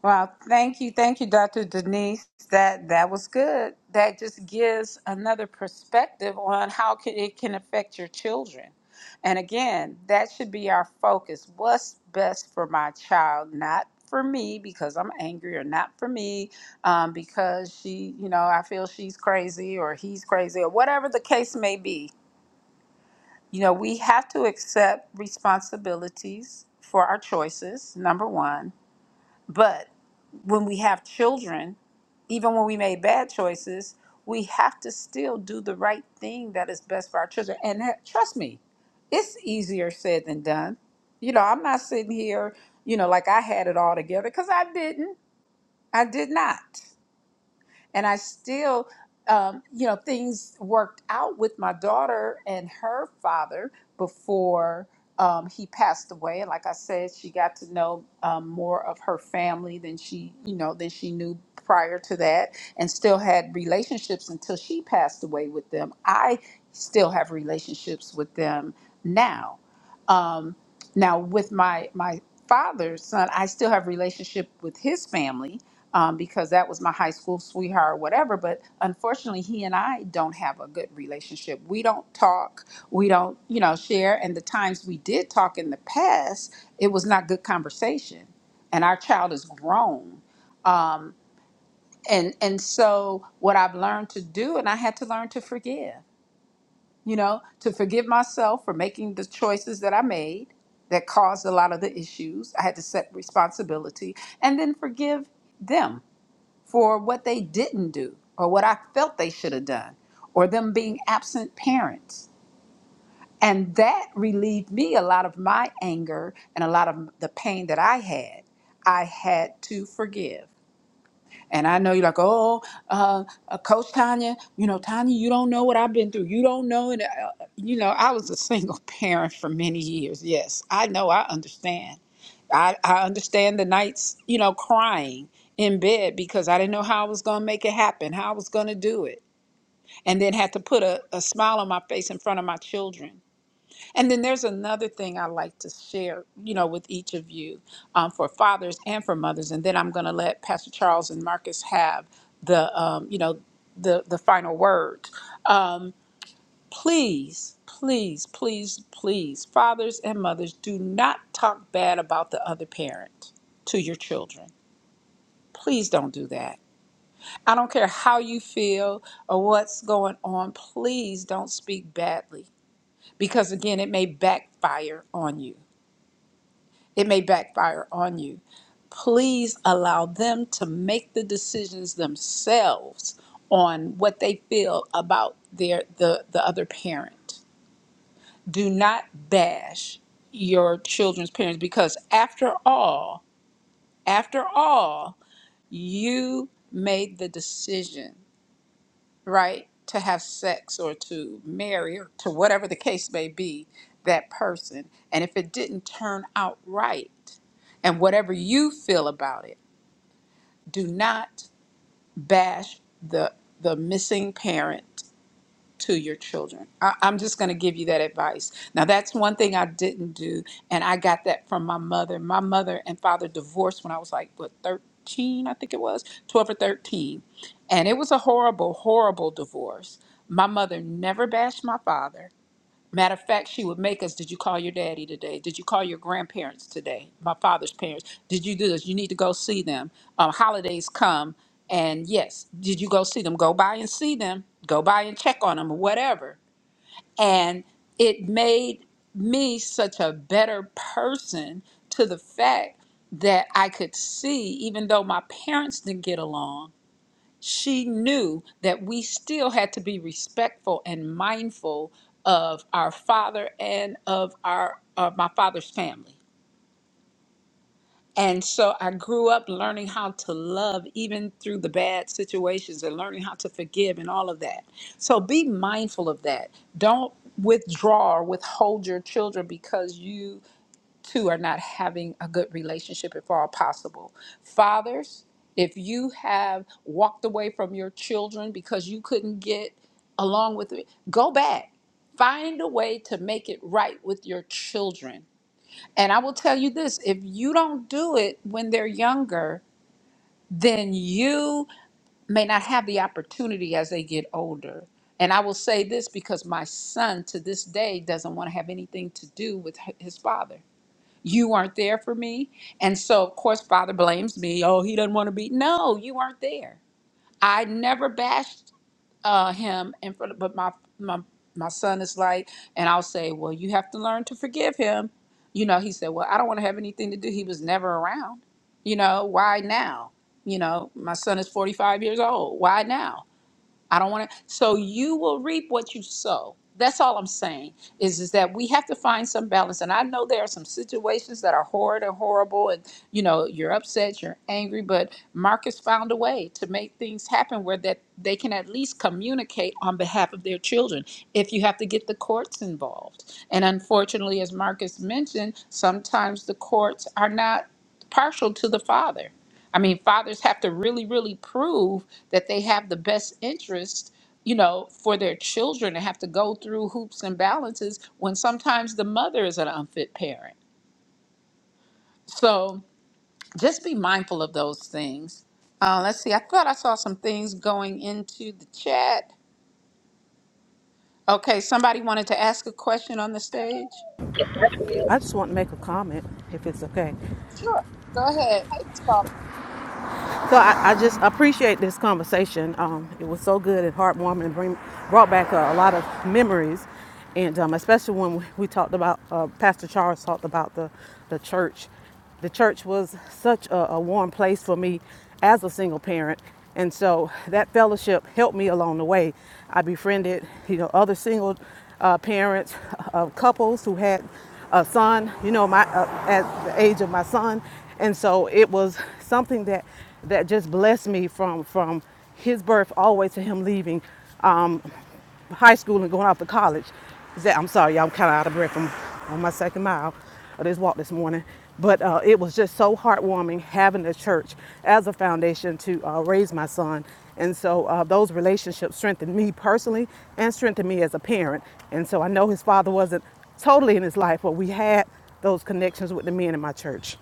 Well, thank you, thank you, Dr. Denise. That that was good. That just gives another perspective on how can, it can affect your children. And again, that should be our focus. What's best for my child, not for me because I'm angry, or not for me um, because she, you know, I feel she's crazy or he's crazy or whatever the case may be. You know, we have to accept responsibilities for our choices. Number one, but when we have children, even when we made bad choices, we have to still do the right thing that is best for our children. And that, trust me, it's easier said than done. You know, I'm not sitting here, you know, like I had it all together because I didn't. I did not and I still, um, you know, things worked out with my daughter and her father before um, he passed away. And like I said, she got to know um, more of her family than she, you know, than she knew prior to that, and still had relationships until she passed away with them. I still have relationships with them now. Now, with my my father's son, I still have relationship with his family um, because that was my high school sweetheart or whatever. But unfortunately, he and I don't have a good relationship. We don't talk. We don't, you know, share. And the times we did talk in the past, it was not good conversation. And our child is grown. And and so what I've learned to do, and I had to learn to forgive you know, to forgive myself for making the choices that I made that caused a lot of the issues. I had to set responsibility and then forgive them for what they didn't do or what I felt they should have done or them being absent parents. And that relieved me a lot of my anger and a lot of the pain that I had. I had to forgive. And I know you're like, oh, uh, uh, Coach Tanya, you know, Tanya, you don't know what I've been through. You don't know. And, uh, uh, you know, I was a single parent for many years. Yes, I know. I understand. I, I understand the nights, you know, crying in bed because I didn't know how I was going to make it happen, how I was going to do it, and then had to put a, a smile on my face in front of my children. And then there's another thing I like to share, you know, with each of you um, for fathers and for mothers. And then I'm going to let Pastor Charles and Marcus have the, um, you know, the, the final word. Um, please, please, please, please, fathers and mothers, do not talk bad about the other parent to your children. Please don't do that. I don't care how you feel or what's going on. Please don't speak badly because, again, it may backfire on you. it may backfire on you. Please allow them to make the decisions themselves on what they feel about their the, the other parent. Do not bash your children's parents because after all, after all, you made the decision right, to have sex or to marry or to whatever the case may be, that person. And if it didn't turn out right, and whatever you feel about it, do not bash the the missing parent to your children. I, I'm just going to give you that advice. Now, that's one thing I didn't do, and I got that from my mother. My mother and father divorced when I was like, what, 13, I think it was, 12 or 13. And it was a horrible, horrible divorce. My mother never bashed my father Matter of fact, she would make us, did you call your daddy today? Did you call your grandparents today? My father's parents. Did you do this? You need to go see them. Um, holidays come, and yes, did you go see them? Go by and see them. Go by and check on them or whatever. And it made me such a better person to the fact that I could see, even though my parents didn't get along, she knew that we still had to be respectful and mindful of our father and of our of my father's family. And so I grew up learning how to love even through the bad situations and learning how to forgive and all of that. So be mindful of that. Don't withdraw or withhold your children because you two are not having a good relationship if all possible. Fathers, if you have walked away from your children because you couldn't get along with it, go back. Find a way to make it right with your children. And I will tell you this if you don't do it when they're younger, then you may not have the opportunity as they get older. And I will say this because my son to this day doesn't want to have anything to do with h- his father. You weren't there for me. And so, of course, Father blames me. Oh, he doesn't want to be. No, you weren't there. I never bashed uh, him in front of, but my, my, my son is like, and I'll say, well, you have to learn to forgive him. You know, he said, well, I don't want to have anything to do. He was never around. You know, why now? You know, my son is 45 years old. Why now? I don't want to. So you will reap what you sow. That's all I'm saying is, is that we have to find some balance. And I know there are some situations that are horrid and horrible, and you know you're upset, you're angry, but Marcus found a way to make things happen where that they can at least communicate on behalf of their children. If you have to get the courts involved, and unfortunately, as Marcus mentioned, sometimes the courts are not partial to the father. I mean, fathers have to really, really prove that they have the best interest, you know, for their children and have to go through hoops and balances when sometimes the mother is an unfit parent. So just be mindful of those things. Uh, let's see, I thought I saw some things going into the chat. Okay, somebody wanted to ask a question on the stage?
Yes, I did.
I just want to make a comment, if it's okay.
Sure. Go ahead. Hey, Miss Paula.
So I, I just appreciate this conversation. Um, it was so good and heartwarming, and bring, brought back a, a lot of memories, and um, especially when we, talked about uh, Pastor Charles talked about the the church. The church was such a, a warm place for me as a single parent, and so that fellowship helped me along the way. I befriended, you know, other single uh, parents of couples who had a son, you know, my uh, at the age of my son, and so it was something that that just blessed me from from his birth all the way to him leaving um, high school and going off to college Is that i'm sorry y'all i'm kind of out of breath from on my second mile of this walk this morning but uh, it was just so heartwarming having the church as a foundation to uh, raise my son and so uh, those relationships strengthened me personally and strengthened me as a parent and so i know his father wasn't totally in his life but we had those connections with the men in my church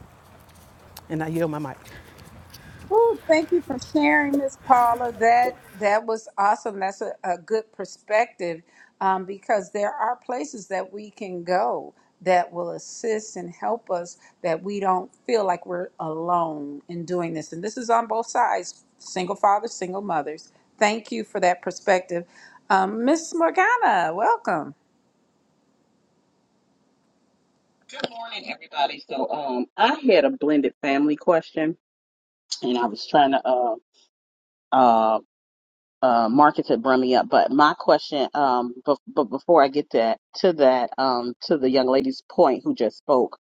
and I yield my mic.
Ooh, thank you for sharing, Miss Paula. That that was awesome. That's a, a good perspective um, because there are places that we can go that will assist and help us that we don't feel like we're alone in doing this. And this is on both sides: single fathers, single mothers. Thank you for that perspective, um, Miss Morgana. Welcome.
Good morning, everybody. So, um, I had a blended family question, and I was trying to uh uh uh market to bring me up. But my question, um, but but before I get that to that, um, to the young lady's point who just spoke,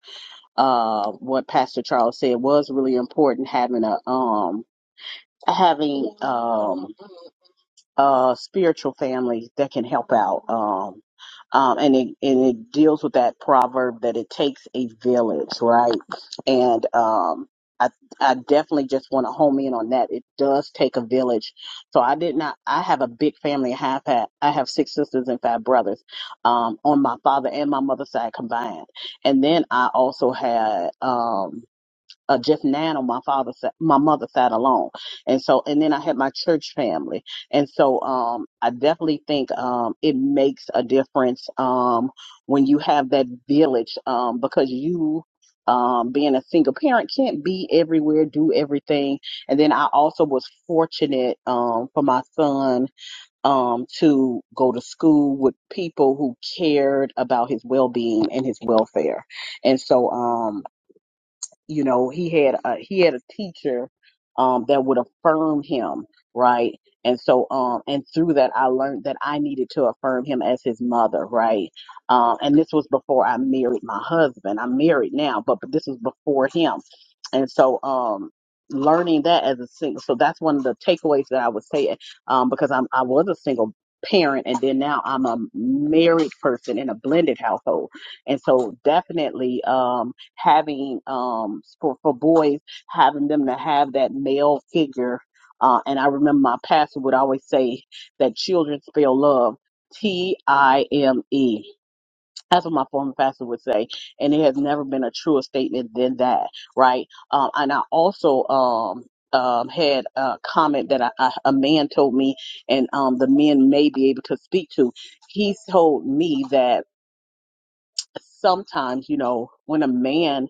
uh, what Pastor Charles said was really important having a um having um. uh, spiritual family that can help out. Um, um, and it and it deals with that proverb that it takes a village, right? And um, I I definitely just want to home in on that. It does take a village. So I did not. I have a big family. I have had, I have six sisters and five brothers, um, on my father and my mother's side combined. And then I also had um uh, Jeff Nano, my father, sat, my mother sat alone. And so, and then I had my church family. And so, um, I definitely think, um, it makes a difference, um, when you have that village, um, because you, um, being a single parent can't be everywhere, do everything. And then I also was fortunate, um, for my son, um, to go to school with people who cared about his well-being and his welfare. And so, um, you know he had a he had a teacher um that would affirm him right and so um and through that i learned that i needed to affirm him as his mother right um and this was before i married my husband i'm married now but, but this was before him and so um learning that as a single so that's one of the takeaways that i would say um because i'm i was a single parent and then now i'm a married person in a blended household and so definitely um having um for for boys having them to have that male figure uh and i remember my pastor would always say that children spell love t-i-m-e that's what my former pastor would say and it has never been a truer statement than that right um and i also um um, had a comment that I, I, a man told me, and um, the men may be able to speak to. He told me that sometimes, you know, when a man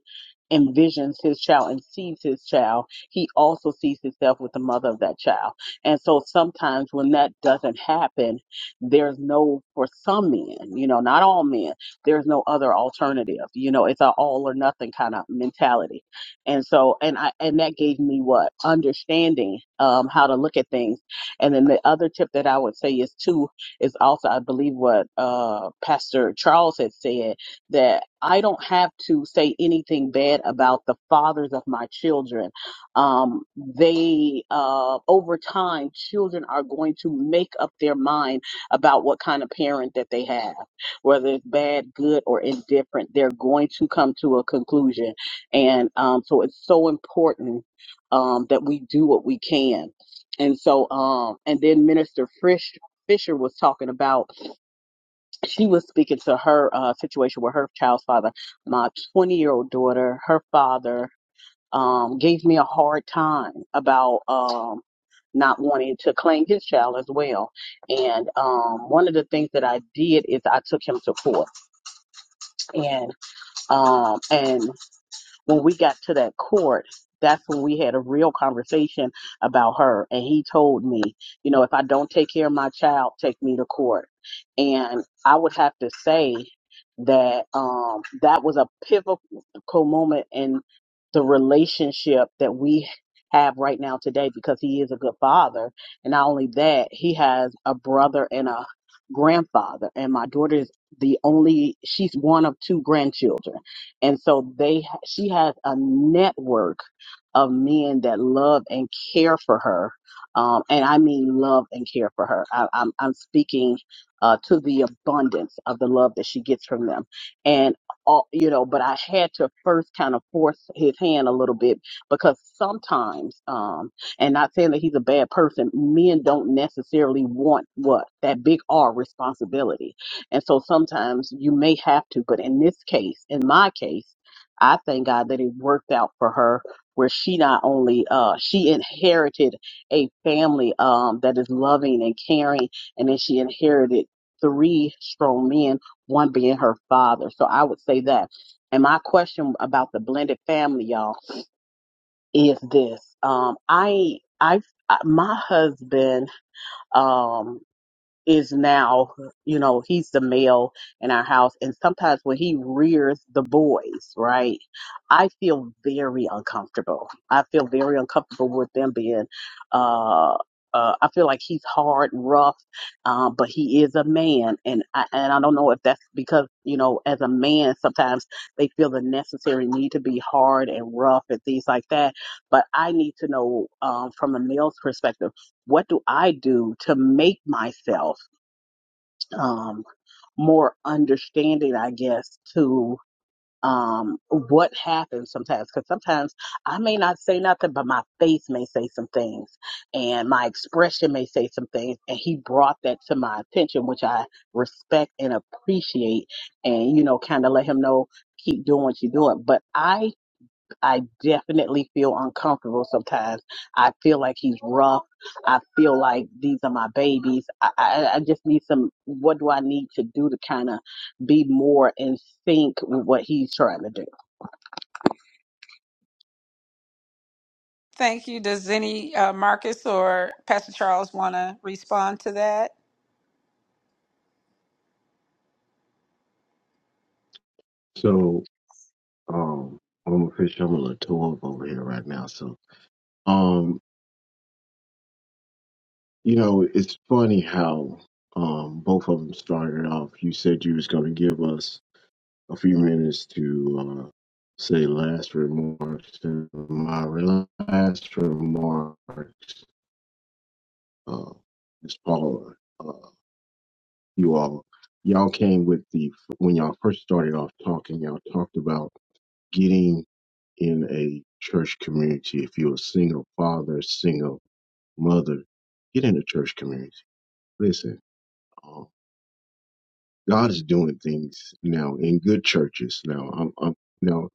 envisions his child and sees his child, he also sees himself with the mother of that child. And so sometimes when that doesn't happen, there's no, for some men, you know, not all men, there's no other alternative. You know, it's a all or nothing kind of mentality. And so, and I, and that gave me what? Understanding um, how to look at things. And then the other tip that I would say is too, is also, I believe what uh, Pastor Charles had said that I don't have to say anything bad about the fathers of my children. Um, they, uh, over time, children are going to make up their mind about what kind of parent that they have, whether it's bad, good, or indifferent. They're going to come to a conclusion. And um, so it's so important um, that we do what we can. And so, um, and then Minister Frisch, Fisher was talking about she was speaking to her uh, situation with her child's father. My 20 year old daughter, her father, um, gave me a hard time about um, not wanting to claim his child as well. And um, one of the things that I did is I took him to court, and um, and when we got to that court, that's when we had a real conversation about her. And he told me, you know, if I don't take care of my child, take me to court. And I would have to say that um, that was a pivotal moment in the relationship that we have right now today because he is a good father. And not only that, he has a brother and a grandfather. And my daughter is the only, she's one of two grandchildren and so they, she has a network of men that love and care for her. Um, and I mean love and care for her. I, I'm, I'm speaking uh, to the abundance of the love that she gets from them. And all, you know, but I had to first kind of force his hand a little bit because sometimes, um, and not saying that he's a bad person, men don't necessarily want what? That big R responsibility and so sometimes you may have to, but in this case, in my case, I thank God that it worked out for her where she not only uh she inherited a family um that is loving and caring and then she inherited three strong men, one being her father. So I would say that. And my question about the blended family, y'all, is this. Um I I I- my husband um, is now, you know, he's the male in our house. And sometimes when he rears the boys, right, I feel very uncomfortable. I feel very uncomfortable with them being, uh, uh, I feel like he's hard and rough, uh, but he is a man, and I, and I don't know if that's because you know, as a man, sometimes they feel the necessary need to be hard and rough and things like that. But I need to know um, from a male's perspective, what do I do to make myself? um, more understanding, I guess, to um, what happens sometimes. Because sometimes I may not say nothing, but my face may say some things, and my expression may say some things. And he brought that to my attention, which I respect and appreciate, and you know, kind of let him know keep doing what you're doing. But I I definitely feel uncomfortable sometimes. I feel like he's rough. I feel like these are my babies. I, I, I just need some, what do I need to do to kind of be more in sync with what he's trying to do?
Thank you. Does any uh, Marcus or Pastor Charles want to respond to that?
So um, I'm a fish. I'm going to tow up over here right now. So, um, you know, it's funny how um, both of them started off. You said you was going to give us a few minutes to uh, say last remarks. And my last remarks uh, is Paula. you all. Y'all came with the when y'all first started off talking. Y'all talked about getting in a church community. If you're a single father, single mother, get in a church community. Listen, um, God is doing things now in good churches. Now, I'm, I'm now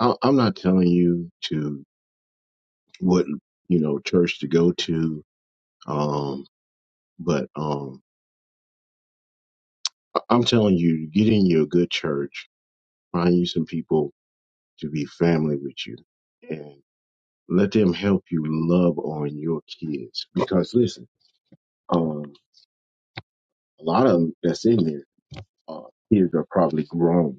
I- I'm not telling you to what you know church to go to, um, but um, I- I'm telling you to get in your good church, find you some people to be family with you and let them help you love on your kids. Because listen, um, a lot of them that's in there, uh, kids are probably grown.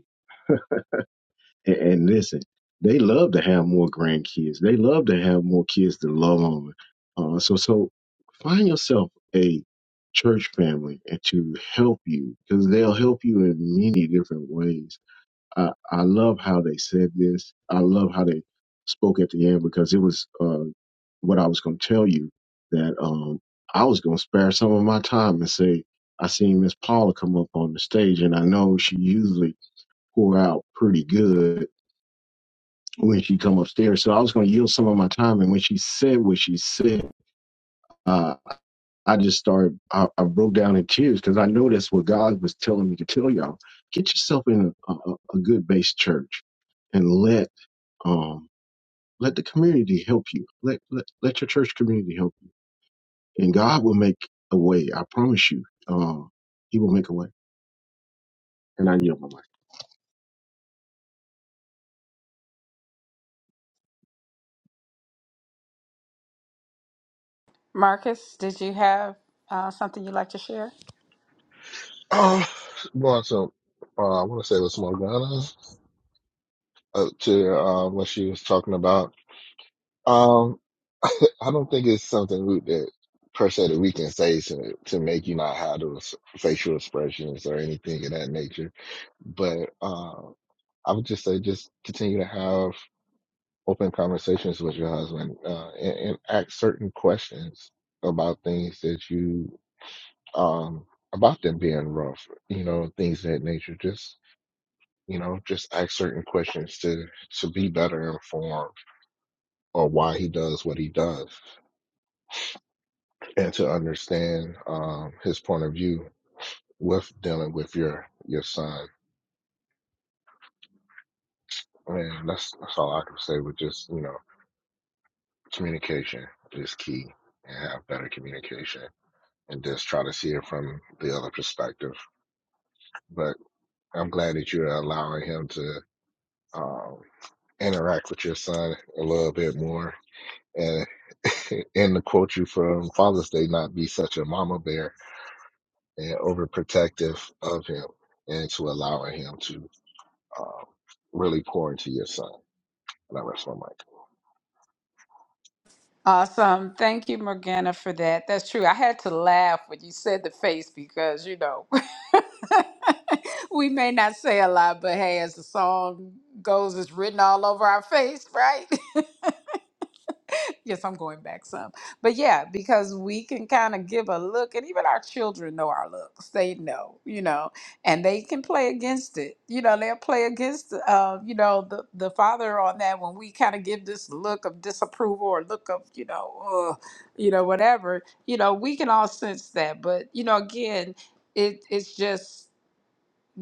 And, and listen, they love to have more grandkids. They love to have more kids to love on. Uh, so, so find yourself a church family and to help you because they'll help you in many different ways I, I love how they said this. I love how they spoke at the end because it was uh, what I was going to tell you that um, I was going to spare some of my time and say, I seen Miss Paula come up on the stage, and I know she usually pour out pretty good when she come upstairs. So I was going to yield some of my time, and when she said what she said, uh, I just started. I, I broke down in tears because I know that's what God was telling me to tell y'all. Get yourself in a, a, a good base church and let Um, let the community help you. Let, let let your church community help you, and God will make a way. I promise you, um, He will make a way. And I yield my life.
Marcus, did you have uh, something you'd like to share?
Oh, going to, uh, I want to say it was Morgana uh, to uh, what she was talking about. I don't think it's something we- that per se that we can say to, to make you not have those facial expressions or anything of that nature. But uh, I would just say just continue to have open conversations with your husband uh, and, and ask certain questions about things that you um, about them being rough, you know, things of that nature. Just you know, just ask certain questions to to be better informed or why he does what he does and to understand um, his point of view with dealing with your your son. And that's that's all I can say. With just you know, communication is key, and have better communication, and just try to see it from the other perspective. But I'm glad that you're allowing him to um, interact with your son a little bit more. And and to quote you from Father's Day, not be such a mama bear and overprotective of him, and to allowing him to um, really pour into your son. And I rest my mic.
Awesome. Thank you, Morgana, for that. That's true. I had to laugh when you said the face because, you know, we may not say a lot, but hey, as the song goes, it's written all over our face, right? yes, I'm going back some. But yeah, because we can kind of give a look, and even our children know our looks. They know, you know, and they can play against it. You know, they'll play against, uh, you know, the, the father on that when we kind of give this look of disapproval or look of, you know, ugh, you know, whatever. You know, we can all sense that. But, you know, again, it it's just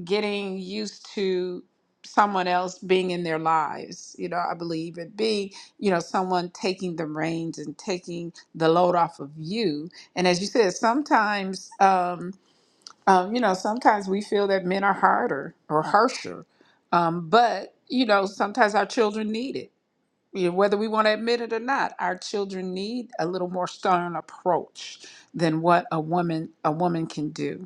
getting used to someone else being in their lives you know i believe and being you know someone taking the reins and taking the load off of you and as you said sometimes um, um you know sometimes we feel that men are harder or harsher um but you know sometimes our children need it you know, whether we want to admit it or not our children need a little more stern approach than what a woman a woman can do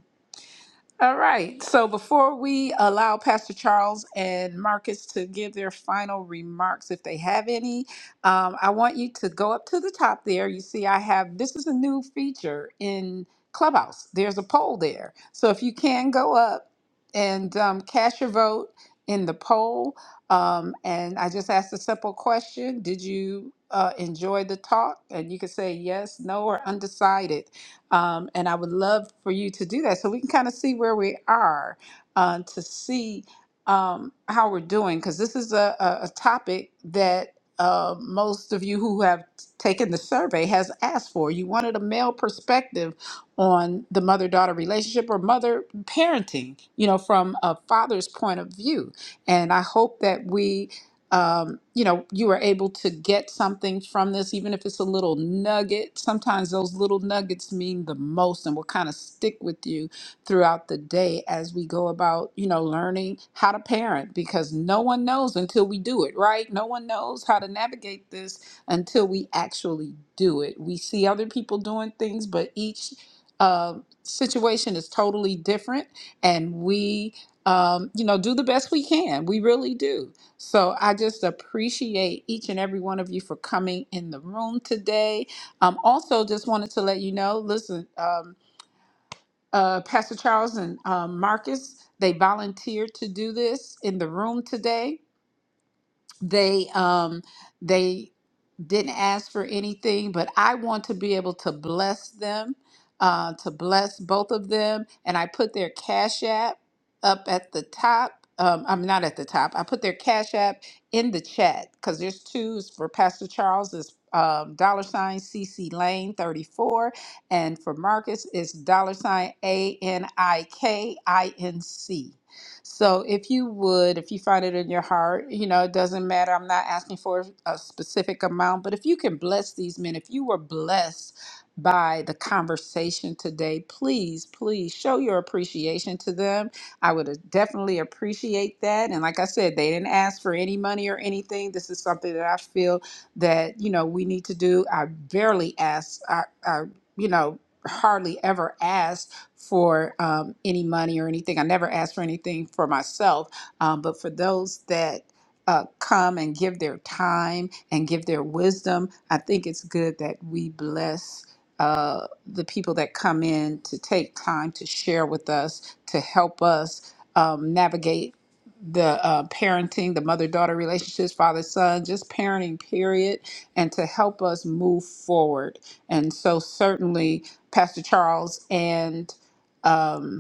all right. So before we allow Pastor Charles and Marcus to give their final remarks, if they have any, um, I want you to go up to the top there. You see, I have this is a new feature in Clubhouse. There's a poll there. So if you can go up and um, cast your vote in the poll, um, and I just asked a simple question Did you uh, enjoy the talk? And you can say yes, no, or undecided um, and I would love for you to do that so we can kind of see where we are uh, to see um, how we're doing, because this is a, a, a topic that uh, most of you who have taken the survey has asked for. You wanted a male perspective on the mother daughter relationship or mother parenting, you know, from a father's point of view. And I hope that we um, you know, you were able to get something from this, even if it's a little nugget. Sometimes those little nuggets mean the most and will kind of stick with you throughout the day as we go about, you know, learning how to parent because no one knows until we do it, right? No one knows how to navigate this until we actually do it. We see other people doing things, but each uh, situation is totally different and we um, you know, do the best we can. We really do. So I just appreciate each and every one of you for coming in the room today. Um, also, just wanted to let you know listen, um, uh, Pastor Charles and um, Marcus, they volunteered to do this in the room today they um they didn't ask for anything but i want to be able to bless them uh to bless both of them and i put their cash app up at the top um i'm not at the top i put their cash app in the chat because there's two It's for pastor charles is um, dollar sign C C lane 34 and for marcus it's dollar sign a n i k i n c so if you would, if you find it in your heart, you know, it doesn't matter. I'm not asking for a specific amount, but if you can bless these men, if you were blessed by the conversation today, please, please show your appreciation to them. I would uh, definitely appreciate that. And like I said, they didn't ask for any money or anything. This is something that I feel that, you know, we need to do. I barely ask, I, I you know, hardly ever ask for um, any money or anything. I never ask for anything for myself, um, but for those that uh, come and give their time and give their wisdom, I think it's good that we bless uh, the people that come in to take time to share with us, to help us um, navigate the uh, parenting, the mother daughter relationships, father son, just parenting, period, and to help us move forward. And so, certainly, Pastor Charles and um,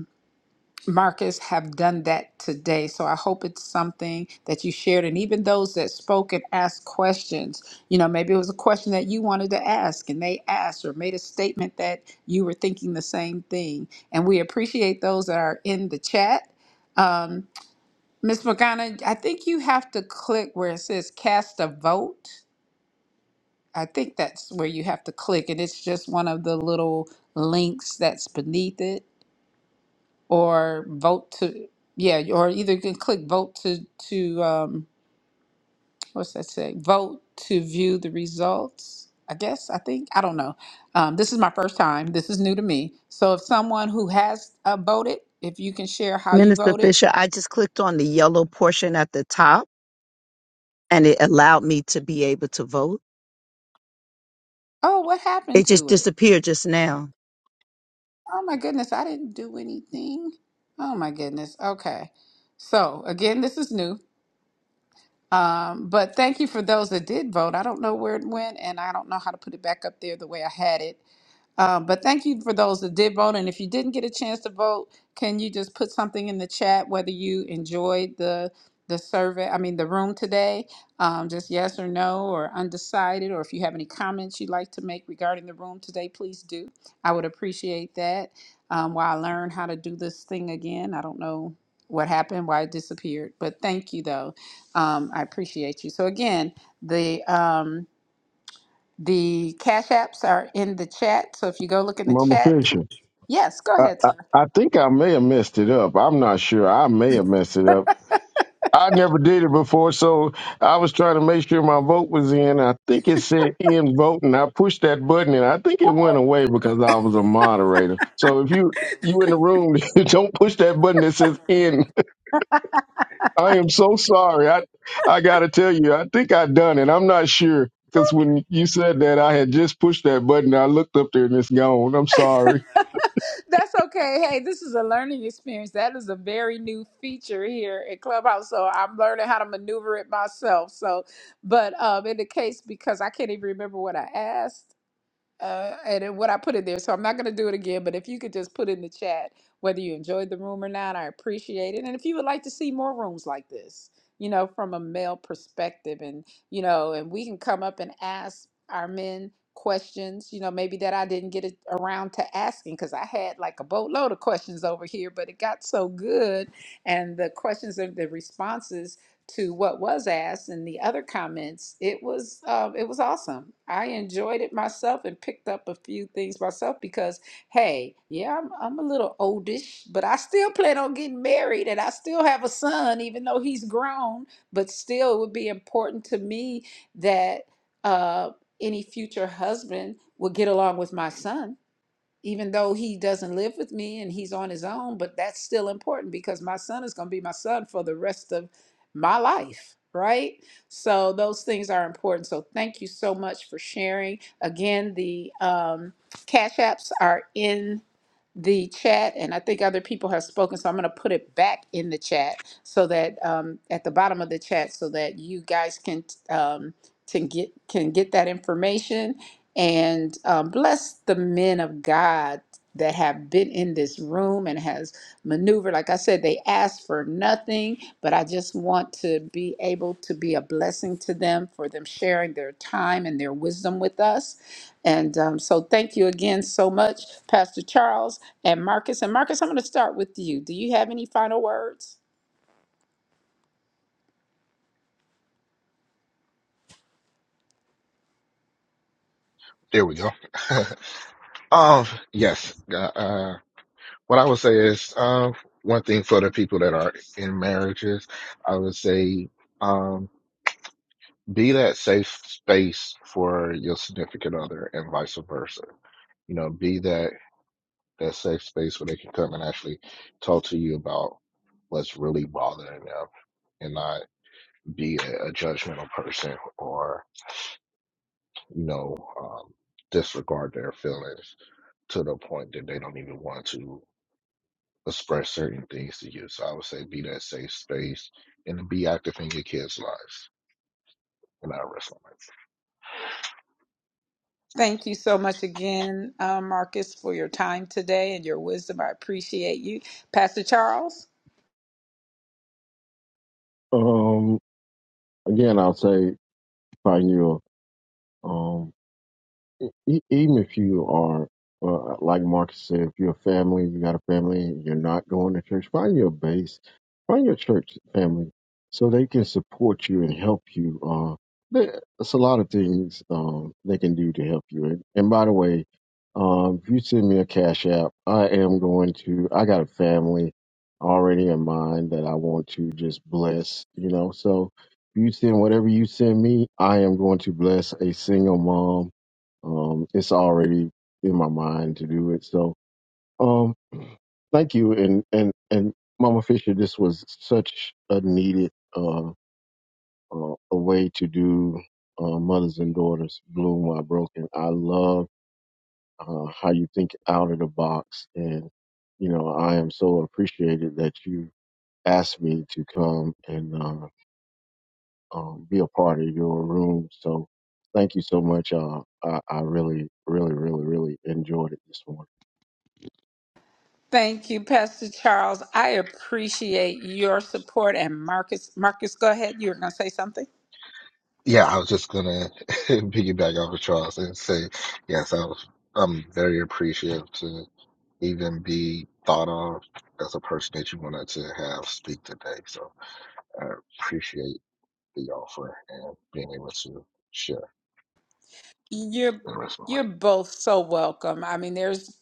Marcus have done that today. So I hope it's something that you shared. And even those that spoke and asked questions, you know, maybe it was a question that you wanted to ask and they asked or made a statement that you were thinking the same thing. And we appreciate those that are in the chat. Um, Ms. Morgana, I think you have to click where it says cast a vote. I think that's where you have to click. And it's just one of the little links that's beneath it or vote to yeah or either you can click vote to to um what's that say vote to view the results i guess i think i don't know um, this is my first time this is new to me so if someone who has uh, voted if you can share how you
Minister
voted
Fisher, I just clicked on the yellow portion at the top and it allowed me to be able to vote.
oh what happened
It just
to it
disappeared just now.
oh my goodness i didn't do anything oh my goodness okay so again this is new um, but thank you for those that did vote. I don't know where it went, and I don't know how to put it back up there the way I had it. Uh, but thank you for those that did vote. And if you didn't get a chance to vote, can you just put something in the chat whether you enjoyed the the survey? I mean, the room today, um, just yes or no or undecided, or if you have any comments you'd like to make regarding the room today, please do. I would appreciate that. Um, while I learn how to do this thing again, I don't know what happened, why it disappeared, but thank you though. Um, I appreciate you. So again, the um, the Cash Apps are in the chat. So if you go look in the
Mama
chat,
Fisher.
yes, go
I,
ahead,
I,
sir.
I think I may have messed it up. I'm not sure. I may have messed it up. I never did it before, so I was trying to make sure my vote was in. I think it said in vote, and I pushed that button, and I think it went
Uh-oh.
away because I was a moderator. So if you you in the room, don't push that button that says in. I am so sorry. I I gotta tell you, I think I done it. I'm not sure because when you said that, I had just pushed that button. I looked up there, and it's gone. I'm sorry.
That's okay. Hey, this is a learning experience. That is a very new feature here at Clubhouse. So I'm learning how to maneuver it myself. So, but um, in the case, because I can't even remember what I asked, uh, and it- what I put in there. So I'm not going to do it again, but if you could just put in the chat whether you enjoyed the room or not, I appreciate it. And if you would like to see more rooms like this, you know, from a male perspective, and, you know, and we can come up and ask our men questions, you know, maybe that I didn't get it around to asking because I had like a boatload of questions over here, but it got so good and the questions and the responses to what was asked and the other comments, it was um, it was awesome. I enjoyed it myself and picked up a few things myself because hey, yeah, I'm I'm a little oldish, but I still plan on getting married and I still have a son, even though he's grown. But still, it would be important to me that uh, any future husband would get along with my son even though he doesn't live with me and he's on his own, but that's still important because my son is going to be my son for the rest of my life, right? So those things are important. So thank you so much for sharing. Again, the um, Cash Apps are in the chat, and I think other people have spoken, so I'm going to put it back in the chat so that um, at the bottom of the chat, so that you guys can um, to get can get that information and um, bless the men of God that have been in this room and has maneuvered. Like I said, they asked for nothing, but I just want to be able to be a blessing to them for them sharing their time and their wisdom with us. And um, so, thank you again so much, Pastor Charles and Marcus. And Marcus, I'm going to start with you. Do you have any final words?
There we go. um, yes. Uh, uh, what I would say is, um, one thing for the people that are in marriages, I would say, um, be that safe space for your significant other and vice versa. You know, be that, that safe space where they can come and actually talk to you about what's really bothering them and not be a, a judgmental person or. you know, um, disregard their feelings to the point that they don't even want to express certain things to you. So I would say be that safe space and be active in your kids' lives. And I rest my life.
Thank you so much again, uh, Marcus, for your time today and your wisdom. I appreciate you. Pastor Charles?
Um, again, I'll say, find you. E- e, even if you are, uh, like Marcus said, if you're a family, you got a family, you're not going to church, find your base, find your church family so they can support you and help you. Uh, there- there's a lot of things um, they can do to help you. And, and by the way, um, if you send me a cash app, I am going to, I got a family already in mind that I want to just bless, you know, so if you send whatever you send me, I am going to bless a single mom um, it's already in my mind to do it. So, um, thank you. And, and, and Mama Fisher, this was such a needed, uh, uh, a way to do, uh, mothers and daughters bloom while broken. I love, uh, how you think out of the box. And, you know, I am so appreciated that you asked me to come and, uh, um, be a part of your room. So thank you so much. Uh, I, I really, really, really, really enjoyed it this morning.
Thank you, Pastor Charles. I appreciate your support. And Marcus, Marcus, go ahead. You were going to say something.
Yeah, I was just gonna piggyback off of Charles and say, yes, I was. I'm very appreciative to even be thought of as a person that you wanted to have speak today. So I appreciate the offer and being able to share
You're
the rest of my life.
you're both so welcome. I mean, there's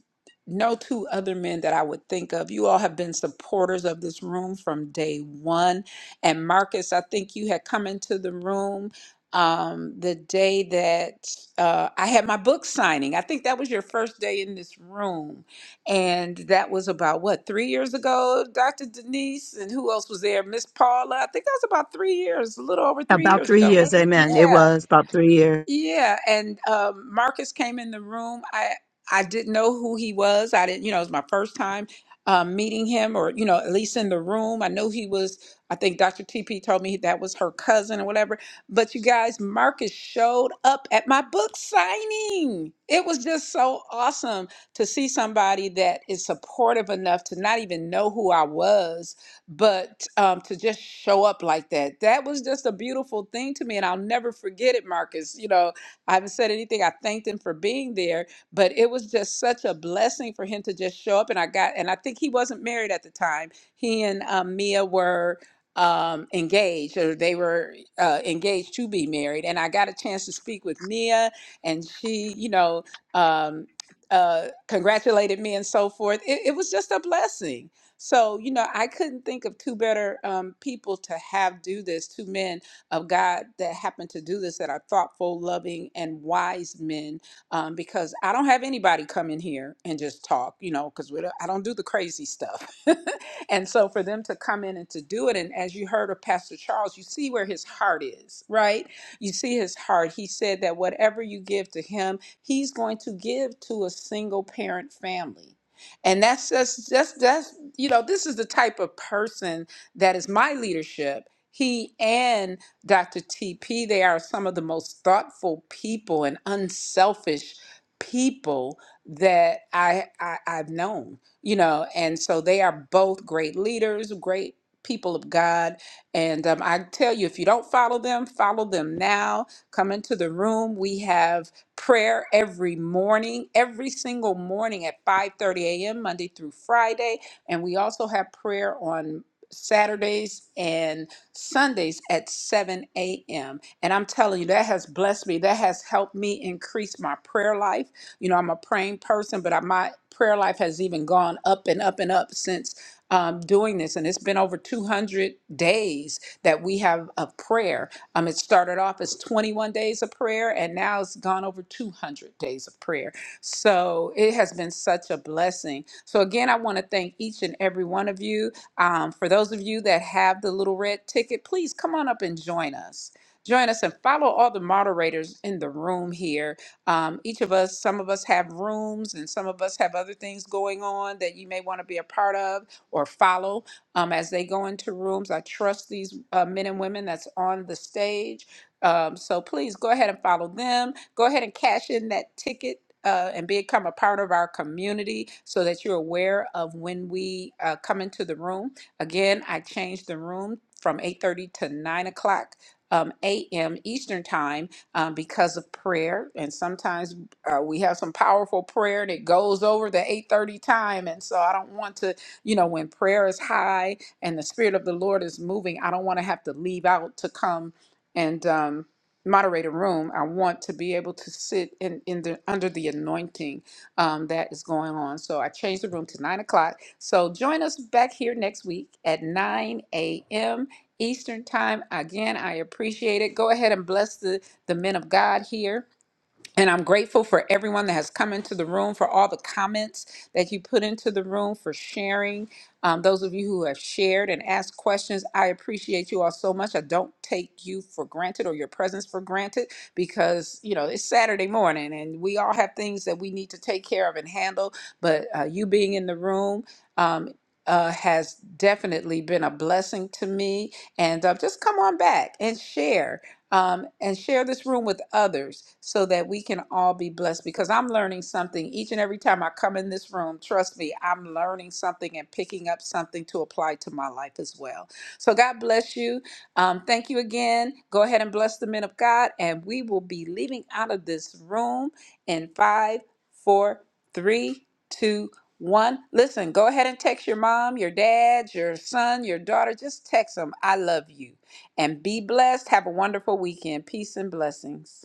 no two other men that I would think of. You all have been supporters of this room from day one. And Marcus, I think you had come into the room um, the day that uh, I had my book signing. I think that was your first day in this room. And that was about what, three years ago, Dr. Denise? And who else was there? Miss Paula. I think that was about three years, a little over three
About
years
three
ago,
years,
wasn't it?
amen. It
Yeah.
was about three years.
Yeah, and um, Marcus came in the room. I I didn't know who he was. I didn't, you know, it was my first time um, meeting him, or you know, at least in the room. I knew he was. I think Dr. TP told me that was her cousin or whatever. But you guys, Marcus showed up at my book signing. It was just so awesome to see somebody that is supportive enough to not even know who I was but um, to just show up like that that was just a beautiful thing to me and i'll never forget it marcus you know i haven't said anything i thanked him for being there but it was just such a blessing for him to just show up and i got and i think he wasn't married at the time he and um, mia were um, engaged or they were uh, engaged to be married and i got a chance to speak with mia and she you know um, uh, congratulated me and so forth it, it was just a blessing so, you know, I couldn't think of two better um, people to have do this, two men of God that happen to do this that are thoughtful, loving, and wise men. Um, because I don't have anybody come in here and just talk, you know, because I don't do the crazy stuff. and so for them to come in and to do it, and as you heard of Pastor Charles, you see where his heart is, right? You see his heart. He said that whatever you give to him, he's going to give to a single parent family and that's just just that's you know, this is the type of person that is my leadership. He and Dr. TP, they are some of the most thoughtful people and unselfish people that I, I I've known, you know, and so they are both great leaders, great people of God. And um, I tell you, if you don't follow them, follow them now. Come into the room. We have prayer every morning, every single morning at 5:30 a.m. Monday through Friday. And we also have prayer on Saturdays and Sundays at 7 a.m. And I'm telling you, that has blessed me. That has helped me increase my prayer life. You know, I'm a praying person, but I, my prayer life has even gone up and up and up since um, doing this. And it's been over 200 days that we have of prayer. Um, it started off as 21 days of prayer, and now it's gone over 200 days of prayer. So it has been such a blessing. So again, I want to thank each and every one of you. Um, for those of you that have the little red ticket, please come on up and join us. Join us and follow all the moderators in the room here. Um, each of us, some of us have rooms and some of us have other things going on that you may want to be a part of or follow um, as they go into rooms. I trust these uh, men and women that's on the stage. Um, so please go ahead and follow them Go ahead and cash in that ticket. Uh, and become a part of our community so that you're aware of when we uh, come into the room. Again, I changed the room from 8:30 to 9 o'clock um, a.m. Eastern time um, because of prayer. And sometimes uh, we have some powerful prayer and it goes over the 8:30 time. And so I don't want to, you know, when prayer is high and the spirit of the Lord is moving, I don't want to have to leave out to come. And um, moderator room, I want to be able to sit in, in the under the anointing um, that is going on. So I changed the room to nine o'clock. So join us back here next week at 9 a.m. Eastern time. Again, I appreciate it. Go ahead and bless the, the men of God here and I'm grateful for everyone that has come into the room, for all the comments that you put into the room, for sharing. Um, those of you who have shared and asked questions, I appreciate you all so much. I don't take you for granted or your presence for granted because, you know, it's Saturday morning and we all have things that we need to take care of and handle. But uh, you being in the room, um, uh, has definitely been a blessing to me. And uh, just come on back and share um, and share this room with others so that we can all be blessed because I'm learning something each and every time I come in this room. Trust me, I'm learning something and picking up something to apply to my life as well. So, God bless you. Um, thank you again. Go ahead and bless the men of God, and we will be leaving out of this room in five, four, three, two, one. Listen, go ahead and text your mom, your dad, your son, your daughter. Just text them, I love you and be blessed. Have a wonderful weekend. Peace and blessings.